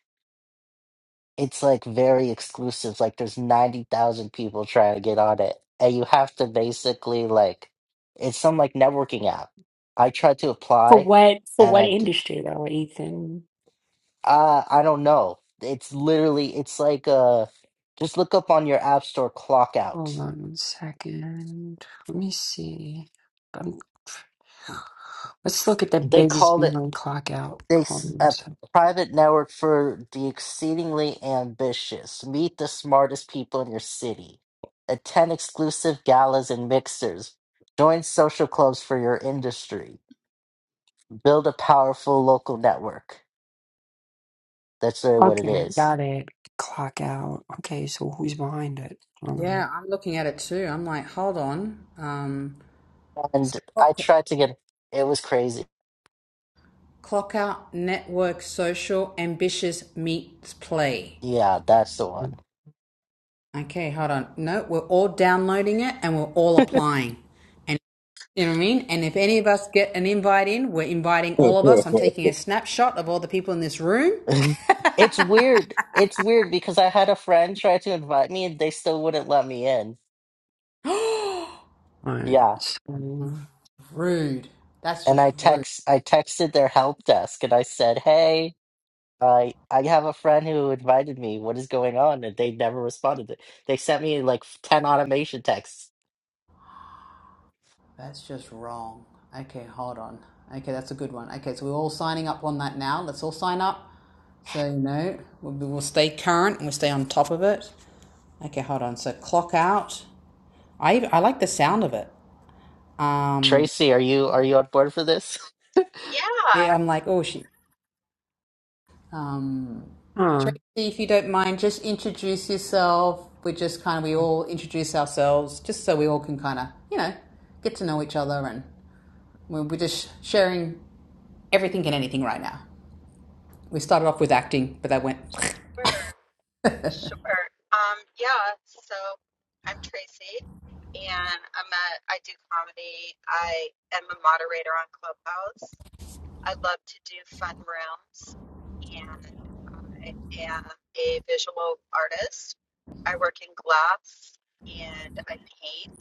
S3: it's like very exclusive. Like there's 90,000 people trying to get on it, and you have to basically like it's some like networking app. I tried to
S5: For
S3: apply,
S5: what, for
S3: and
S5: what
S3: I d-
S5: industry though, Ethan?
S3: Uh, I don't know. It's literally, it's like uh, just look up on your app store clock
S5: Hold
S3: out.
S5: on one second. Let me see. Um, [sighs] let's look at the
S3: They
S5: business
S3: called it
S5: behind clock out.
S3: they s- a private network for the exceedingly ambitious. Meet the smartest people in your city. Attend exclusive galas and mixers. Join social clubs for your industry. Build a powerful local network. That's really what it
S5: Okay,
S3: is.
S5: got it. Clock out. Okay, so who's behind it? Hold on.
S1: Yeah, I'm looking at it too. I'm like, hold on. Um, so
S3: And I
S1: clock,
S3: tried to get, it was crazy.
S1: clock out, network, social, ambitious meets play.
S3: Yeah, that's the one.
S1: Okay, hold on. No, we're all downloading it and we're all applying. And you know what I mean? And if any of us get an invite in, we're inviting all of us. I'm taking a snapshot of all the people in this room.
S3: [laughs] It's weird. It's weird because I had a friend try to invite me and they still wouldn't let me in.
S5: Alright,
S3: Yeah.
S5: so,
S1: Rude. That's
S3: And
S1: just
S3: I
S1: rude.
S3: text I texted their help desk and I said, "Hey, I I have a friend who invited me. What is going on?" And they never responded. They sent me like 10 automation texts.
S1: That's just wrong. Okay, hold on. Okay, that's a good one. Okay, so we're all signing up on that now. Let's all sign up. So no, we'll, we'll stay current and we'll stay on top of it. Okay, hold on. So clock out. I I like the sound of it. Um,
S3: Tracy, are you are you on board for this?
S7: Yeah,
S1: yeah, I'm like, oh shit. Um, Tracy,
S5: huh.
S1: if you don't mind, just introduce yourself. We just kind of we all introduce ourselves, just so we all can kind of you know get to know each other, and we're, we're just sharing everything and anything right now. We started off with acting, but that went. [laughs]
S7: sure, sure. Um, yeah, so I'm Tracy and I'm a I do comedy. I am a moderator on Clubhouse. I love to do fun rooms and I am a visual artist. I work in glass and I paint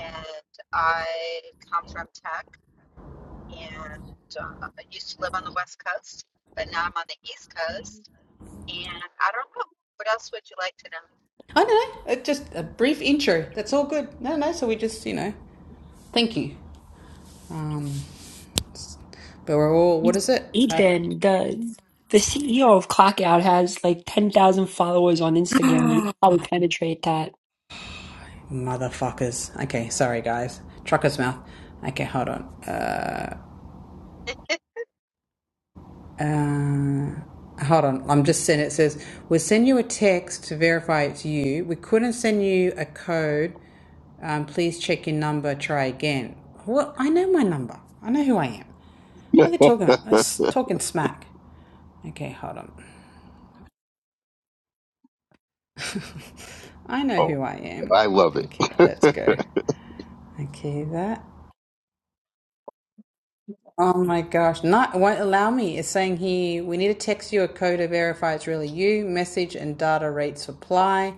S7: and I come from tech and uh, I used to live on the West Coast, but now I'm on the East Coast And I don't know. What else would you like to know?
S1: I don't know. It just a brief intro. That's all good. No, no. So we just you know, thank you. Um, but we're all, what is it? Uh,
S5: Ethan, the the CEO of Clockout has like 10,000 followers on Instagram. You could probably penetrate that.
S1: motherfuckers. Okay, sorry guys. Trucker's mouth. Okay, hold on. Uh, uh, hold on. I'm just sending it It says, we'll send you a text to verify it's you. We couldn't send you a code. Um, please check your number. Try again. Well, I know my number. I know who I am. What are they talking about? It's talking smack. Okay, hold on. [laughs] I
S2: [laughs]
S1: know
S2: oh,
S1: who I am.
S2: I love it.
S1: Okay, let's
S2: [laughs]
S1: go. Okay, that. Oh my gosh, not it won't allow me. It's saying here we need to text you a code to verify it's really you. Message and data rates apply.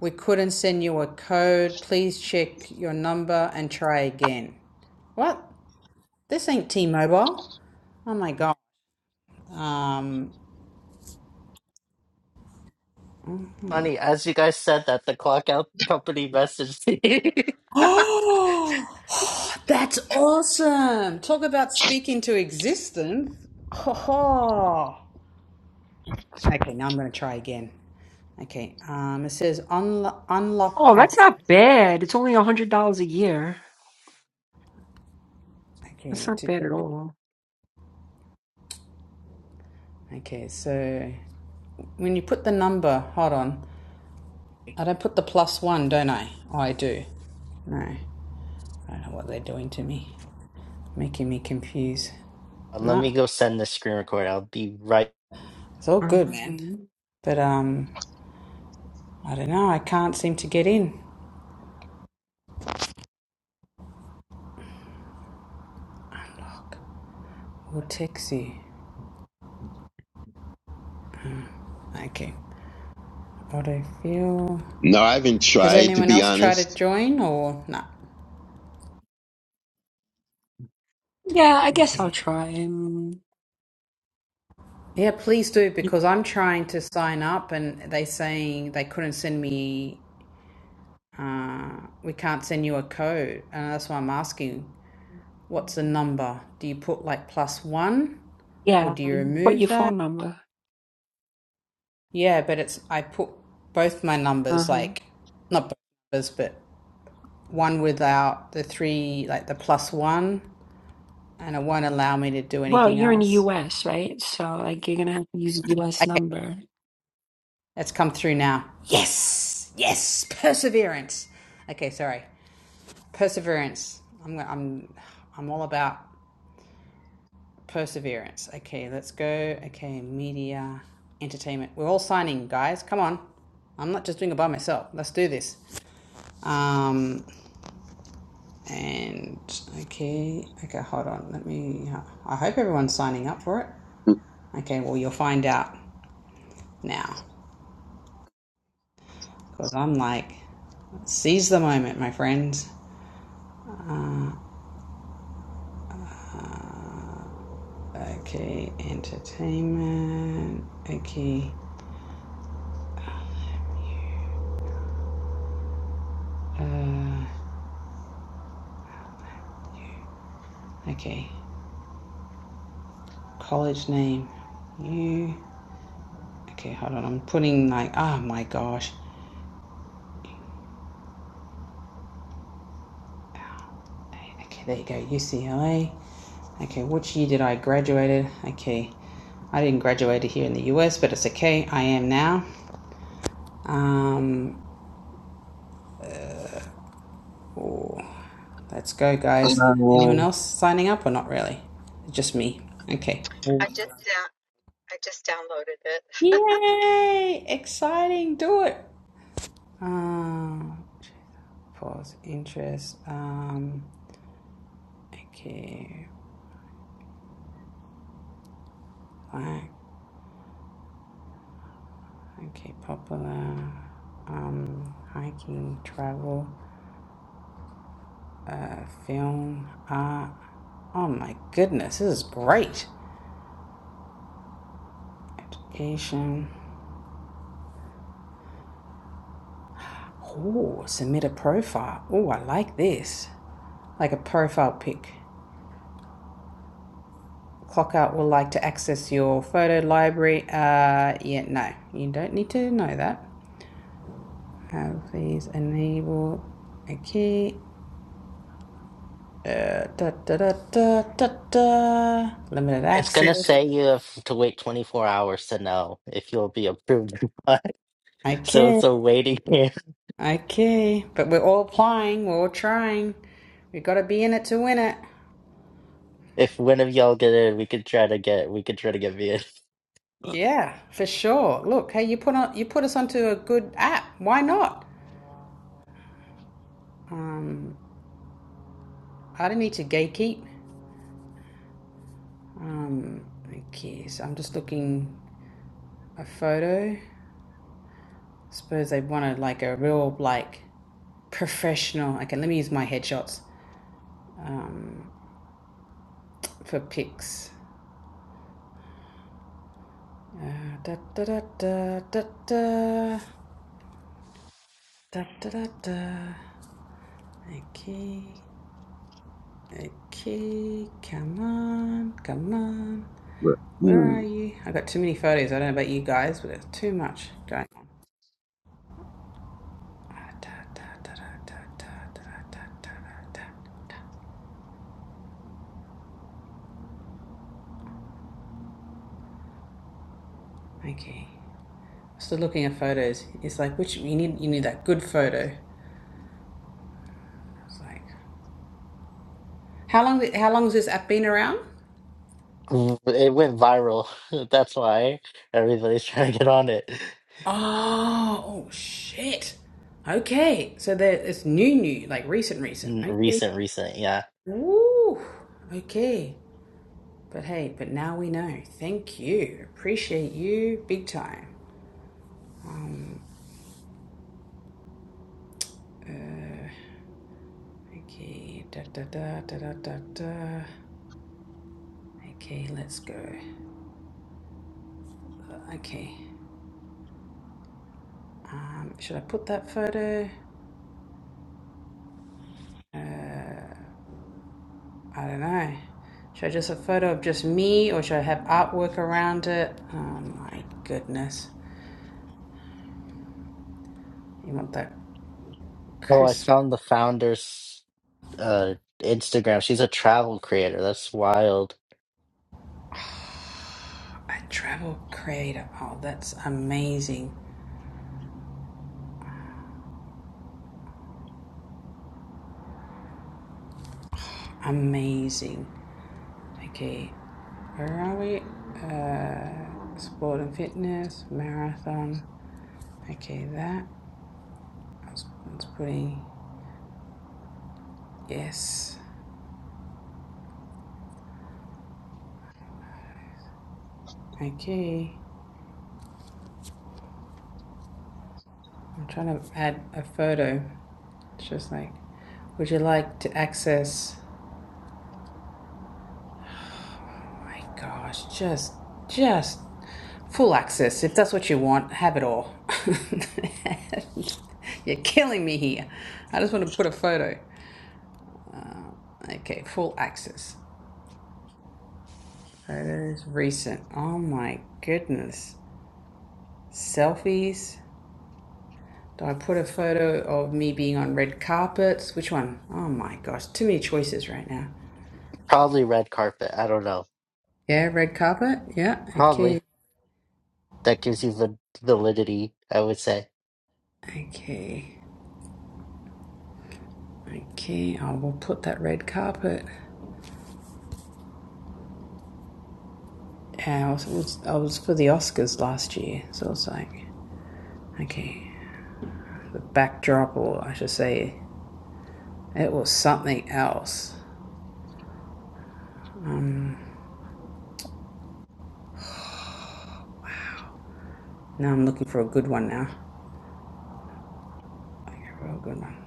S1: We couldn't send you a code. Please check your number and try again. What? This ain't T-Mobile. Oh my god. Um. [gasps]
S3: [laughs] Funny, as you guys said that the clock out company messaged me. [laughs]
S1: Oh, that's awesome. Talk about speaking to existence. Oh. Okay, now I'm gonna try again. Okay. Um. It says unlo- unlock
S5: Oh, that's
S1: access.
S5: not bad. It's only a hundred dollars a year. That's
S1: Okay.
S5: not
S1: To
S5: bad at all.
S1: Okay, so when you put the number, hold on. I don't put the plus one, don't I? Oh, I do. No, I don't know what they're doing to me, making me confused.
S3: Uh, Let me
S1: No,
S3: go send this screen record. I'll be right
S1: it's all good, man.
S5: Um,
S1: But um, I don't know. I can't seem to get in. Unlock. We'll text you. Okay. Autofill.
S2: no, I haven't
S1: Has
S2: tried to
S1: anyone
S2: be
S1: else tried to
S2: honest.
S1: join or no?
S5: yeah, I guess I'll
S1: Okay.
S5: try. Um,
S1: Yeah, please do
S5: y-
S1: because I'm trying to sign up and they saying they couldn't send me uh, we can't send you a code. And that's why I'm asking, what's the number? Do you put like plus one or
S5: yeah,
S1: do you
S5: you- what your
S1: remove that?
S5: phone number?
S1: Yeah, but it's, I put both my
S5: Uh
S1: numbers,
S5: huh.
S1: like, not both numbers, but one without the three, like the plus one, and it won't allow me to do
S5: Well,
S1: anything
S5: you're in the
S1: else.
S5: U.S., right? So like you're gonna have to use a U.S.
S1: Okay,
S5: number.
S1: it's come through now. Yes, yes, perseverance. Okay, sorry, perseverance. I'm, I'm, I'm all about Perseverance. Okay, let's go. Okay, media, entertainment. We're all signing, guys. Come on. I'm not just doing it by myself. Let's do this. Um, and okay, okay, hold on. Let me. I hope everyone's signing up for it.
S2: [laughs]
S1: Okay, well, you'll find out now because I'm like, seize the moment, my friends. Uh, uh, okay, entertainment. Okay, uh, okay. college name. You. Okay, hold on. I'm putting like, oh my gosh. Okay, there you go. UCLA. Okay, which year did I graduated? Okay, I didn't graduate here in the US, but it's okay. I am now. Um, oh, let's go, guys. Anyone
S2: Um,
S1: else signing up or not really? Just me. Okay.
S7: I just down, I just downloaded it. [laughs]
S1: Yay! Exciting. Do it. Um, pause. Interest. Um, okay. Black. Okay, popular. Um, hiking, travel, uh, film, art. Oh my goodness, this is great. Education. Oh, submit a profile. Oh, I like this. Like a profile pic. Clockout will like to access your photo library. Uh, yeah, no, you don't need to know that. Uh, please enable a key. Uh, da, da, da, da, da, da. Limited
S3: It's gonna
S1: access.
S3: say you have to wait 24 hours to know if you'll be approved. or not. [laughs] so
S1: Okay,
S3: it's a waiting [laughs] game.
S1: okay. But we're all applying, we're all trying. We have gotta be in it to win it.
S3: If one of y'all get in, we could try to get we could try to get me in.
S1: Yeah, for sure. Look, hey, you put on you put us onto a good app. Why not? Um, I don't need to gatekeep. Um, okay, so I'm just looking a photo. Suppose they wanted like a real like professional. Okay, let me use my headshots um, for pics. Uh, da da da da da da da da da. da. Okay, okay, come on, come on.
S2: but,
S1: Where are
S2: mm.
S1: you? I got too many photos. I don't know about you guys, but there's too much going on. Ah, Okay, still looking at photos. It's like which you need you need that good photo. It's like how long how long has this app been around?
S3: [laughs] It went viral. [laughs] That's why everybody's [laughs] trying to get on it.
S1: Oh, oh shit. Okay, so there it's new, new, like recent, recent.
S3: N-
S1: Okay.
S3: Recent, recent, yeah.
S1: Woo. Okay. But hey, but now we know. Thank you. Appreciate you big time. Uh, okay, da da da da da da da. Okay, let's go. Uh, Okay, um, should I put that photo? Uh, I don't know. Should I just a photo of just me, or should I have artwork around it? Oh my goodness! You want that
S3: Oh, I
S1: crisp?
S3: found the founder's uh Instagram. She's a travel creator. That's wild.
S1: A travel creator. Oh, that's amazing, amazing. Okay, Where are we? Uh, sport and fitness, marathon. Okay, that. I was, I was putting yes. Okay. I'm trying to add a photo. It's just like, would you like to access? Oh my gosh, just, just full access. If that's what you want, have it all. [laughs] You're killing me here. I just want to put a photo. Uh, okay, full access. Photos recent. Oh my goodness. Selfies. Do I put a photo of me being on red carpets? Which one? Oh my gosh, too many choices right now.
S3: Probably red carpet. I don't know.
S1: Yeah, red carpet. Yeah, okay.
S3: Probably. That gives you the validity, I would say.
S1: Okay. Okay. I will put that red carpet. Yeah, I was, was- I was for the Oscars last year, so it's like, okay, the backdrop, or I should say, it was something else. Um, now I'm looking for a good one now. Like a real good one.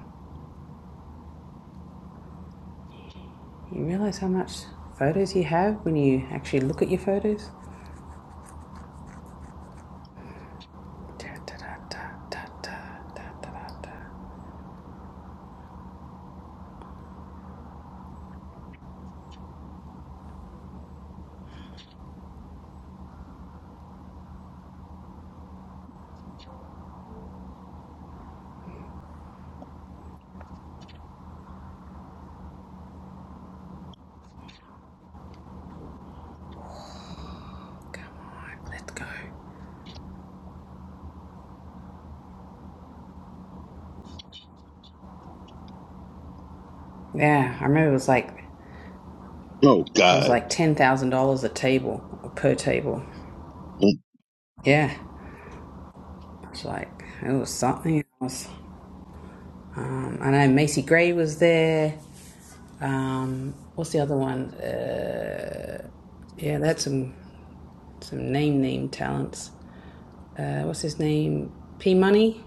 S1: You realize how much photos you have when you actually look at your photos? Da, da, da, da, da, da, da, da, Come on, let's go. Yeah, I remember it was like
S2: oh
S1: it was
S2: God.
S1: like ten thousand dollars a table or per table.
S2: [laughs]
S1: Yeah, it was like it was something else. Um, I know Macy Gray was there. Um, what's the other one? Uh, yeah, that's some some name name talents. uh, what's his name? P Money.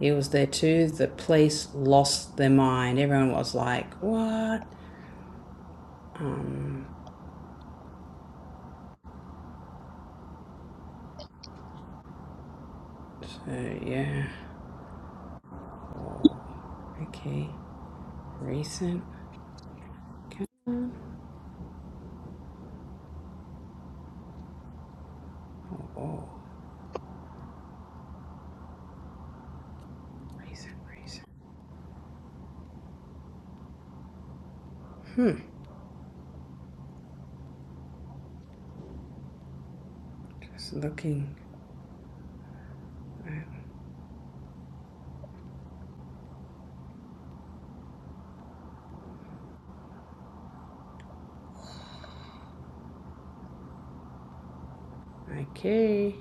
S1: He was there too. The police lost their mind. Everyone was like, what? Um, so, yeah. Oh, okay. Recent. Okay. Oh, oh. Recent, recent. Hmm. Just looking. Uh, Okay.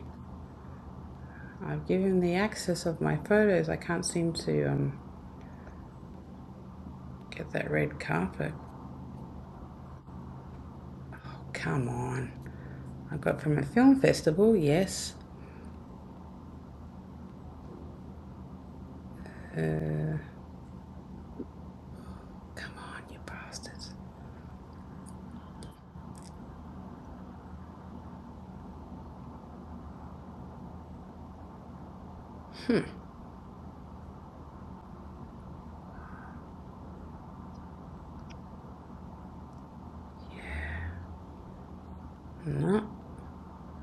S1: I've given the access of my photos. I can't seem to um, get that red carpet. Come on. I got from a film festival, yes. Uh, Come on, you bastards. No,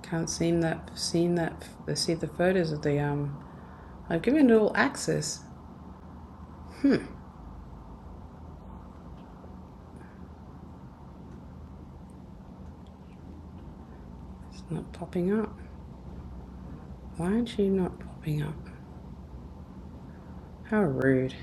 S1: can't seem that seen that see the photos of the um. I've given it all access. Hmm, it's not popping up. Why aren't you not popping up? How rude.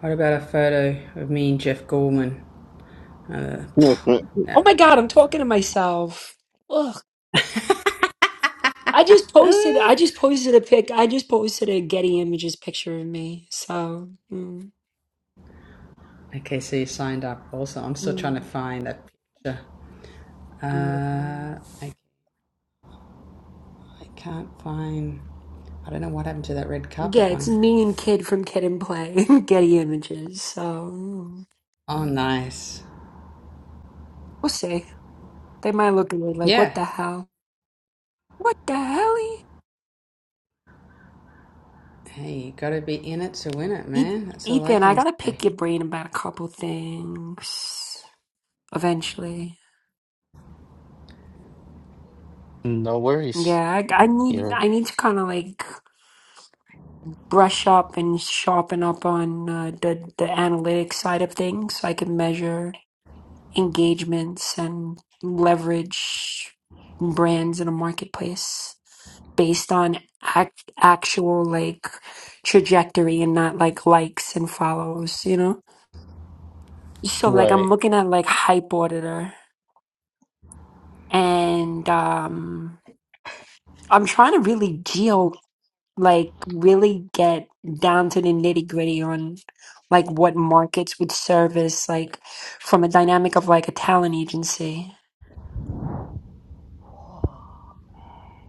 S1: What about a photo of me and Jeff Gorman? Uh, pff, no.
S5: Oh my god, I'm talking to myself. Ugh. I just posted I just posted a pic I just posted a Getty Images picture of me. So mm,
S1: Okay, so you signed up. Also, I'm still trying to
S5: mm,
S1: find that picture.
S5: mm.
S1: Uh, I, I can't find. I don't know what happened to that red
S5: yeah,
S1: carpet
S5: it's
S1: one.
S5: me and Kid from Kid and Play, [laughs] Getty Images. So mm,
S1: Oh, nice.
S5: we'll see. They might look at me like, what
S1: Yeah,
S5: the hell? What the hell?
S1: Hey, you gotta be in it to win it,
S5: Eth-
S1: man. That's all I
S5: Ethan, I
S1: can
S5: gotta
S1: say.
S5: pick your brain about a couple things eventually.
S3: No worries.
S5: Yeah, I, I need
S3: You're
S5: I need to kind of like brush up and sharpen up on uh, the the analytics side of things. so I can measure engagements and leverage brands in a marketplace based on act, actual like trajectory and not like likes and follows, you know? So like I'm
S3: right.
S5: looking at like hype auditor and um I'm trying to really geolocate like really get down to the nitty gritty on like what markets would service like from a dynamic of like a talent agency.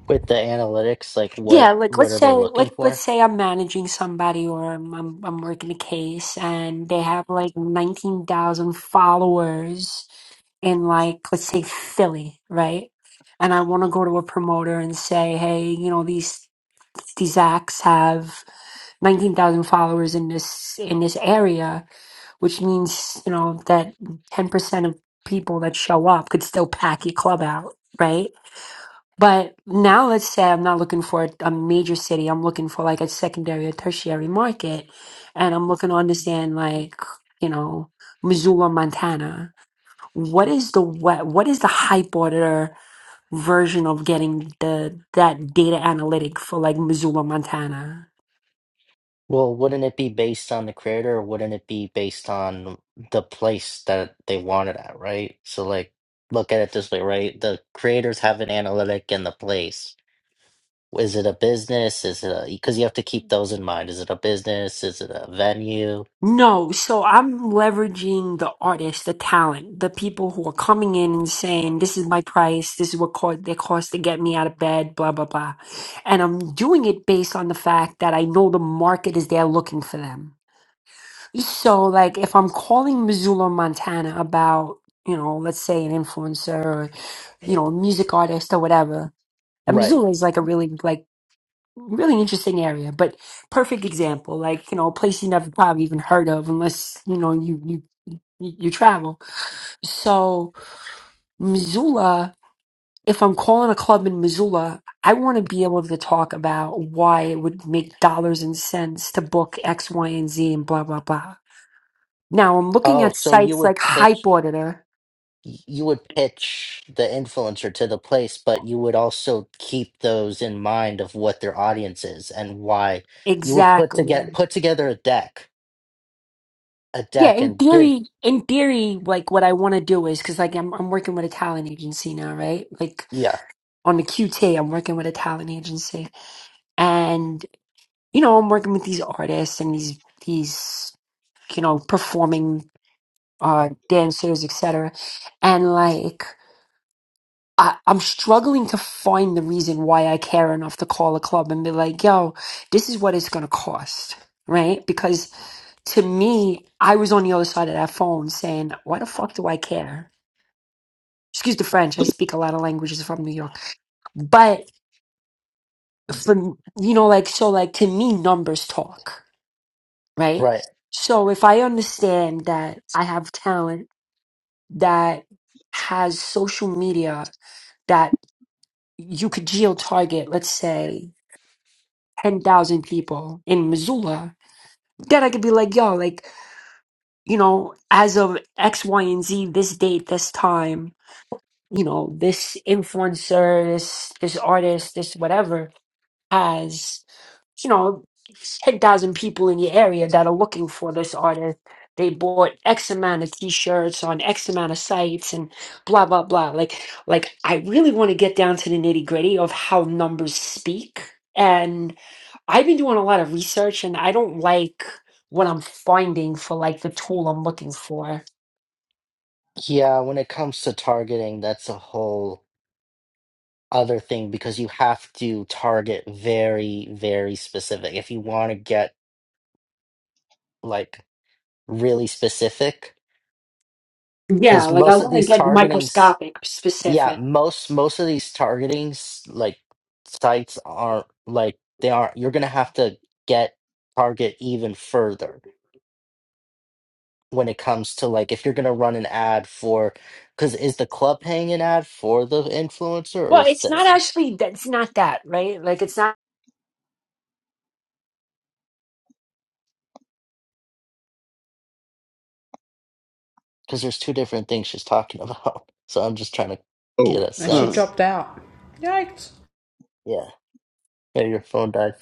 S3: With the analytics, like
S5: Yeah,
S3: what
S5: like
S3: what
S5: let's
S3: are they
S5: say
S3: looking
S5: let let's
S3: for?
S5: say I'm managing somebody or I'm I'm, I'm working a case and they have like 19,000 followers in like let's say Philly, right? And I want to go to a promoter and say, "Hey, you know, these these acts have 19,000 followers in this in this area which means you know that 10% of people that show up could still pack your club out right but now let's say i'm not looking for a major city i'm looking for like a secondary or tertiary market and i'm looking to understand like you know missoula montana what is the what, what is the hype order version of getting the that data analytic for like missoula montana
S3: Well, wouldn't it be based on the creator or wouldn't it be based on the place that they want it at, right? So like look at it this way, right? The creators have an analytic in the place. Is it a business? Is it a, because you have to keep those in mind. Is it a business? Is it a venue?
S5: No, so I'm leveraging the artists, the talent, the people who are coming in and saying, "This is my price. This is what co- they cost to get me out of bed." Blah blah blah, and I'm doing it based on the fact that I know the market is there looking for them. So, like, if I'm calling Missoula, Montana, about you know, let's say an influencer or you know, a music artist or whatever, and
S3: Right.
S5: Missoula is like a really like really interesting area, but perfect example. Like you know, a place you never probably even heard of unless you know you you you travel. So Missoula, if I'm calling a club in Missoula, I want to be able to talk about why it would make dollars and cents to book X, Y, and Z, and blah blah blah. Now I'm looking
S3: Oh,
S5: at
S3: so you
S5: sites
S3: would
S5: like
S3: pitch.
S5: Hype Auditor.
S3: y- you would pitch the influencer to the place, but you would also keep those in mind of what their audience is and why you would put to get
S5: Exactly.
S3: put together a deck, a
S5: Yeah,
S3: deck
S5: in
S3: and give
S5: theory, in theory, like what I want to do is because like I'm I'm working with a talent agency now, right? Like
S3: yeah,
S5: on the Q am working with a talent agency, and you know, I'm working with these artists and these these you know performing uh dancers, etc. And like, I, I'm struggling to find the reason why I care enough to call a club and be like, "Yo, this is what it's gonna cost." Right? Because to me, I was on the other side of that phone saying, "Why the fuck do I care?" Excuse the French. I speak a lot of languages from New York, but. for you know like so like to me numbers talk right
S3: right.
S5: so if i understand that i have talent that has social media that you could geo target let's say 10,000 people in missoula then i could be like yo like you know as of x y and z this date this time you know this influencer this this artist this whatever you know, 10,000 people in your area that are looking for this artist. They bought X amount of t-shirts on X amount of sites and blah, blah, blah. Like, like I really want to get down to the nitty gritty of how numbers speak. And I've been doing a lot of research and I don't like what I'm finding for like the tool I'm looking for.
S3: Yeah, when it comes to targeting, that's a whole other thing because you have to target very, very specific. If you want to get like really specific,
S5: Yeah,
S3: because
S5: like I
S3: most of
S5: want to
S3: these
S5: get
S3: targetings
S5: microscopic
S3: Yeah,
S5: specific.
S3: most most of these targeting s- like sites aren't like they aren't. You're gonna have to get target even further when it comes to like if you're gonna run an ad for because is the club paying an ad for the influencer or
S5: Well,
S3: is
S5: it's not
S3: the
S5: actually, It's not that, right? Like it's not
S3: because there's two different things she's talking about. [laughs] So I'm just trying to get
S2: oh.
S3: a
S1: No, she
S2: Huh.
S3: sense.
S1: dropped out. Yikes.
S3: Yeah, yeah, your phone died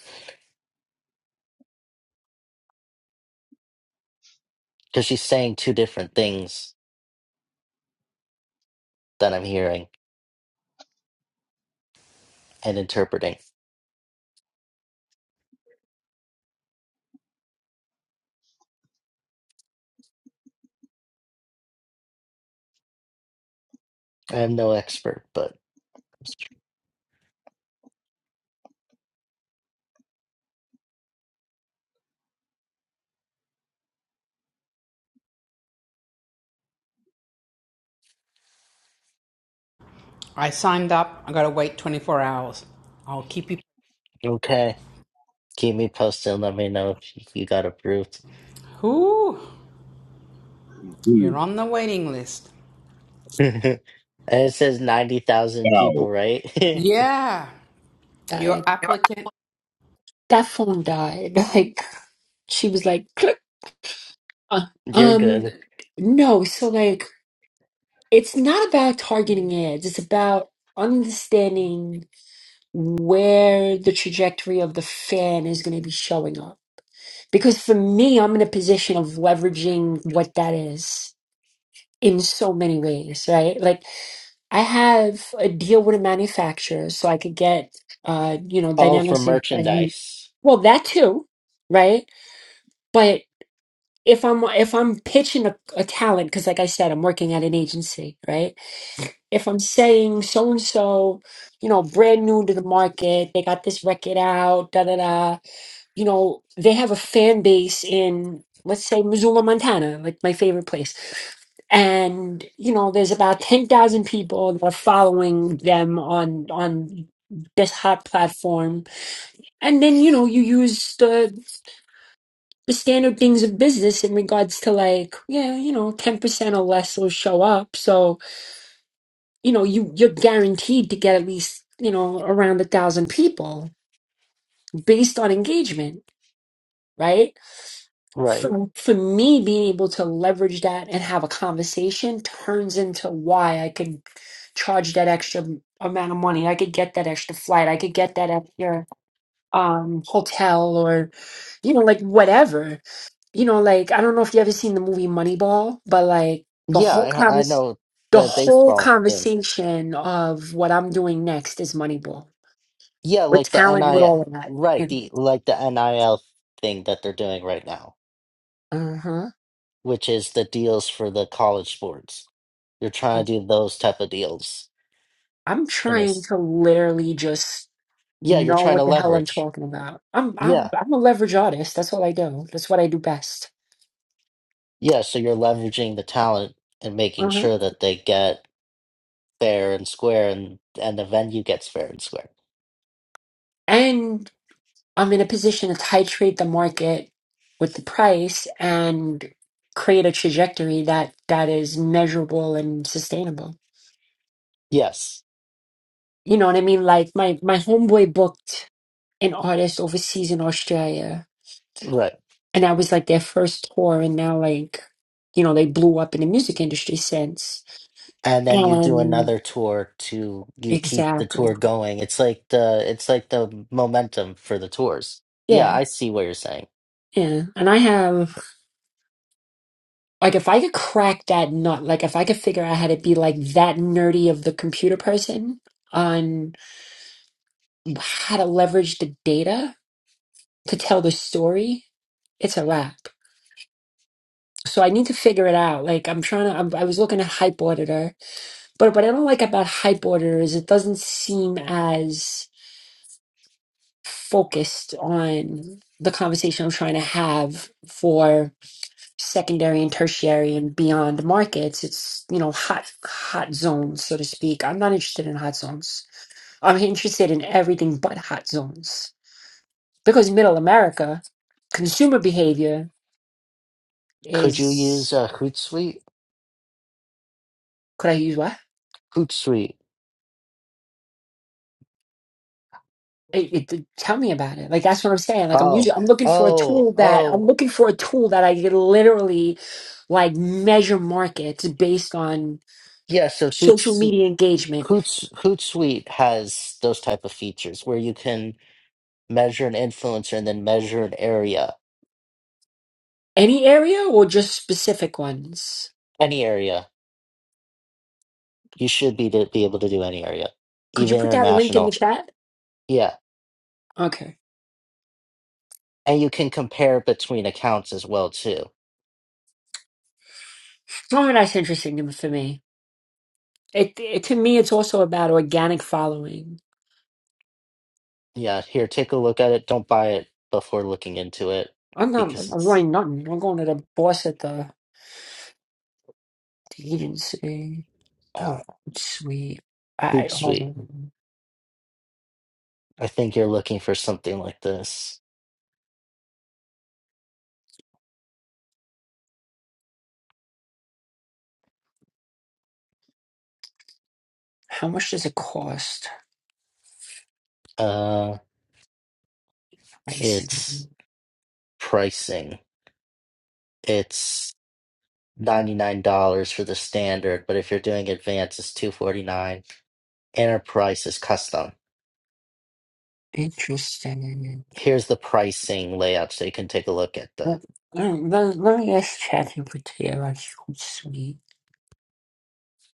S3: because she's saying two different things that I'm hearing and interpreting. I am no expert, but
S1: I signed up. I gotta wait 24 hours. I'll keep you.
S3: okay. Keep me posted. Let me know if you got approved.
S1: Whoo!
S2: Mm.
S1: You're on the waiting list.
S3: [laughs] and it says 90,000
S2: Wow.
S3: people, right?
S1: Yeah, your
S5: died.
S1: applicant.
S5: That phone died. [laughs] Like she was like, "Click." Uh,
S3: [laughs] You're
S5: um,
S3: good.
S5: no, so like, it's not about targeting ads. It's about understanding where the trajectory of the fan is going to be showing up. Because for me, I'm in a position of leveraging what that is in so many ways, right? Like, I have a deal with a manufacturer, so I could get, uh, you know,
S3: All for
S5: dynamics. Of, I mean,
S3: merchandise.
S5: well, that too, right? But." if I'm if I'm pitching a, a talent, because like I said, I'm working at an agency, right? If I'm saying so and so, you know, brand new to the market, they got this record out, da da da. You know, they have a fan base in let's say Missoula, Montana, like my favorite place. And you know, there's about ten thousand people that are following them on on this hot platform. And then you know, you use the the standard things of business in regards to like yeah you know 10% or less will show up so you know you you're guaranteed to get at least you know around a thousand people based on engagement right
S3: Right.
S5: for, for me being able to leverage that and have a conversation turns into why i could charge that extra amount of money i could get that extra flight i could get that extra um hotel or you know like whatever you know, like I don't know if you ever seen the movie Moneyball, but like the
S3: Yeah,
S5: whole
S3: I, I
S5: convers
S3: know
S5: the
S3: the
S5: whole
S3: baseball thing.
S5: conversation of what I'm doing next is Moneyball
S3: Yeah,
S5: with
S3: like the
S5: talent, with
S3: NIL,
S5: all of that
S3: right,
S5: in
S3: the
S5: it.
S3: like the NIL thing that they're doing right now,
S5: Uh huh.
S3: which is the deals for the college sports. You're trying to do those type of deals
S5: I'm
S3: in
S5: trying
S3: this.
S5: to literally just
S3: Yeah, you're
S5: know
S3: trying to
S5: what the hell I'm
S3: leverage.
S5: talking about. I'm I'm
S3: Yeah.
S5: I'm a leverage artist. That's all I do. That's what I do best.
S3: Yeah, so you're leveraging the talent and making
S5: Uh huh.
S3: sure that they get fair and square and and the venue gets fair and square.
S5: And. I'm in a position to titrate the market with the price and create a trajectory that that is measurable and sustainable.
S3: Yes.
S5: You know what I mean? Like my my homeboy booked an artist overseas in Australia,
S3: Right.
S5: and that was like their first tour, and now like you know they blew up in the music industry since.
S3: And then you do
S5: And
S3: another tour to you keep the
S5: exactly,
S3: tour going. It's like the it's like the momentum for the tours. Yeah,
S5: yeah,
S3: I see what you're saying.
S5: yeah. And I have Like if I could crack that nut, like if I could figure out how to be like that nerdy of the computer person on how to leverage the data to tell the story, it's a wrap. So I need to figure it out. Like I'm trying to, I'm, I was looking at Hype Auditor, but what I don't like about Hype Auditor is it doesn't seem as focused on the conversation I'm trying to have for. secondary and tertiary and beyond markets. It's, you know, hot hot zones, so to speak. I'm not interested in hot zones. I'm interested in everything but hot zones. Because middle America, consumer behavior
S3: Could you use
S5: is
S3: uh, Hootsuite?
S5: could I use what?
S3: Hootsuite.
S5: It, it, tell me about it. Like that's what I'm saying. Like I'm
S3: Oh,
S5: usually I'm looking for a
S3: oh,
S5: tool that I'm
S3: oh.
S5: looking for a tool that I can literally like measure markets based on
S3: Yeah, so
S5: social
S3: Hootsuite,
S5: media engagement.
S3: Hoots, Hootsuite has those type of features where you can measure an influencer and then measure an area,
S5: Any area or just specific ones?
S3: any area, You should be to be able to do any area,
S5: Could you
S3: even
S5: put that link in the
S3: international.
S5: chat?
S3: Yeah,
S5: Okay.
S3: and you can compare between accounts as well too.
S5: Oh, that's interesting for me. It, it to me, it's also about organic following.
S3: Yeah, here, take a look at it. Don't buy it before looking into it
S5: I'm not.
S3: because
S5: I'm
S3: it's
S5: running nothing. I'm going to the boss at the, the agency. Oh,
S3: uh,
S5: sweet. I
S3: poop
S5: hold
S3: sweet.
S5: on.
S3: I think you're looking for something like this.
S5: How much does it cost?
S3: Uh,
S5: Pricing.
S3: it's pricing. It's ninety nine dollars for the standard, but if you're doing advanced, it's two forty nine. Enterprise is custom.
S5: Interesting.
S3: Here's the pricing layout, so you can take a look at the
S5: Let, let, let me ask ChatGPT. about you, Sweet.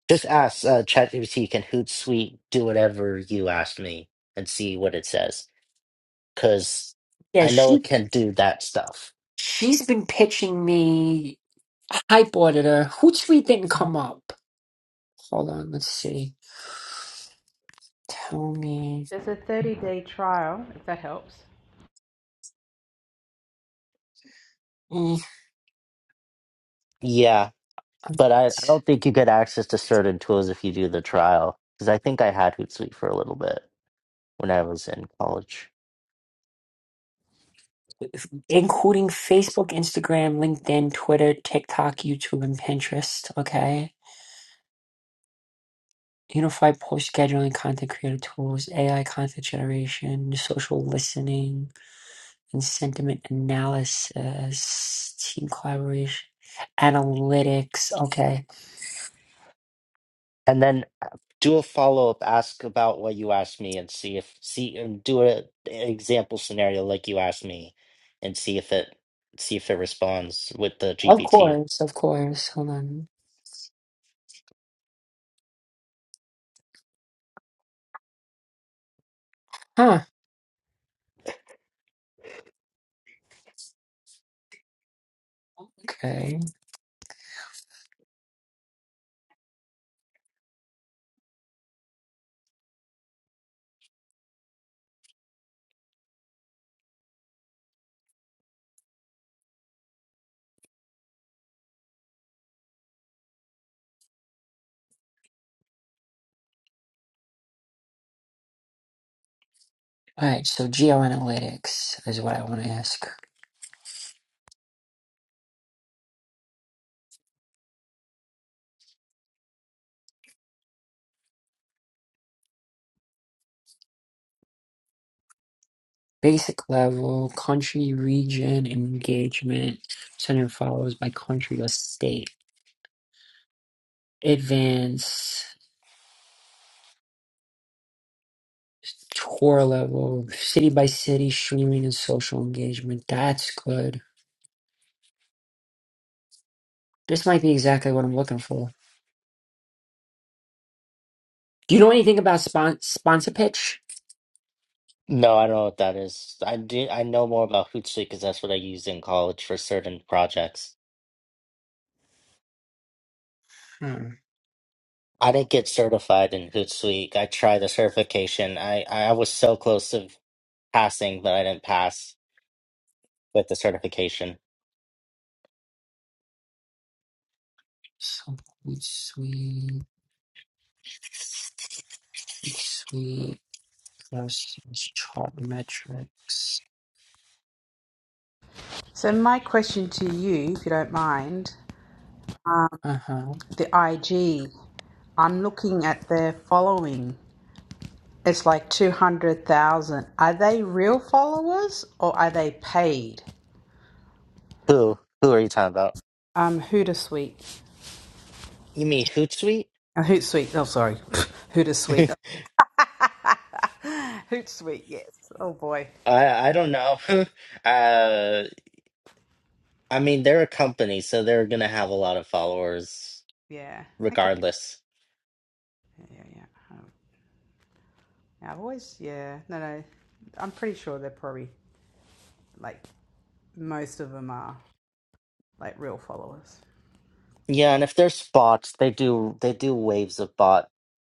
S3: Just ask uh, ChatGPT can Hootsuite do whatever you asked me and see what it says. Because
S5: Yeah,
S3: I know it
S5: she
S3: can do that stuff.
S5: she's been pitching me a hype auditor. Hootsuite didn't come up. Hold on, let's see. Tell me.
S1: There's a 30 day trial, if that helps.
S5: Mm,
S3: Yeah,
S5: I'm-
S3: but I, I don't think you get access to certain tools if you do the trial. Because I think I had Hootsuite for a little bit when I was in college.
S5: Including Facebook, Instagram, LinkedIn, Twitter, TikTok, YouTube, and Pinterest. Okay. Unified post scheduling, content creator tools, AI content generation, social listening, and sentiment analysis, team collaboration, analytics. Okay.
S3: And then uh, do a follow up, ask about what you asked me, and see if see and do a an example scenario like you asked me, and see if it see if it responds with the
S5: Of
S3: GPT
S5: course, of course. Hold on. Huh. Okay. All right. So, geo analytics is what I want to ask. Basic level, country, region, engagement, center follows by country or state. Advanced, tour level, city by city, streaming and social engagement. That's good. This might be exactly what I'm looking for. Do you know anything about spon- sponsor pitch?
S3: No, I don't know what that is. I do, I know more about Hootsuite because that's what I used in college for certain projects.
S5: Hmm.
S3: I didn't get certified in Hootsuite. I tried the certification. I, I was so close to passing, but I didn't pass with the certification.
S5: So sweet, sweet, versus chart metrics.
S1: So, my question to you, if you don't mind,
S5: Uh huh.
S1: the IG, I'm looking at their following. It's like 200,000. Are they real followers or are they paid?
S3: Who? Who are you talking about?
S1: Um, Hootsuite.
S3: You mean Hootsuite?
S1: Uh, Hootsuite. Oh, sorry. [laughs]
S3: [laughs] I
S1: Hootsuite. [laughs] Hootsuite. Yes. Oh boy.
S3: I don't know. [laughs] Uh, I mean, they're a company, so they're gonna have a lot of followers
S1: Yeah. Okay.
S3: regardless.
S1: Yeah, yeah, yeah. Um, I've always. Yeah. No, no. I'm pretty sure they're probably like most of them are like real followers.
S3: Yeah, and if there's bots, they do they do waves of bot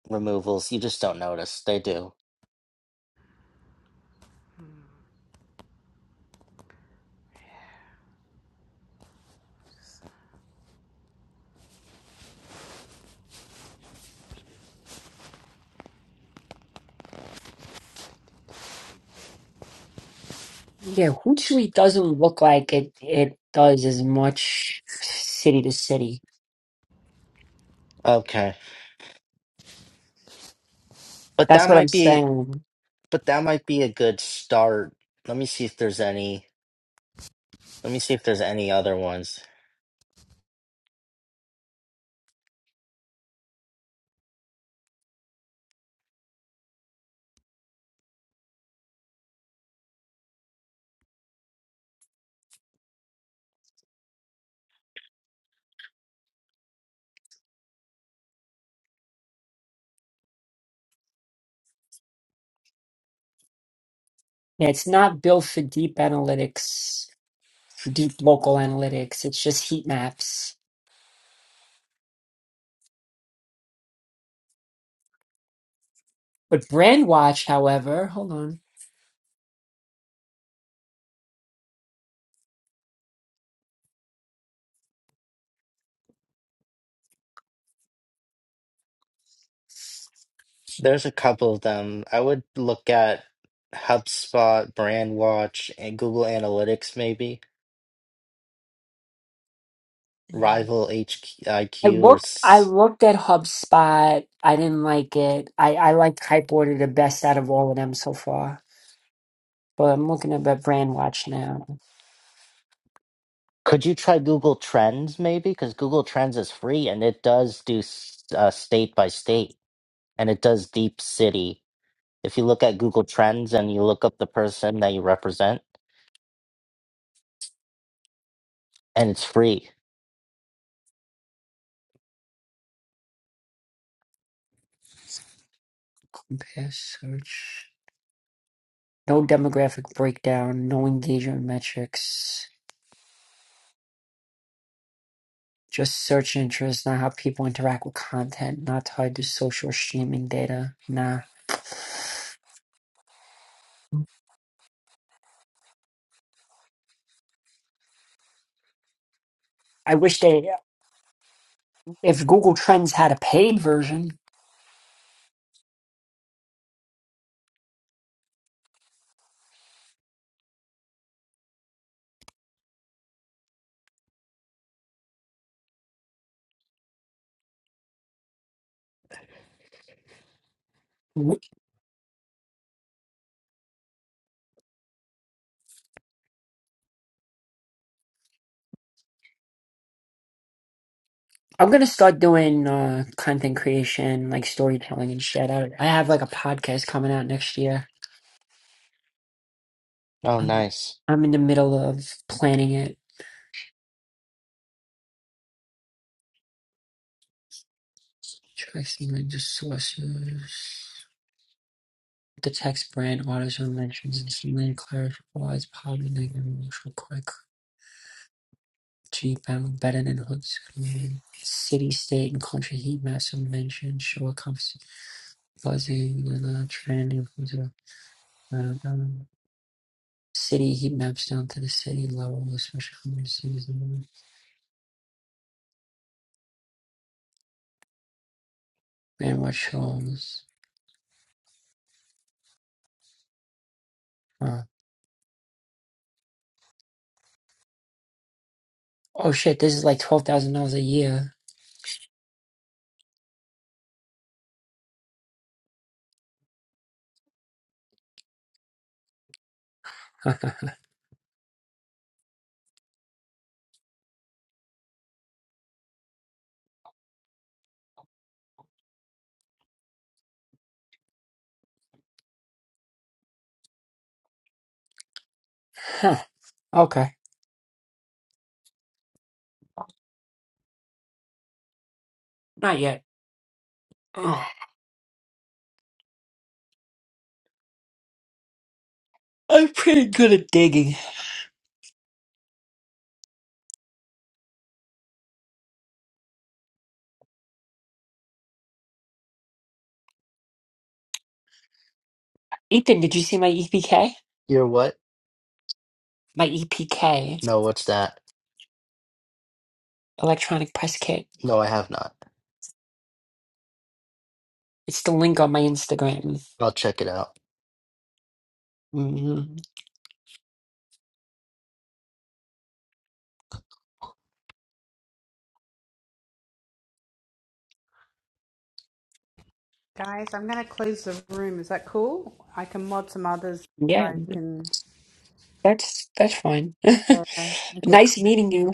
S3: removals. You just don't notice. They do.
S5: Yeah, Hoot Suite doesn't look like it it does as much city to city.
S3: Okay. But
S5: That's
S3: that
S5: what I'm
S3: might be
S5: saying.
S3: but that might be a good start. Let me see if there's any let me see if there's any other ones.
S5: Yeah, it's not built for deep analytics, for deep local analytics. It's just heat maps. But Brandwatch, however, hold on.
S3: There's a couple of them. I would look at HubSpot, BrandWatch, and Google Analytics maybe.
S5: I
S3: Rival HIQ or
S5: looked I
S3: s-
S5: looked at HubSpot. I didn't like it. I, I liked Kiteboarder the best out of all of them so far. But I'm looking at Brandwatch now.
S3: could you try Google Trends maybe? Because Google Trends is free and it does do s- uh, state by state. and it does deep city. If you look at Google Trends and you look up the person that you represent, and it's free.
S5: Compare search. No demographic breakdown, no engagement metrics, just search interest, not how people interact with content, not tied to social streaming data. Nah. I wish they, if Google Trends had a paid version, w- I'm gonna start doing uh, content creation, like storytelling and shit. I, I have like a podcast coming out next year.
S3: Oh,
S5: I'm,
S3: nice.
S5: I'm in the middle of planning it. Try some the sources. The text brand also mentions insulin clarifies positive and emotional quick G found better than hooks. City, state, and country heat maps are mentioned. Show a compass buzzing and a trend influencer. I don't know. City heat maps down to the city level, especially how many cities in one. Man, what shows? Uh, oh shit, this is like $12,000 a year. [laughs] Huh. Okay. Not yet. Ugh. I'm pretty good at digging. Ethan, did you see my EPK?
S3: You're what?
S5: My EPK,
S3: No, what's that?
S5: electronic press kit.
S3: No, I have not.
S5: It's the link on my Instagram.
S3: I'll check it out.
S5: hmm
S1: Guys, I'm gonna close the room. Is that cool? I can mod some others. You
S5: Yeah,
S1: guys can.
S5: that's that's fine.
S1: Yeah. Okay.
S5: [laughs]
S1: cool.
S5: nice meeting you.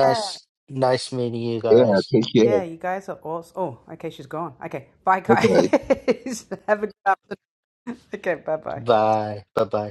S1: Yeah.
S3: nice meeting you
S2: Yeah.
S3: guys.
S2: Take care.
S1: Yeah. You guys are awesome. Oh. Okay. She's gone. Okay. Bye,
S2: Bye
S1: guys.
S2: bye.
S1: [laughs] Have a good afternoon. Okay. Bye. Bye.
S3: Bye. Bye bye.